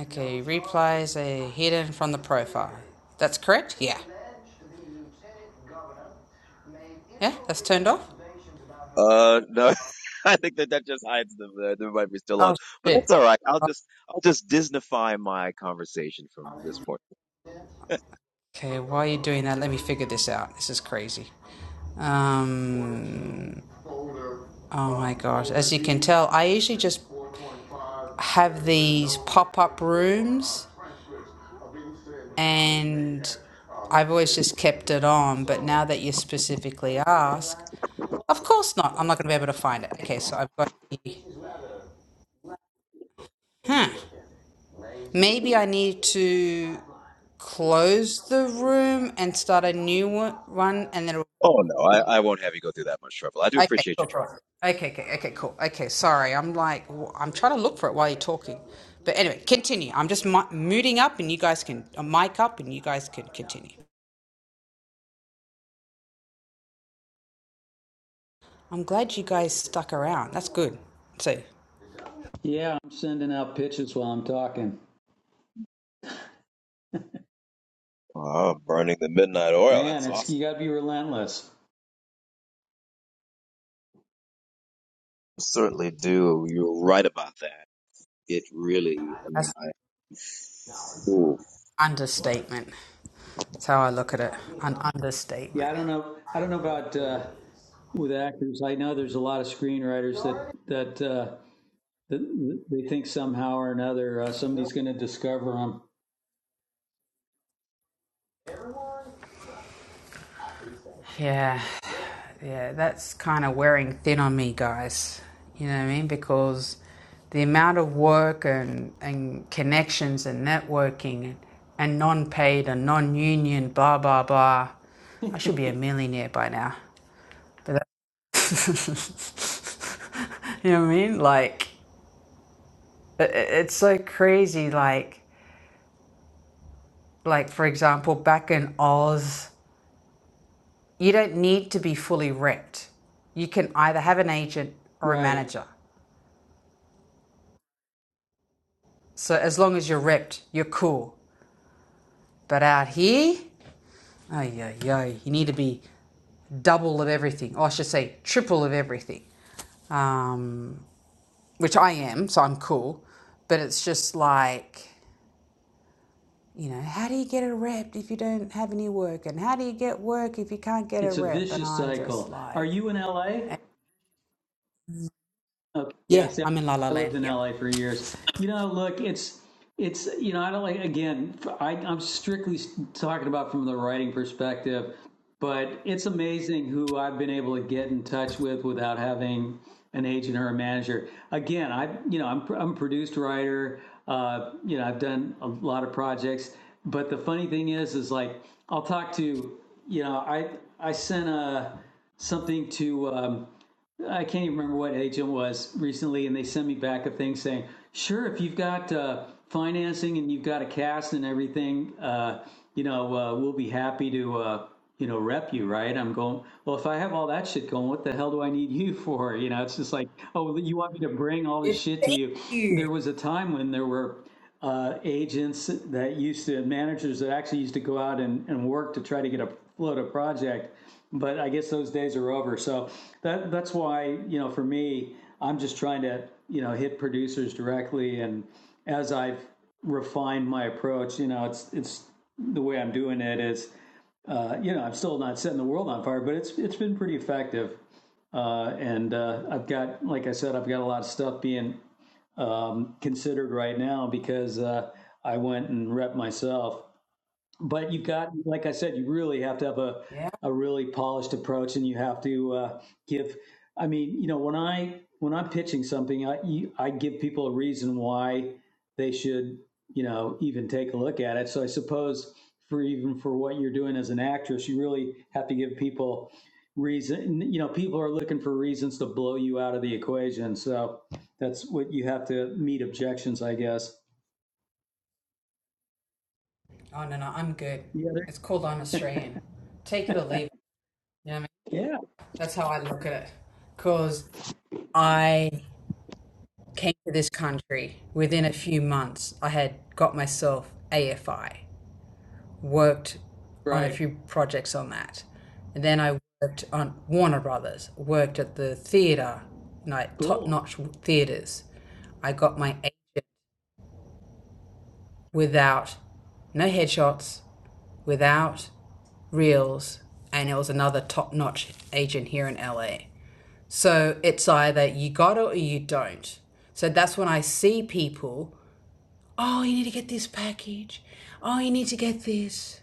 Okay. Replies are hidden from the profile. That's correct? Yeah. Yeah. That's turned off?
Uh, no, (laughs) I think that that just hides them. Uh, they might be still on,
Oh,
but that's
shit.
all right. I'll just I'll just Disneyfy my conversation from this point.
Okay, why are you doing that? Let me figure this out. This is crazy. Um, oh my gosh. As you can tell, I usually just have these pop up rooms and I've always just kept it on. But now that you specifically ask, of course not. I'm not going to be able to find it. Okay, so I've got here. Huh. Maybe I need to close the room and start a new one, and then it'll
Oh no, I, I won't have you go through that much trouble. I do
Okay,
appreciate
cool,
your try.
cool. Okay, okay, okay, cool. Okay, sorry. I'm like, w- I'm trying to look for it while you're talking. But anyway, continue. I'm just mi- muting up and you guys can, uh, mic up and you guys can continue. I'm glad you guys stuck around. That's good. So,
Yeah, I'm sending out pitches while I'm talking.
Oh, burning the midnight oil.
Man,
That's
it's you
awesome.
got to be relentless.
Certainly do. You're right about that. It really. I mean,
that's
I. Ooh.
understatement. That's how I look at it. An
Yeah,
understatement.
I don't know. I don't know about uh, with actors. I know there's a lot of screenwriters that that uh, that they think somehow or another uh, somebody's going to discover them.
Yeah. Yeah, that's kind of wearing thin on me, guys. You know what I mean? Because the amount of work and, and connections and networking and and non paid and non union, blah, blah, blah. I should
(laughs)
be a millionaire by now. But that- (laughs) you know what I mean? Like, i- it's so crazy. Like, like for example, back in Oz, you don't need to be fully repped. You can either have an agent or a
Right.
manager. So as long as you're repped, you're cool. But out here, oh yo yo, you need to be double of everything, or I should say triple of everything. Um, which I am, so I'm cool. But it's just like, you know, how do you get a rep if you don't have any work? And how do you get work if you can't get a
It's a
rep? And
vicious
I'm just
cycle. Are
like,
you in LA? Okay. Yeah.
yeah,
See,
I'm in La La
I
Land.
lived in
Yep.
LA for years. You know, look, it's it's you know, I don't like again. I, I'm strictly talking about from the writing perspective, but it's amazing who I've been able to get in touch with without having an agent or a manager. Again, I you know, I'm I'm a produced writer. Uh, you know, I've done a lot of projects, but the funny thing is, is like I'll talk to you know, I I sent a something to. Um, I can't even remember what agent was recently, and they sent me back a thing saying, "Sure, if you've got uh, financing and you've got a cast and everything, uh, you know, uh, we'll be happy to, uh, you know, rep you." Right? I'm going. Well, if I have all that shit going, what the hell do I need you (laughs) for? You know, it's just like, oh, you want me to bring all
Yeah.
this shit to
Thank
you?
you.
There was a time when there were uh, agents that used to managers that actually used to go out and, and work to try to get a float a project but i guess those days are over so that that's why you know for me i'm just trying to you know hit producers directly and as i've refined my approach you know it's it's the way i'm doing it is uh, you know i'm still not setting the world on fire but it's it's been pretty effective uh, and uh, i've got like i said i've got a lot of stuff being um, considered right now because uh, I went and rep myself but you've got, like I said, you really have to have a,
Yeah.
a really polished approach, and you have to uh, give. I mean, you know, when I when I'm pitching something, I you, I give people a reason why they should, you know, even take a look at it. So I suppose for even for what you're doing as an actress, you really have to give people reason. You know, people are looking for reasons to blow you out of the equation. So that's what you have to meet objections, I guess.
Oh no no, I'm good.
Yeah.
It's called I'm Australian. Take it or leave it. You know what I mean?
Yeah.
That's how I look at it. Because I came to this country within a few months, I had got myself AFI, worked on a
Right.
few projects on that. And then I worked on Warner Brothers, worked at the theatre, like top
Cool.
notch theatres. I got my agent without no headshots, without reels, and it was another top notch agent here in LA. So it's either you got it or you don't. So that's when I see people Oh, you need to get this package. Oh, you need to get this.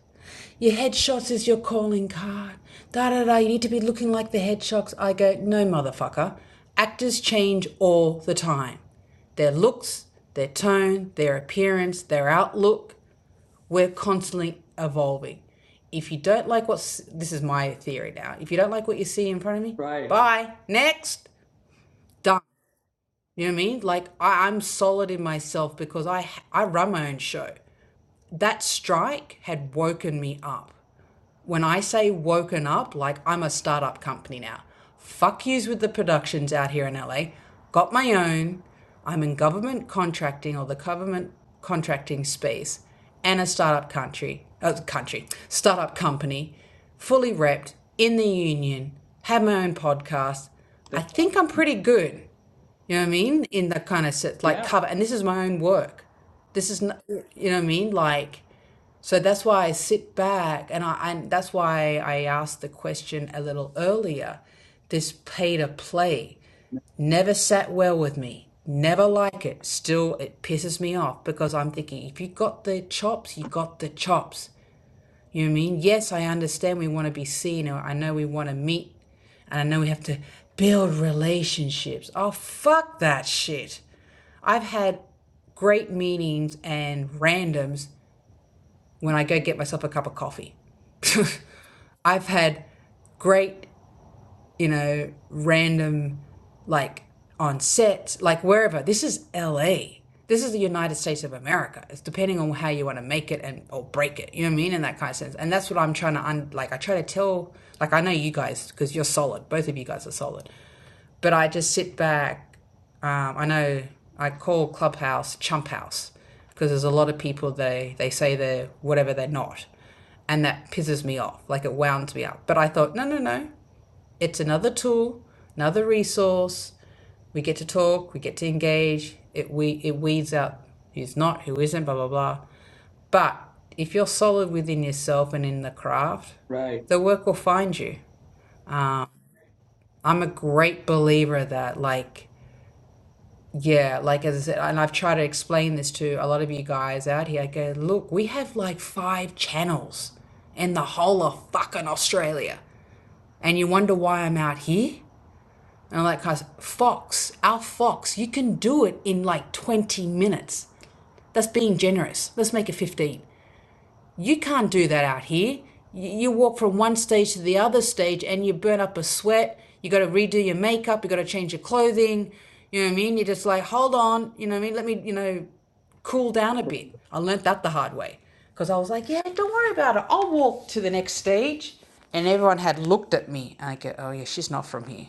Your headshots is your calling card. Da da da. You need to be looking like the headshots. I go, no, motherfucker. Actors change all the time. Their looks, their tone, their appearance, their outlook. We're constantly evolving. If you don't like what's this is my theory now. If you don't like what you see in front of me,
Right.
bye. Next. Done. You know what I mean? Like I, I'm solid in myself because I I run my own show. That strike had woken me up. When I say woken up, like I'm a startup company now. Fuck yous with the productions out here in LA. Got my own. I'm in government contracting or the government contracting space and a startup country, uh, country, startup company, fully repped in the union, have my own podcast. I
That-
think I'm pretty good. You know what I mean? In the kind of set, like
Yeah,
cover. And this is my own work. This is, not, you know what I mean? Like, so that's why I sit back and I, and that's why I asked the question a little earlier. This pay to play never sat well with me. Never like it. Still, it pisses me off because I'm thinking if you got the chops, you got the chops. You know what I mean? Yes, I understand we want to be seen, or I know we want to meet, and I know we have to build relationships. Oh, fuck that shit. I've had great meetings and randoms when I go get myself a cup of coffee. (laughs) I've had great you know, random, like on set, like wherever. This is LA. This is the United States of America. It's depending on how you want to make it and or break it. You know what I mean? In that kind of sense. And that's what I'm trying to un- like. I try to tell, like I know you guys because you're solid. Both of you guys are solid. But I just sit back. Um, I know I call Clubhouse Chump House because there's a lot of people they they say they're whatever they're not, and that pisses me off. Like it wounds me up. But I thought, no, no, no. It's another tool, another resource. We get to talk, we get to engage. It we it weeds out who's not, who isn't, blah blah blah. But if you're solid within yourself and in the craft,
right,
the work will find you. Um, I'm a great believer that, like, yeah, like as I said, and I've tried to explain this to a lot of you guys out here. I go, look, we have like five channels in the whole of fucking Australia, and you wonder why I'm out here? And I'm like, guys, Fox, our Fox, you can do it in like 20 minutes. That's being generous. Let's make it 15. You can't do that out here. You, walk from one stage to the other stage and you burn up a sweat. You got to redo your makeup. You got to change your clothing. You know what I mean? You're just like, hold on. You know what I mean? Let me, you know, cool down a bit. I learnt that the hard way because I was like, yeah, don't worry about it. I'll walk to the next stage. And everyone had looked at me. And I go, oh, yeah, she's not from here.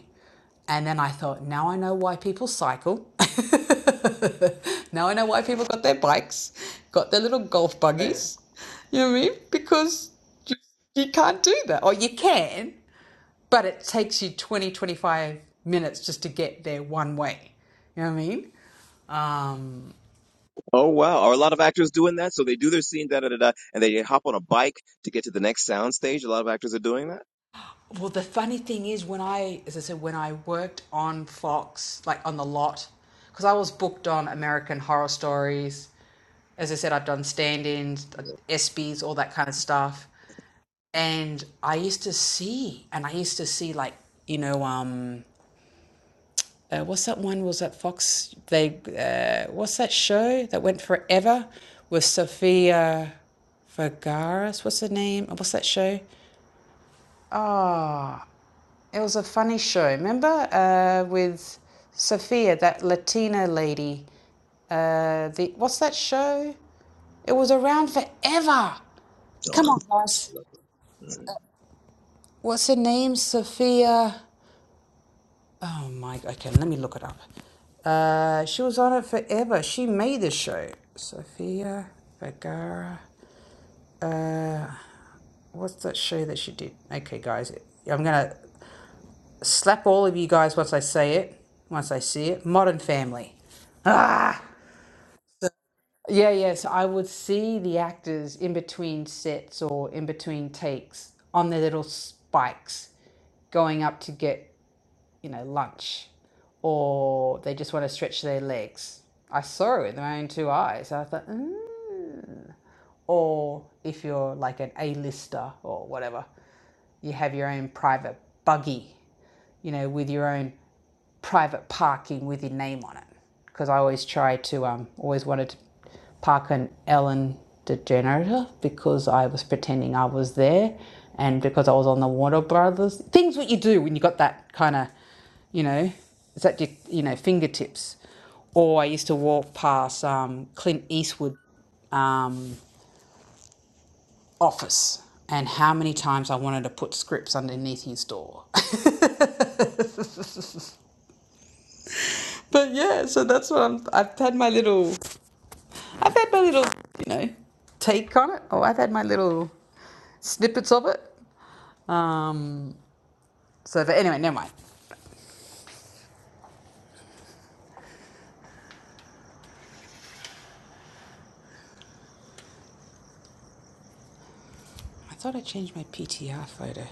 And then I thought, now I know why people cycle. (laughs) now I know why people got their bikes, got their little golf
right.
buggies, you know what I mean? Because you, you can't do that. Or you can, but it takes you 20, 25 minutes just to get there one way. You know what I mean? Um,
Oh wow! Are a lot of actors doing that? So they do their scene, da da da da, and they hop on a bike to get to the next sound stage. A lot of actors are doing that.
well, the funny thing is, when I, as I said, when I worked on Fox, like on the lot, because I was booked on American Horror Stories. As I said, I've done stand ins, ESPYs, all that kind of stuff. And I used to see, and I used to see, like, you know, um, uh, what's that one? Was that Fox? They uh, what's that show that went forever with Sophia Vergara's? What's her name? What's that show? Ah, oh, it was a funny show. Remember uh, with Sophia, that Latina lady. Uh, the what's that show? It was around forever. Come
Darn.
on, guys. What's her name? Sophia. Oh my, okay, let me look it up. Uh, she was on it forever. She made the show. Sofia Vergara. Uh, what's that show that she did? Okay, guys, I'm gonna slap all of you guys once I say it, once I see it. Modern Family. Ah! Yeah, yes, yeah, so I would see the actors in between sets or in between takes on their little spikes going up to get you know, lunch or they just want to stretch their legs. I saw it with my own two eyes. I thought, mm. or if you're like an A-lister or whatever you have your own private buggy, you know, with your own private parking with your name on it. Because I always try to, um, always wanted to park an Ellen DeGeneres because I was pretending I was there and because I was on the Warner Brothers. Things what you do when you got that kind of, you know, it's at your, you know, fingertips. Or I used to walk past um, Clint Eastwood um, office and how many times I wanted to put scripts underneath his door. (laughs) but yeah, so that's what I'm I've had my little I've had my little, you know, take on it. Oh, I've had my little snippets of it. Um so but anyway, never mind. I thought I changed my PTR photo.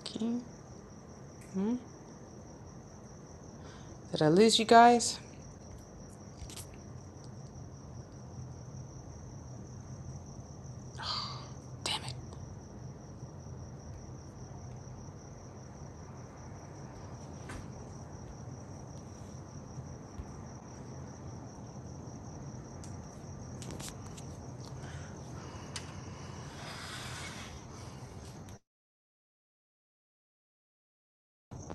Okay. Did I lose you guys? Damn it.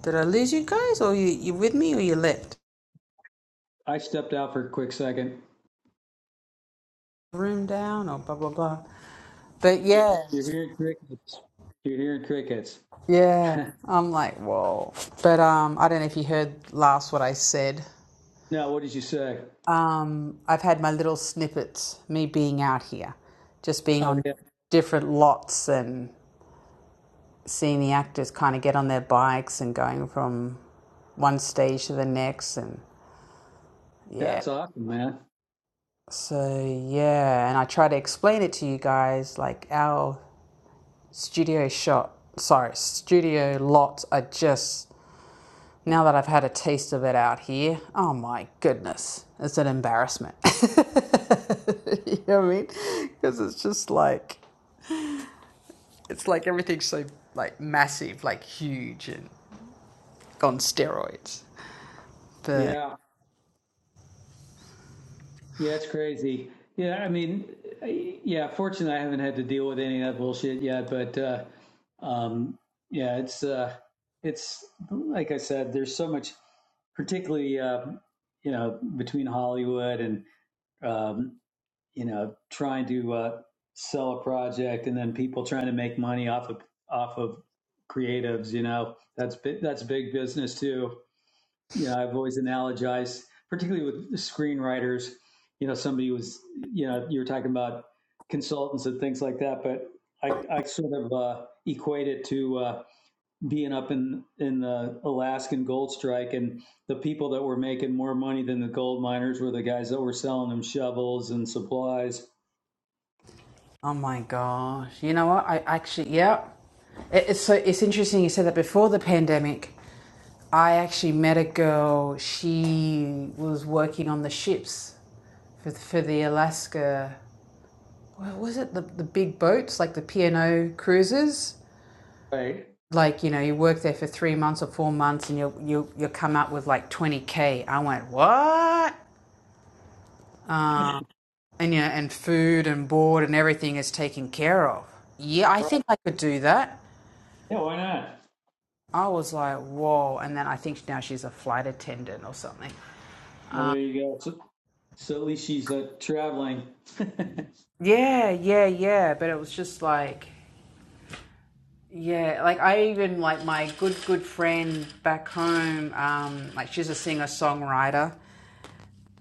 Did I lose you guys or you you with me or you left?
I stepped out for a quick second.
Room down or blah blah blah. But yeah.
You're hearing crickets. You're hearing crickets. (laughs)
Yeah. I'm like, whoa. But um, I don't know if you heard last what I said.
no, what did you say?
Um, I've had my little snippets, me being out here, just being
Oh,
on
yeah.
different lots and seeing the actors kind of get on their bikes and going from one stage to the next. And yeah.
That's awesome, man.
So yeah. And I try to explain it to you guys like our studio shot, sorry, studio lots are just Now that I've had a taste of it out here, oh my goodness, it's an embarrassment. (laughs) you know what I mean? Because it's just like, it's like everything's so like massive, like huge and on steroids. But
Yeah. Yeah, it's crazy. Yeah, I mean, I- yeah, fortunately, I haven't had to deal with any of that bullshit yet, but, uh, um, yeah, it's, uh, it's like I said, there's so much, particularly, uh, you know, between Hollywood and, um, you know, trying to uh, sell a project and then people trying to make money off of off of creatives. You know, that's bi- that's big business too. You know, I've always analogized, particularly with screenwriters. You know, somebody was, you know, you were talking about consultants and things like that, but I, I sort of uh, equate it to uh, being up in in the Alaskan gold strike, and the people that were making more money than the gold miners were the guys that were selling them shovels and supplies
oh my gosh, you know what? I actually, yeah. It, it's so, it's interesting you said that before the pandemic, I actually met a girl. She was working on the ships for the, for the Alaska. what was it the, the big boats like the P&O cruises?
Right.
Like you know, you work there for three months or four months, and you you you come out with like twenty k. I went what? Uh, and you know, and food and board and everything is taken care of. Yeah, I
Right.
think I could do that.
Yeah, why not?
I was like, whoa. And then I think now she's a flight attendant or something.
Well, there you go. So, so at least she's uh, traveling.
Yeah, yeah, yeah. But it was just like, yeah, like I even like my good, good friend back home, um, like she's a singer songwriter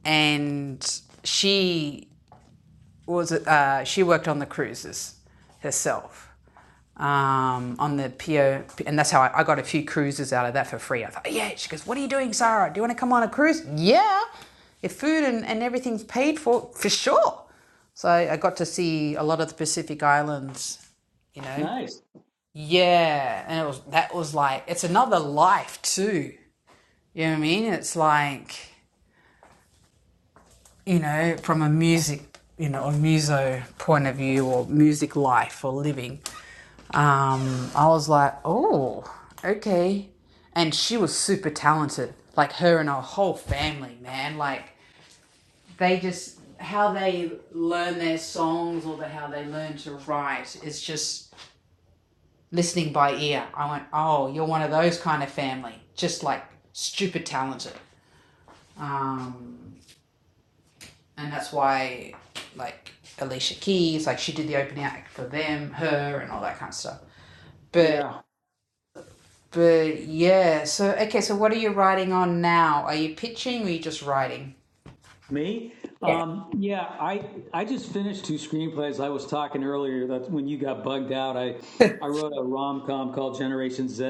and she was uh, she worked on the cruises herself um, on the PO, and that's how I, I got a few cruises out of that for free. I thought, yeah. She goes, "What are you doing, Sarah? Do you want to come on a cruise?" Yeah, if food and, and everything's paid for, for sure. So I, I got to see a lot of the Pacific Islands, you
(laughs)
know.
nice.
Yeah, and it was that was like it's another life too. You know what I mean? It's like you know, from a music, you know, or muso point of view or music life or living, um, I was like, oh, okay. And she was super talented, like her and her whole family, man. Like they just, how they learn their songs or the, how they learn to write is just listening by ear. I went, oh, you're one of those kind of family, just like stupid talented. Um, and that's why like Alicia Keys, like she did the opening act for them, her, and all that kind of stuff. But
Yeah.
but yeah, so okay, so what are you writing on now? Are you pitching or are you just writing?
Me? Um, yeah, I I just finished two screenplays. I was talking earlier that when you got bugged out, I I wrote a rom com called Generation Z,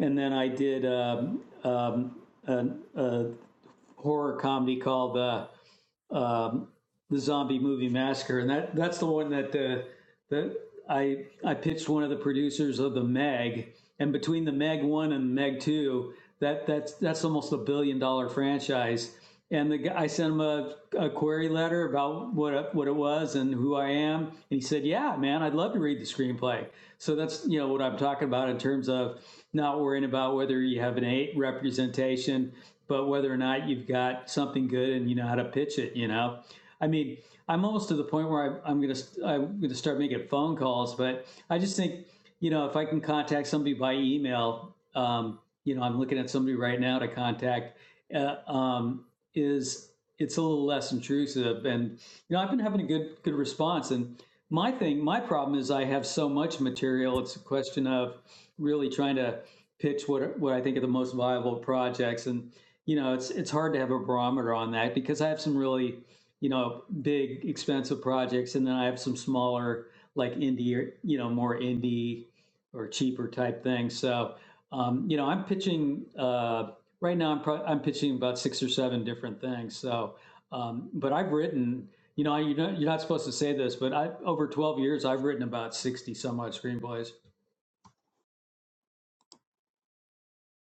and then I did um, um, a, a horror comedy called uh, um, the Zombie Movie Massacre, and that that's the one that uh, the I I pitched one of the producers of the Meg, and between the Meg one and the Meg two, that that's that's almost a billion dollar franchise. And the guy, I sent him a, a query letter about what it- what it was and who I am, and he said, "Yeah, man, I'd love to read the screenplay." So that's you know what I'm talking about in terms of not worrying about whether you have an eight representation, but whether or not you've got something good and you know how to pitch it. You know, I mean, I'm almost to the point where I, I'm gonna i I'm gonna start making phone calls, but I just think you know if I can contact somebody by email, um, you know, I'm looking at somebody right now to contact. Uh, um, is it's a little less intrusive, and you know, I've been having a good good response. And my thing, my problem is I have so much material. It's a question of really trying to pitch what what I think are the most viable projects, and you know, it's it's hard to have a barometer on that because I have some really you know, big expensive projects, and then I have some smaller, like indie, or, you know, more indie or cheaper type things. So, um, you know, I'm pitching uh, right now. I'm pro- I'm pitching about six or seven different things. So, um, but I've written, you know, I, you know, you're not supposed to say this, but I over 12 years, I've written about 60 some odd screenplays.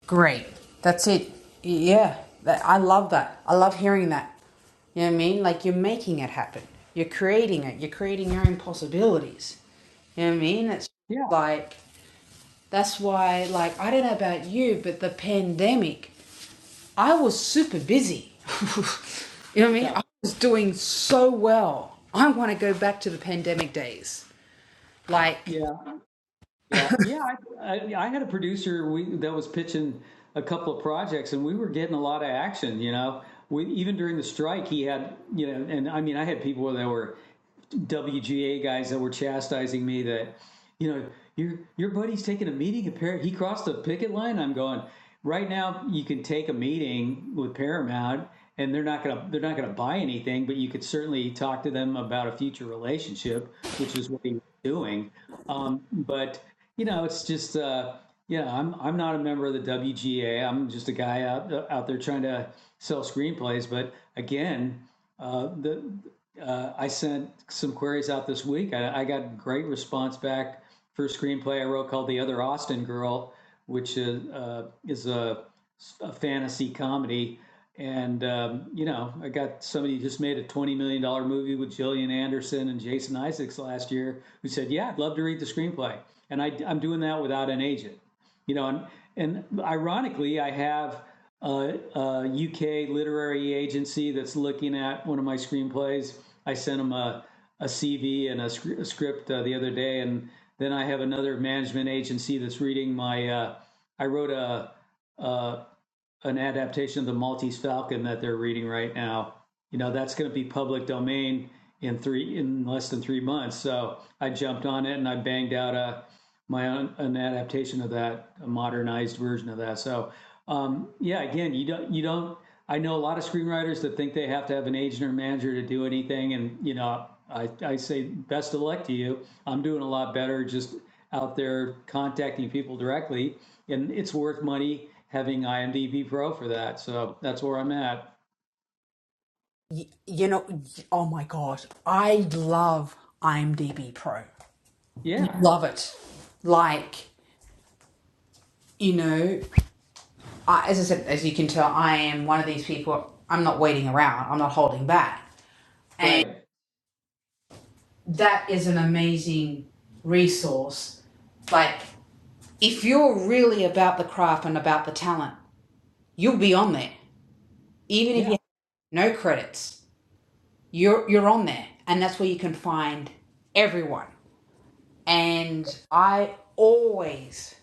Great, that's it. Yeah, that, I love that. I love hearing that. You know what I mean? Like you're making it happen. You're creating it. You're creating your own possibilities. You know what I mean? It's
Yeah,
like That's why, like, I don't know about you, but the pandemic, I was super busy. (laughs) you know what I mean? I
yeah,
was doing so well. I want to go back to the pandemic days. Like,
yeah. Yeah, yeah. I, I, I had a producer we, that was pitching a couple of projects, and we were getting a lot of action. You know, we, even during the strike, he had you know, and I mean, I had people that were WGA guys that were chastising me that, you know, your your buddy's taking a meeting at Paramount. He crossed the picket line. I'm going. Right now, you can take a meeting with Paramount, and they're not gonna they're not gonna buy anything, but you could certainly talk to them about a future relationship, which is what he was doing. Um, but you know, it's just uh, yeah, I'm I'm not a member of the WGA. I'm just a guy out out there trying to sell screenplays. But again, uh, the uh, I sent some queries out this week. I, I got great response back for a screenplay I wrote called The Other Austin Girl, which is, uh, is a, a fantasy comedy. And, um, you know, I got somebody who just made a $20 million dollars movie with Gillian Anderson and Jason Isaacs last year who said, Yeah, I'd love to read the screenplay. And I, I'm doing that without an agent, you know, and, and ironically, I have a, UK literary agency that's looking at one of my screenplays. I sent them a, a CV and a, scr- a script uh, the other day, and then I have another management agency that's reading my. Uh, I wrote a, a an adaptation of the Maltese Falcon that they're reading right now. You know, that's going to be public domain in three in less than three months. So I jumped on it and I banged out a my own an adaptation of that, a modernized version of that. So um, yeah, again, you don't you don't. I know a lot of screenwriters that think they have to have an agent or manager to do anything, and you know, I, I say best of luck to you. I'm doing a lot better just out there contacting people directly and it's worth money having IMDb Pro for that. So that's where I'm at.
Y- You know, y- oh my God, I love IMDb Pro.
Yeah,
love it. Like, you know, I, as I said, as you can tell, I am one of these people, I'm not waiting around, I'm not holding back.
right.
that is an amazing resource. Like, if you're really about the craft and about the talent, you'll be on there. Even if you
Yeah,
have no credits, you're you're on there, and that's where you can find everyone. And I always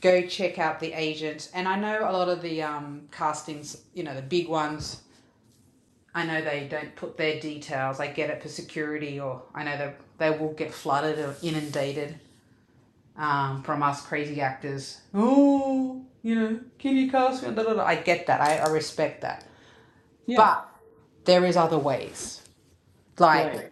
go check out the agents, and I know a lot of the um, castings, you know, the big ones. I know they don't put their details. I get it for security, or I know they they will get flooded or inundated um, from us crazy actors. Oh, you know, can you cast me? I get that. I, I respect that.
yeah,
But there is other ways. Like
right.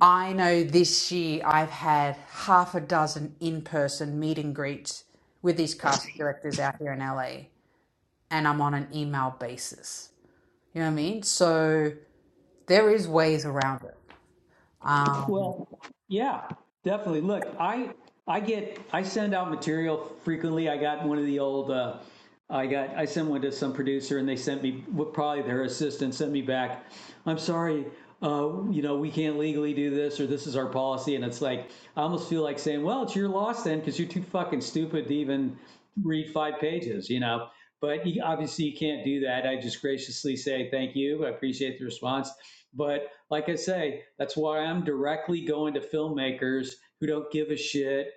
I know this year I've had half a dozen in-person meet and greets with these casting directors out here in LA, and I'm on an email basis. You know what I mean? So there is ways around it. Um,
Well, yeah, definitely. Look, I I get I send out material frequently. I got one of the old uh, I got I sent one to some producer and they sent me well, probably their assistant sent me back. I'm sorry, uh, you know we can't legally do this or this is our policy. And it's like I almost feel like saying, well, it's your loss then because you're too fucking stupid to even read five pages, you know. But you, obviously you can't do that. I just graciously say thank you. I appreciate the response, but like I say, that's why I'm directly going to filmmakers who don't give a shit.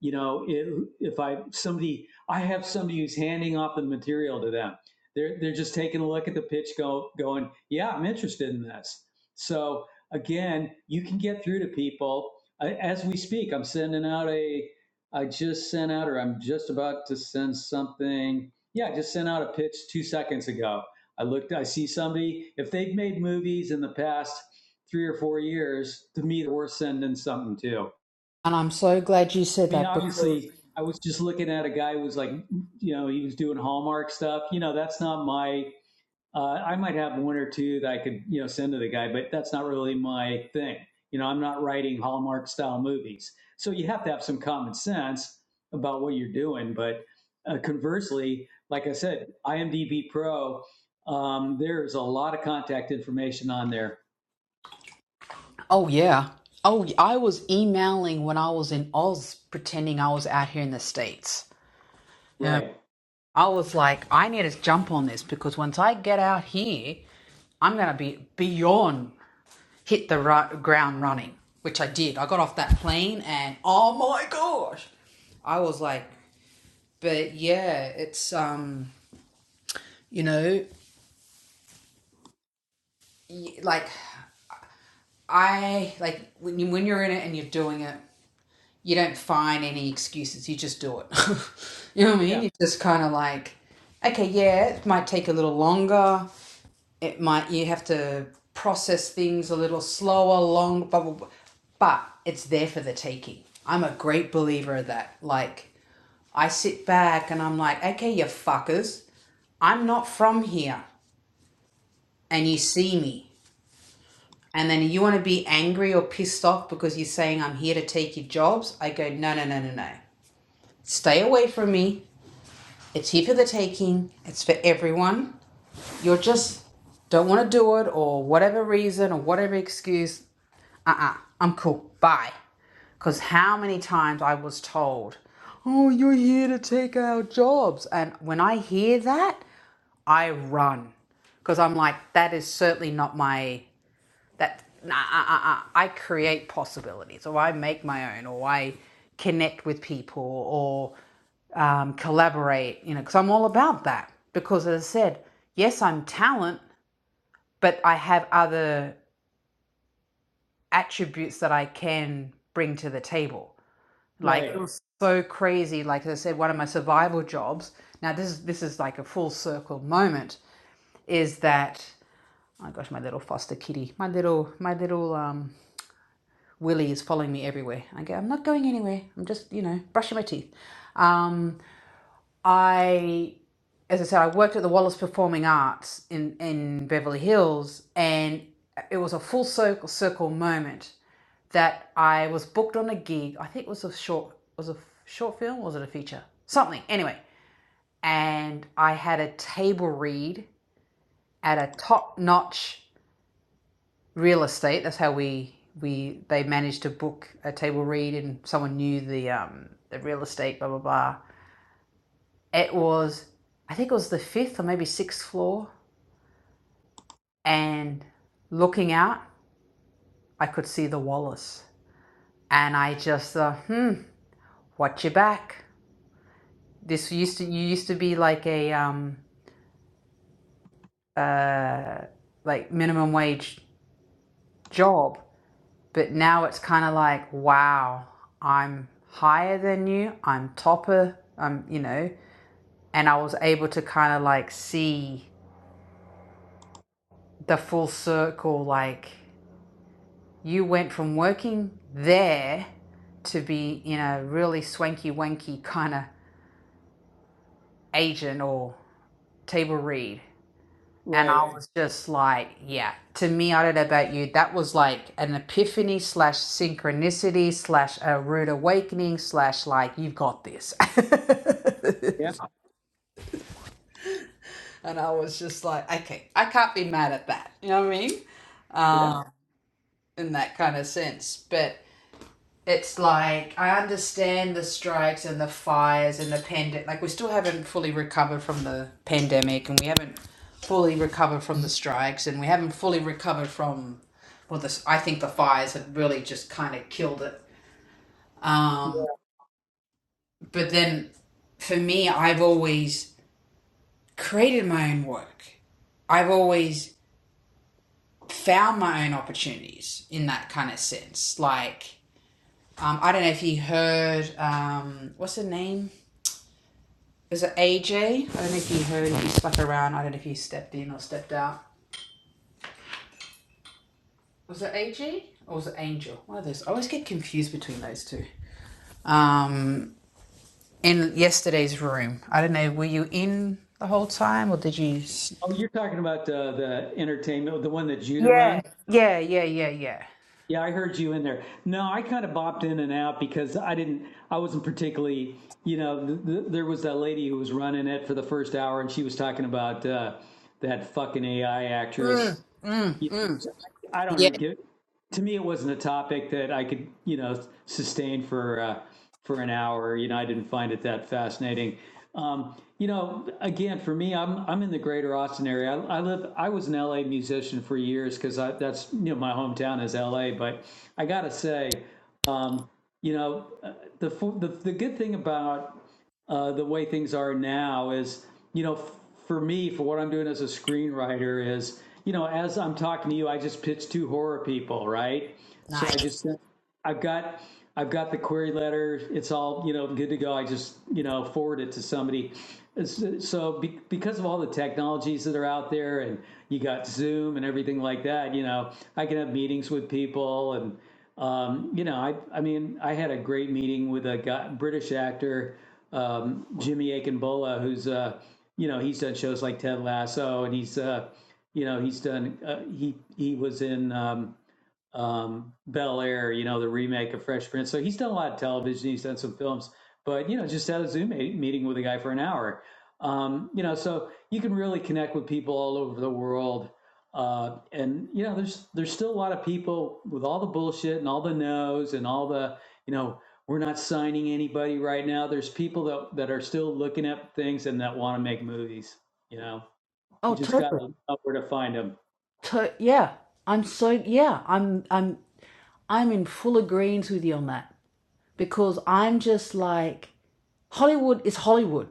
You know, if, if I somebody, I have somebody who's handing off the material to them. They're they're just taking a look at the pitch, go going, yeah, I'm interested in this. So again, you can get through to people I, as we speak. I'm sending out a, I just sent out, or I'm just about to send something. Yeah, I just sent out a pitch two seconds ago. I looked, I see somebody, if they've made movies in the past three or four years, to me, we're sending something too.
and I'm so glad you said
I mean,
that because
obviously, I was just looking at a guy who was like, you know, he was doing Hallmark stuff. You know, that's not my. Uh, I might have one or two that I could, you know, send to the guy, but that's not really my thing. You know, I'm not writing Hallmark style movies, so you have to have some common sense about what you're doing. But uh, conversely, like I said, IMDb Pro, um, there's a lot of contact information on there.
Oh yeah. Oh, I was emailing when I was in Oz, pretending I was out here in the states. Um,
Right.
I was like, I need to jump on this because once I get out here, I'm gonna be beyond hit the ru- ground running, which I did. I got off that plane and oh my gosh, I was like, but yeah, it's um, you know, y- like I like when you, when you're in it and you're doing it. you don't find any excuses. You just do it. (laughs) you know what I mean?
Yeah.
You just kind of like, okay, yeah, it might take a little longer. It might you have to process things a little slower, long, blah, blah, blah. but it's there for the taking. I'm a great believer of that. Like, I sit back and I'm like, okay, you fuckers, I'm not from here, and you see me. And then you want to be angry or pissed off because you're saying I'm here to take your jobs? I go, no, no, no, no, no. Stay away from me. It's here for the taking. It's for everyone. You're just don't want to do it or whatever reason or whatever excuse. Uh-uh. I'm cool. Bye. Because how many times I was told, oh, you're here to take our jobs. And when I hear that, I run. Because I'm like, that is certainly not my that nah, uh, uh, uh, I create possibilities or I make my own or I connect with people or um, collaborate, you know, because I'm all about that. Because as I said, yes, I'm talent, but I have other attributes that I can bring to the table. Like it
Right.
was so crazy. Like as I said, one of my survival jobs. Now this is this is like a full circle moment. Is that oh gosh, my little foster kitty, my little my little um Willie is following me everywhere. I go, I'm not going anywhere. I'm just, you know, brushing my teeth. Um, I, as I said, I worked at the Wallace Performing Arts in, in Beverly Hills, and it was a full circle, circle moment that I was booked on a gig. I think it was a short, was a short film, was it a feature? Something. Anyway, and I had a table read at a top-notch real estate. That's how we we they managed to book a table read, and someone knew the um, the real estate. Blah blah blah. It was, I think it was the fifth or maybe sixth floor, and looking out, I could see the Wallace, and I just thought, hmm, watch your back. This used to you used to be like a um uh like minimum wage job But now it's kind of like, wow, I'm higher than you. I'm topper. I'm, you know, and I was able to kind of like see the full circle. Like you went from working there to be, in a really swanky wanky kind of agent or table read And I
Right.
was just like, yeah, to me, I don't know about you, that was like an epiphany slash synchronicity slash a rude awakening slash like, you've got this. (laughs)
Yeah,
and I was just like, okay, I can't be mad at that. You know what I mean?
yeah,
Um, in that kind of sense. But it's like I understand the strikes and the fires and the pandemic. Like we still haven't fully recovered from the pandemic, and we haven't fully recovered from the strikes, and we haven't fully recovered from well, this I think the fires have really just kind of killed it.
yeah.
Um, but then for me, I've always created my own work. I've always found my own opportunities in that kind of sense. Like, um, I don't know if you heard, um, what's her name? Was it AJ? I don't know if you heard, if you stuck around. I don't know if you stepped in or stepped out. Was it AJ or was it Angel? One of those. I always get confused between those two. Um, in yesterday's room, I don't know. Were you in the whole time or did you? s-
Oh, you're talking about uh, the entertainment, the one that Judah
Yeah,
runs.
yeah, yeah, yeah, yeah.
Yeah, I heard you in there. No, I kind of bopped in and out because I didn't, I wasn't particularly, you know, th- th- there was that lady who was running it for the first hour, and she was talking about uh, that fucking AI
Mm,
actress
mm,
Yeah,
mm.
so I don't
Yeah,
really give. To me, it wasn't a topic that I could, you know, sustain for uh, for an hour. You know, I didn't find it that fascinating. Um, you know, again, for me, I'm I'm in the greater Austin area. I, I live. I was an LA musician for years because that's you know my hometown is LA. But I gotta say, um, you know, uh, the, the the good thing about uh, the way things are now is, you know, f- for me, for what I'm doing as a screenwriter is, you know, as I'm talking to you, I just pitch two horror people, right? So
nice.
I just sent, I've got I've got the query letter. It's all you know good to go. I just you know forward it to somebody. So so be, because of all the technologies that are out there, and you got Zoom and everything like that, you know I can have meetings with people, and um, you know I I mean I had a great meeting with a guy, British actor um, Jimmy Akinbola, who's uh you know he's done shows like Ted Lasso, and he's uh you know he's done uh, he he was in. Um, um, Bel Air, you know, the remake of Fresh Prince. So he's done a lot of television. He's done some films, but you know, just had a Zoom meeting with a guy for an hour. Um, you know, so you can really connect with people all over the world. Uh, and you know, there's there's still a lot of people with all the bullshit and all the no's and all the you know we're not signing anybody right now. There's people that that are still looking at things and that want to make movies. You know, you
Oh,
just
totally.
gotta know where to find them.
To- yeah, I'm so yeah. I'm I'm I'm in full agreement with you on that because I'm just like Hollywood is Hollywood.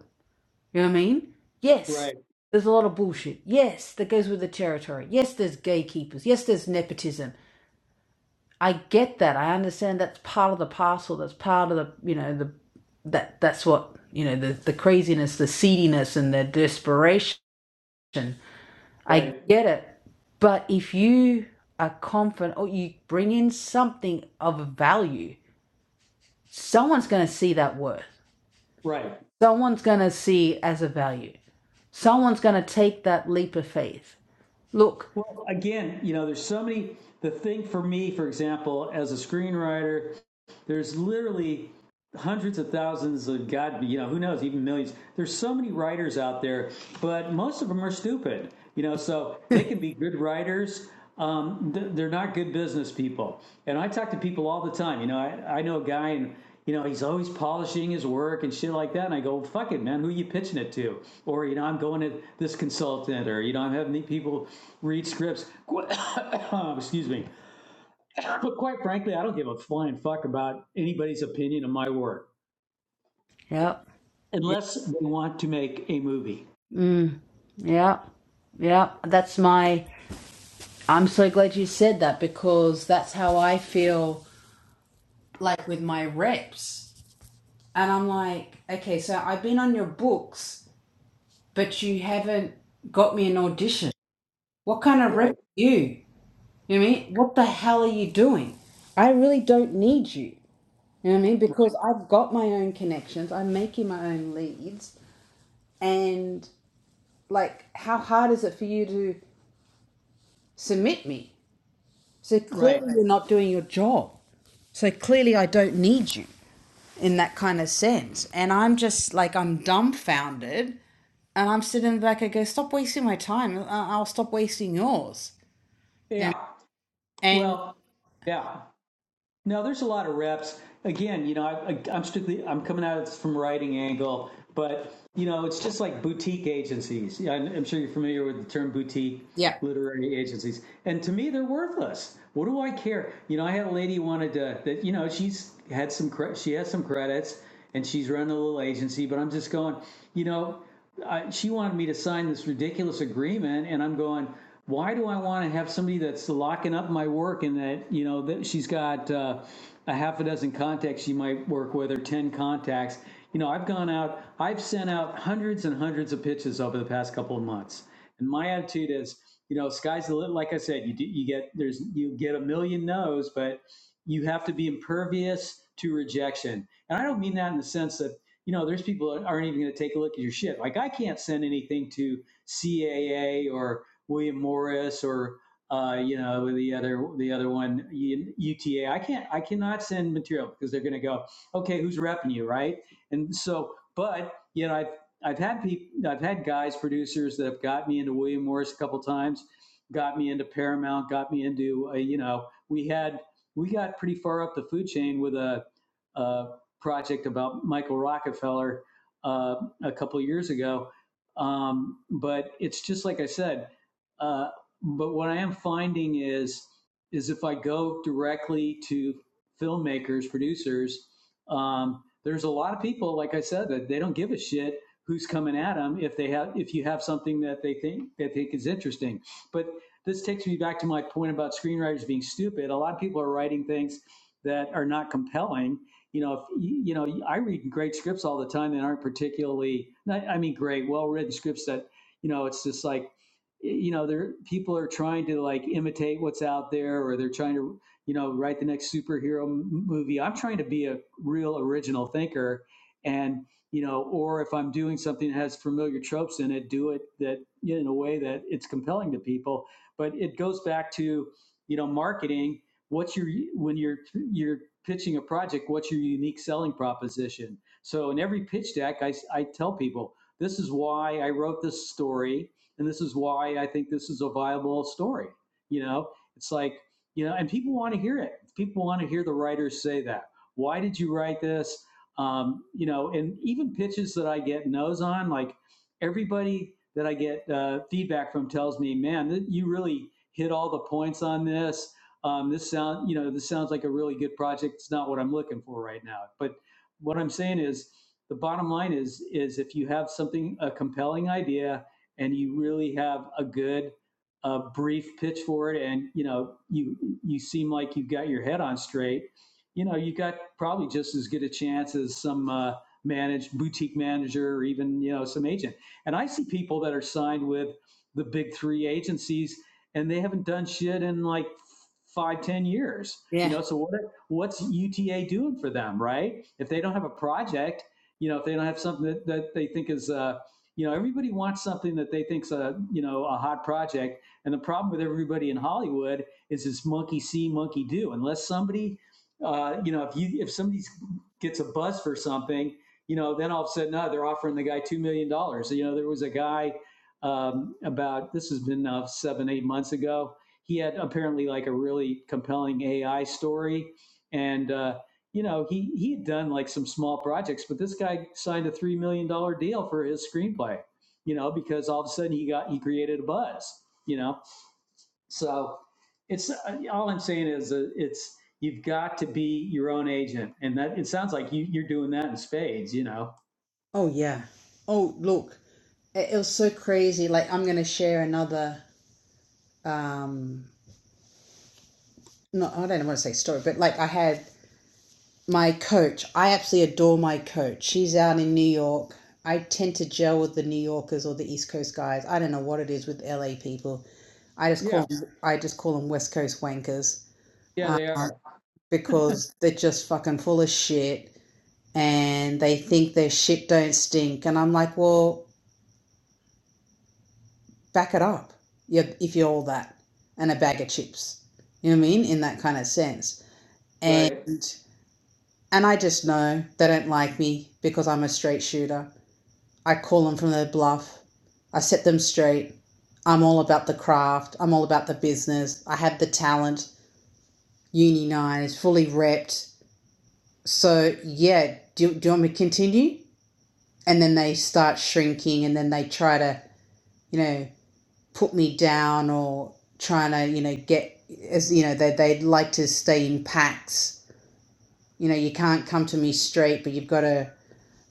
You know what I mean? Yes,
Right,
there's a lot of bullshit. Yes, that goes with the territory. Yes, there's gatekeepers. Yes, there's nepotism. I get that. I understand that's part of the parcel. That's part of the you know the that that's what you know the the craziness, the seediness, and the desperation. I
right,
get it. But if you are confident or you bring in something of value, someone's going to see that worth.
right.
Someone's going to see as a value. Someone's going to take that leap of faith. Look,
Well, again, you know, there's so many. The thing for me, for example, as a screenwriter, there's literally hundreds of thousands of God, you know, who knows, even millions. There's so many writers out there, but most of them are stupid, you know, so they can be good writers. Um, they're not good business people. And I talk to people all the time, you know, I, I know a guy and, you know, he's always polishing his work and shit like that. And I go, fuck it, man, who are you pitching it to? Or, you know, I'm going to this consultant or, you know, I'm having people read scripts. (coughs) Excuse me. But quite frankly, I don't give a flying fuck about anybody's opinion of my work
yeah,
unless they want to make a movie.
mm, yeah, yeah. That's my. I'm so glad you said that because that's how I feel like with my reps. And I'm like, okay, so I've been on your books, but you haven't got me an audition. What kind of rep
Right.
are you? You know what I mean? What the hell are you doing? I really don't need you. You know what I mean? Because I've got my own connections, I'm making my own leads. And like, how hard is it for you to submit me? So
Right.
clearly you're not doing your job. So clearly I don't need you in that kind of sense. And I'm just like, I'm dumbfounded. And I'm sitting in the back, I go, stop wasting my time. I- I'll stop wasting yours. Yeah.
Yeah.
And
Well, yeah. No, there's a lot of reps. Again, you know, I, I, I'm strictly I'm coming at it from writing angle, but you know, it's just like boutique agencies. Yeah, I'm, I'm sure you're familiar with the term boutique
yeah,
literary agencies. And to me, they're worthless. What do I care? You know, I had a lady who wanted to that. You know, she's had some she has some credits. and she's running a little agency. But I'm just going, you know, I, she wanted me to sign this ridiculous agreement, and I'm going. Why do I want to have somebody that's locking up my work and that you know that she's got uh, a half a dozen contacts she might work with or ten contacts? You know, I've gone out, I've sent out hundreds and hundreds of pitches over the past couple of months, and my attitude is, you know, sky's the limit. Like I said, you do, you get there's you get a million no's, but you have to be impervious to rejection and I don't mean that in the sense that, you know, there's people that aren't even going to take a look at your shit. Like I can't send anything to CAA or William Morris or, uh, you know, the other, the other one, U- UTA. I can't, I cannot send material because they're going to go, okay, who's repping you? Right. And so, but, you know, I've, I've had people, I've had guys, producers that have got me into William Morris a couple times, got me into Paramount, got me into, uh, you know, we had, we got pretty far up the food chain with a, uh, project about Michael Rockefeller uh, a couple of years ago. Um, but it's just like I said. Uh, but what I am finding is is if I go directly to filmmakers, producers, um, there's a lot of people, like I said, that they don't give a shit who's coming at them if they have if you have something that they think that they think is interesting. But this takes me back to my point about screenwriters being stupid. A lot of people are writing things that are not compelling you know, if, you know, I read great scripts all the time that aren't particularly, not- I mean, great, well-written scripts that, you know, it's just like, you know, there people are trying to like imitate what's out there, or they're trying to, you know, write the next superhero m- movie. I'm trying to be a real original thinker, and you know, or if I'm doing something that has familiar tropes in it, do it that you know, in a way that it's compelling to people. But it goes back to, you know, marketing what's your when you're you're pitching a project what's your unique selling proposition so in every pitch deck I, I tell people this is why i wrote this story and this is why i think this is a viable story you know it's like you know and people want to hear it people want to hear the writers say that why did you write this um, you know and even pitches that i get no's on like everybody that i get uh, feedback from tells me man you really hit all the points on this um, this sound, you know, this sounds like a really good project. It's not what I'm looking for right now. But what I'm saying is, the bottom line is, is if you have something a compelling idea and you really have a good, uh, brief pitch for it, and you know, you you seem like you've got your head on straight, you know, you have got probably just as good a chance as some uh, managed boutique manager or even you know some agent. And I see people that are signed with the big three agencies and they haven't done shit in like five, ten years. You
yeah.
know, so what what's UTA doing for them, right? If they don't have a project, you know, if they don't have something that, that they think is uh, you know, everybody wants something that they think's a you know a hot project. And the problem with everybody in Hollywood is this monkey see, monkey do. Unless somebody uh, you know, if you if somebody gets a buzz for something, you know, then all of a sudden, no, they're offering the guy two million dollars. So, You know, there was a guy um, about, this has been now seven, eight months ago. He had apparently like a really compelling AI story. And, uh, you know, he, he had done like some small projects, but this guy signed a $3 million dollar deal for his screenplay, you know, because all of a sudden he got, he created a buzz, you know? So it's, uh, all I'm saying is uh, it's, you've got to be your own agent. And that, it sounds like you, you're doing that in spades, you know?
Oh, yeah. Oh, look, it, it was so crazy. Like, I'm going to share another, um, no, I don't want to say story, but like I had my coach. I absolutely adore my coach. She's out in New York. I tend to gel with the New Yorkers or the East Coast guys. I don't know what it is with LA people. I just
Yeah.
call them, I just call them West Coast wankers
Yeah,
um,
they are.
because they're just fucking full of shit and they think their shit don't stink. And I'm like, well, back it up. You if you're all that and a bag of chips, you know what I mean, in that kind of sense. And
Right.
and I just know they don't like me because I'm a straight shooter I call them from their bluff. I set them straight. I'm all about the craft. I'm all about the business. I have the talent. Uni nine is fully repped. So yeah, do, do you want me to continue? And then they start shrinking, and then they try to, you know, put me down or trying to, you know, get as you know they they'd like to stay in packs. You know, you can't come to me straight, but you've got to.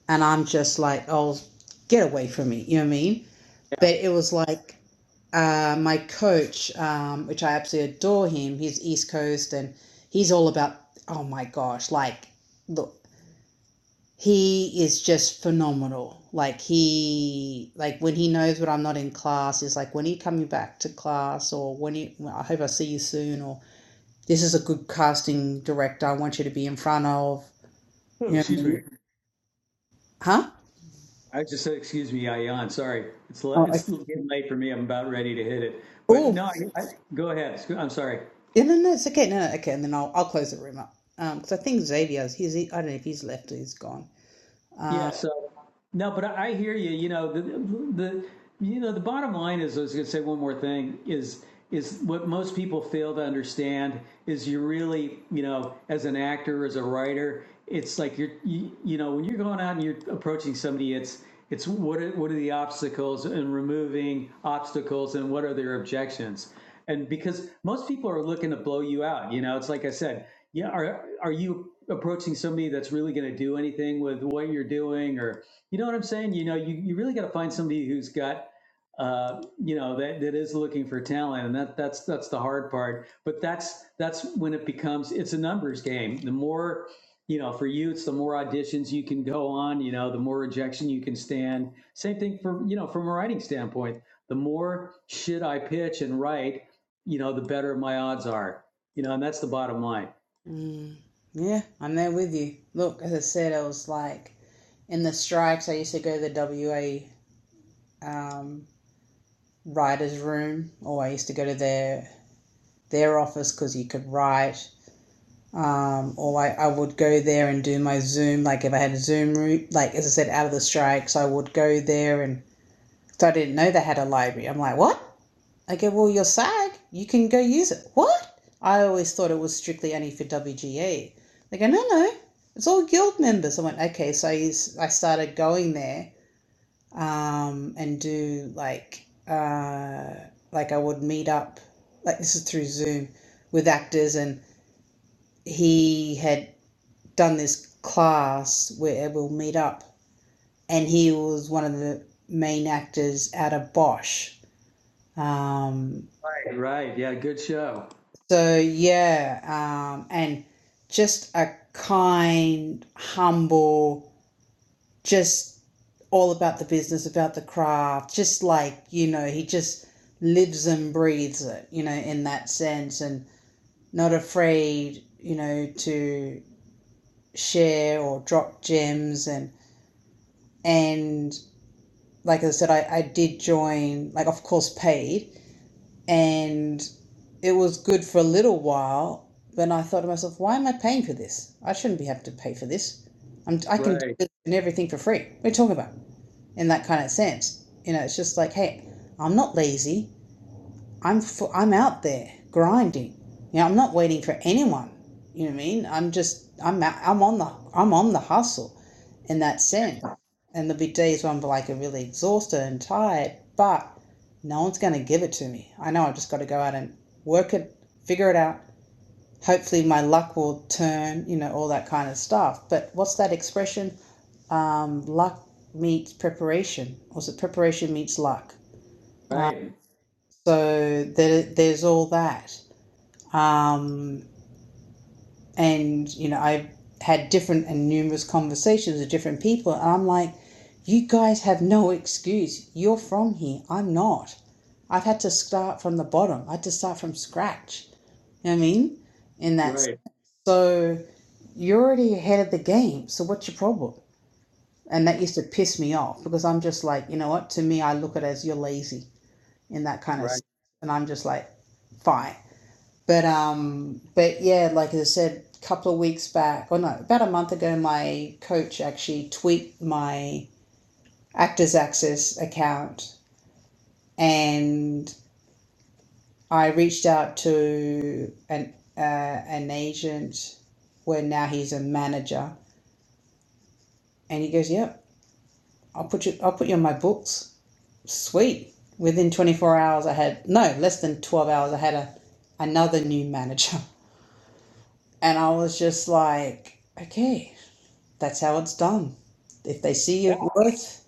And I'm just like, oh, get away from me. You know what I mean?
Yeah.
But it was like uh, my coach, um, which I absolutely adore him, he's East Coast and he's all about, oh my gosh, like, look, he is just phenomenal. Like he, like when he knows when I'm not in class, is like when are you coming back to class, or when you, I hope I see you soon, or this is a good casting director I want you to be in front of.
Oh,
You know what I
excuse me.
mean? Huh?
I just said, excuse me, Ayan, sorry. It's, le-
Oh, I,
it's getting late for me. I'm about ready to hit it. But
oh,
no, I, I, go ahead. I'm sorry.
yeah, no, no, it's okay. No, no, okay, and then I'll I'll close the room up. Um, because I think Xavier's he's I don't know if he's left or he's gone.
Yes. No, but I hear you. You know the the you know the bottom line is I was going to say one more thing is is what most people fail to understand is you really you know as an actor as a writer it's like you're you, you know when you're going out and you're approaching somebody it's it's what are, what are the obstacles and removing obstacles and what are their objections and because most people are looking to blow you out you know it's like I said yeah are are you approaching somebody that's really going to do anything with what you're doing or you know what I'm saying? You know, you, you really got to find somebody who's got, uh, you know, that, that is looking for talent, and that that's that's the hard part. But that's that's when it becomes it's a numbers game. The more, you know, for you, it's the more auditions you can go on. You know, the more rejection you can stand. Same thing for you know from a writing standpoint. The more shit I pitch and write, you know, the better my odds are. You know, and that's the bottom line.
Mm, yeah, I'm there with you. Look, as I said, I was like in the strikes. I used to go to the WA um, writers' room, or I used to go to their their office because you could write. Um, or I, I would go there and do my Zoom. Like if I had a Zoom room, like as I said, out of the strikes, I would go there and so I didn't know they had a library. I'm like, what? I go, well, your SAG, you can go use it. What? I always thought it was strictly only for WGA. They go, no, no, it's all guild members. I went, okay, so I, used, I started going there um, and do like, uh, like I would meet up, like this is through Zoom with actors, and he had done this class where we'll meet up, and he was one of the main actors out of Bosch. Um,
Right. Right. Yeah. Good show.
So yeah, um, and just a kind, humble, just all about the business, about the craft, just like, you know, he just lives and breathes it, you know, in that sense and not afraid, you know, to share or drop gems and and like I said, I, I did join like of course paid, and it was good for a little while. But I thought to myself, why am I paying for this? I shouldn't be having to pay for this. I'm, I can do
Right.
this and everything for free. What are you talking about? In that kind of sense, you know, it's just like, hey, I'm not lazy. I'm fu- I'm out there grinding. You know, I'm not waiting for anyone. You know what I mean? I'm just I'm out, I'm on the I'm on the hustle, in that sense. And there'll be days when I'm like really exhausted and tired, but no one's going to give it to me. I know I've just got to go out and work it, figure it out. Hopefully, my luck will turn. You know, all that kind of stuff. But what's that expression? Um, luck meets preparation, or is it preparation meets luck?
Right.
So there, there's all that. Um, and, you know, I've had different and numerous conversations with different people. And I'm like, you guys have no excuse. You're from here. I'm not. I've had to start from the bottom. I had to start from scratch. You know what I mean? And that's
Right.
so you're already ahead of the game. So what's your problem? And that used to piss me off because I'm just like, you know what? To me, I look at it as you're lazy in that kind of, sense.
Right.
and I'm just like, fine. But um, but yeah, like I said, a couple of weeks back, or no, about a month ago, my coach actually tweaked my Actors Access account, and I reached out to an uh, an agent, where now he's a manager, and he goes, "Yep, I'll put you, I'll put you on my books." Sweet. Within twenty four hours, I had no less than twelve hours. I had a another new manager, (laughs) and I was just like, okay that's how it's done. If they see
Yeah.
your worth,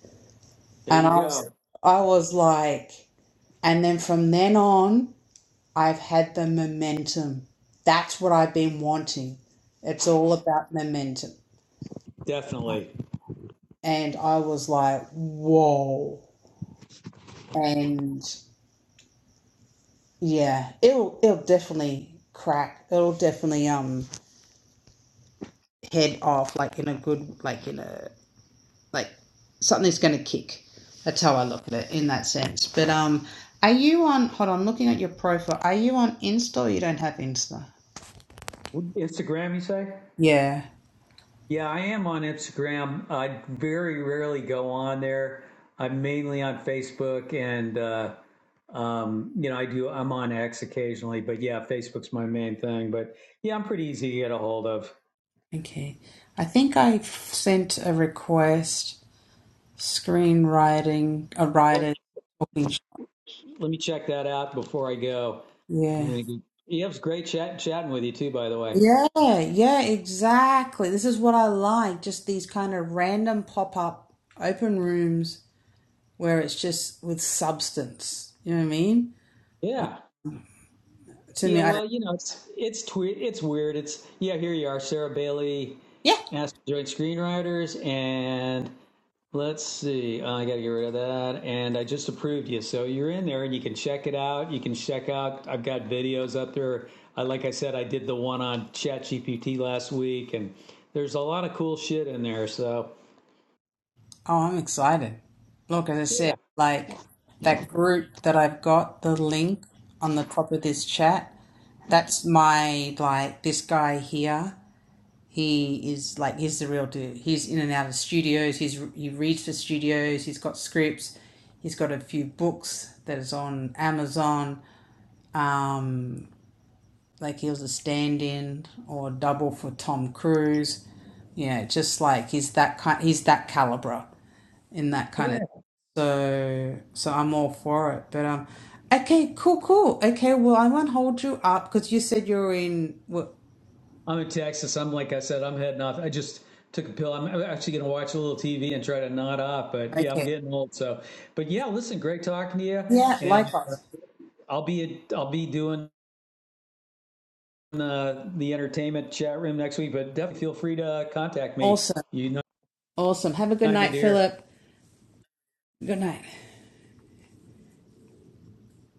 There
and
you
I
go.
was, I was like, and then from then on, I've had the momentum. That's what I've been wanting. It's all about momentum.
Definitely.
And I was like, whoa. And yeah, it'll it'll definitely crack. It'll definitely um head off like in a good like in a like something's going to kick. That's how I look at it in that sense. But um, are you on? Hold on, looking at your profile. Are you on Insta? or You don't have Insta.
Instagram, you say?
Yeah.
Yeah, I am on Instagram. I very rarely go on there. I'm mainly on Facebook, and uh, um, you know, I do. I'm on X occasionally, but yeah, Facebook's my main thing. But yeah, I'm pretty easy to get a hold of.
Okay. I think I f- sent a request. Screenwriting, a
Well,
writer talking. shop.
let me check that out before I go. I'm
Yeah.
gonna. Get, yeah, it was great chat chatting with you too. By the way,
Yeah. Yeah. Exactly. This is what I like. Just these kind of random pop up open rooms where it's just with substance. You know what I mean?
yeah.
To
Yeah,
me, I don't.
well, you know, it's it's twe- it's weird. It's yeah, here you are, Sarah Bailey,
Yeah.
asked to join screenwriters, and let's see, uh, I got to get rid of that, and I just approved you, so you're in there, and you can check it out. You can check out. I've got videos up there. I, like I said, I did the one on ChatGPT last week, and there's a lot of cool shit in there. So
Oh, I'm excited. Look, as I said,
yeah,
like that group that I've got, the link on the top of this chat, that's my, like, this guy here. He is like, he's the real dude. He's in and out of studios. He's, he reads for studios. He's got scripts. He's got a few books that is on Amazon. Um like he was a stand-in or double for Tom Cruise. You know, just like he's that kind, he's that caliber in that kind
yeah.
of. So, so I'm all for it. But um, okay, cool, cool. Okay, well, I won't hold you up because you said you're in. What?
I'm in Texas. I'm like I said, I'm heading off. I just took a pill. I'm actually going to watch a little TV and try to nod off. But yeah, I'm
Okay,
getting old. So, but yeah, listen, great talking to you.
yeah,
And uh,
likewise.
I'll be I'll be doing uh, the entertainment chat room next week. But definitely feel free to contact me.
Awesome,
You know,
awesome. Have a good
my
night,
dear.
Philip. Good night.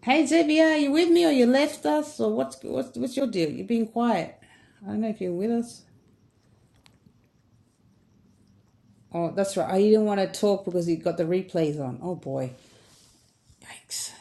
Hey, Zebia, are you with me or you left us or what's what's what's your deal? You're being quiet. I don't know if you're with us. Oh, that's right. I didn't want to talk because you got the replays on. Oh boy. Yikes.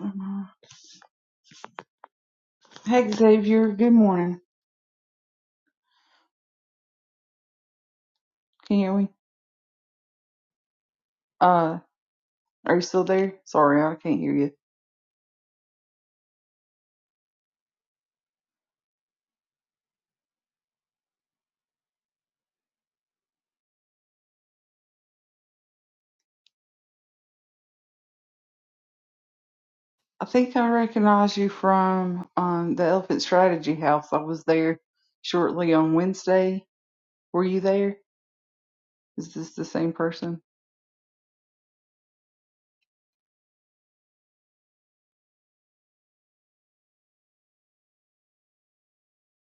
Mhm. Hey Xavier, good morning. Can you hear me? Uh, are you still there? Sorry, I can't hear you. I think I recognize you from um the Elephant Strategy House. I was there shortly on Wednesday. Were you there? Is this the same person?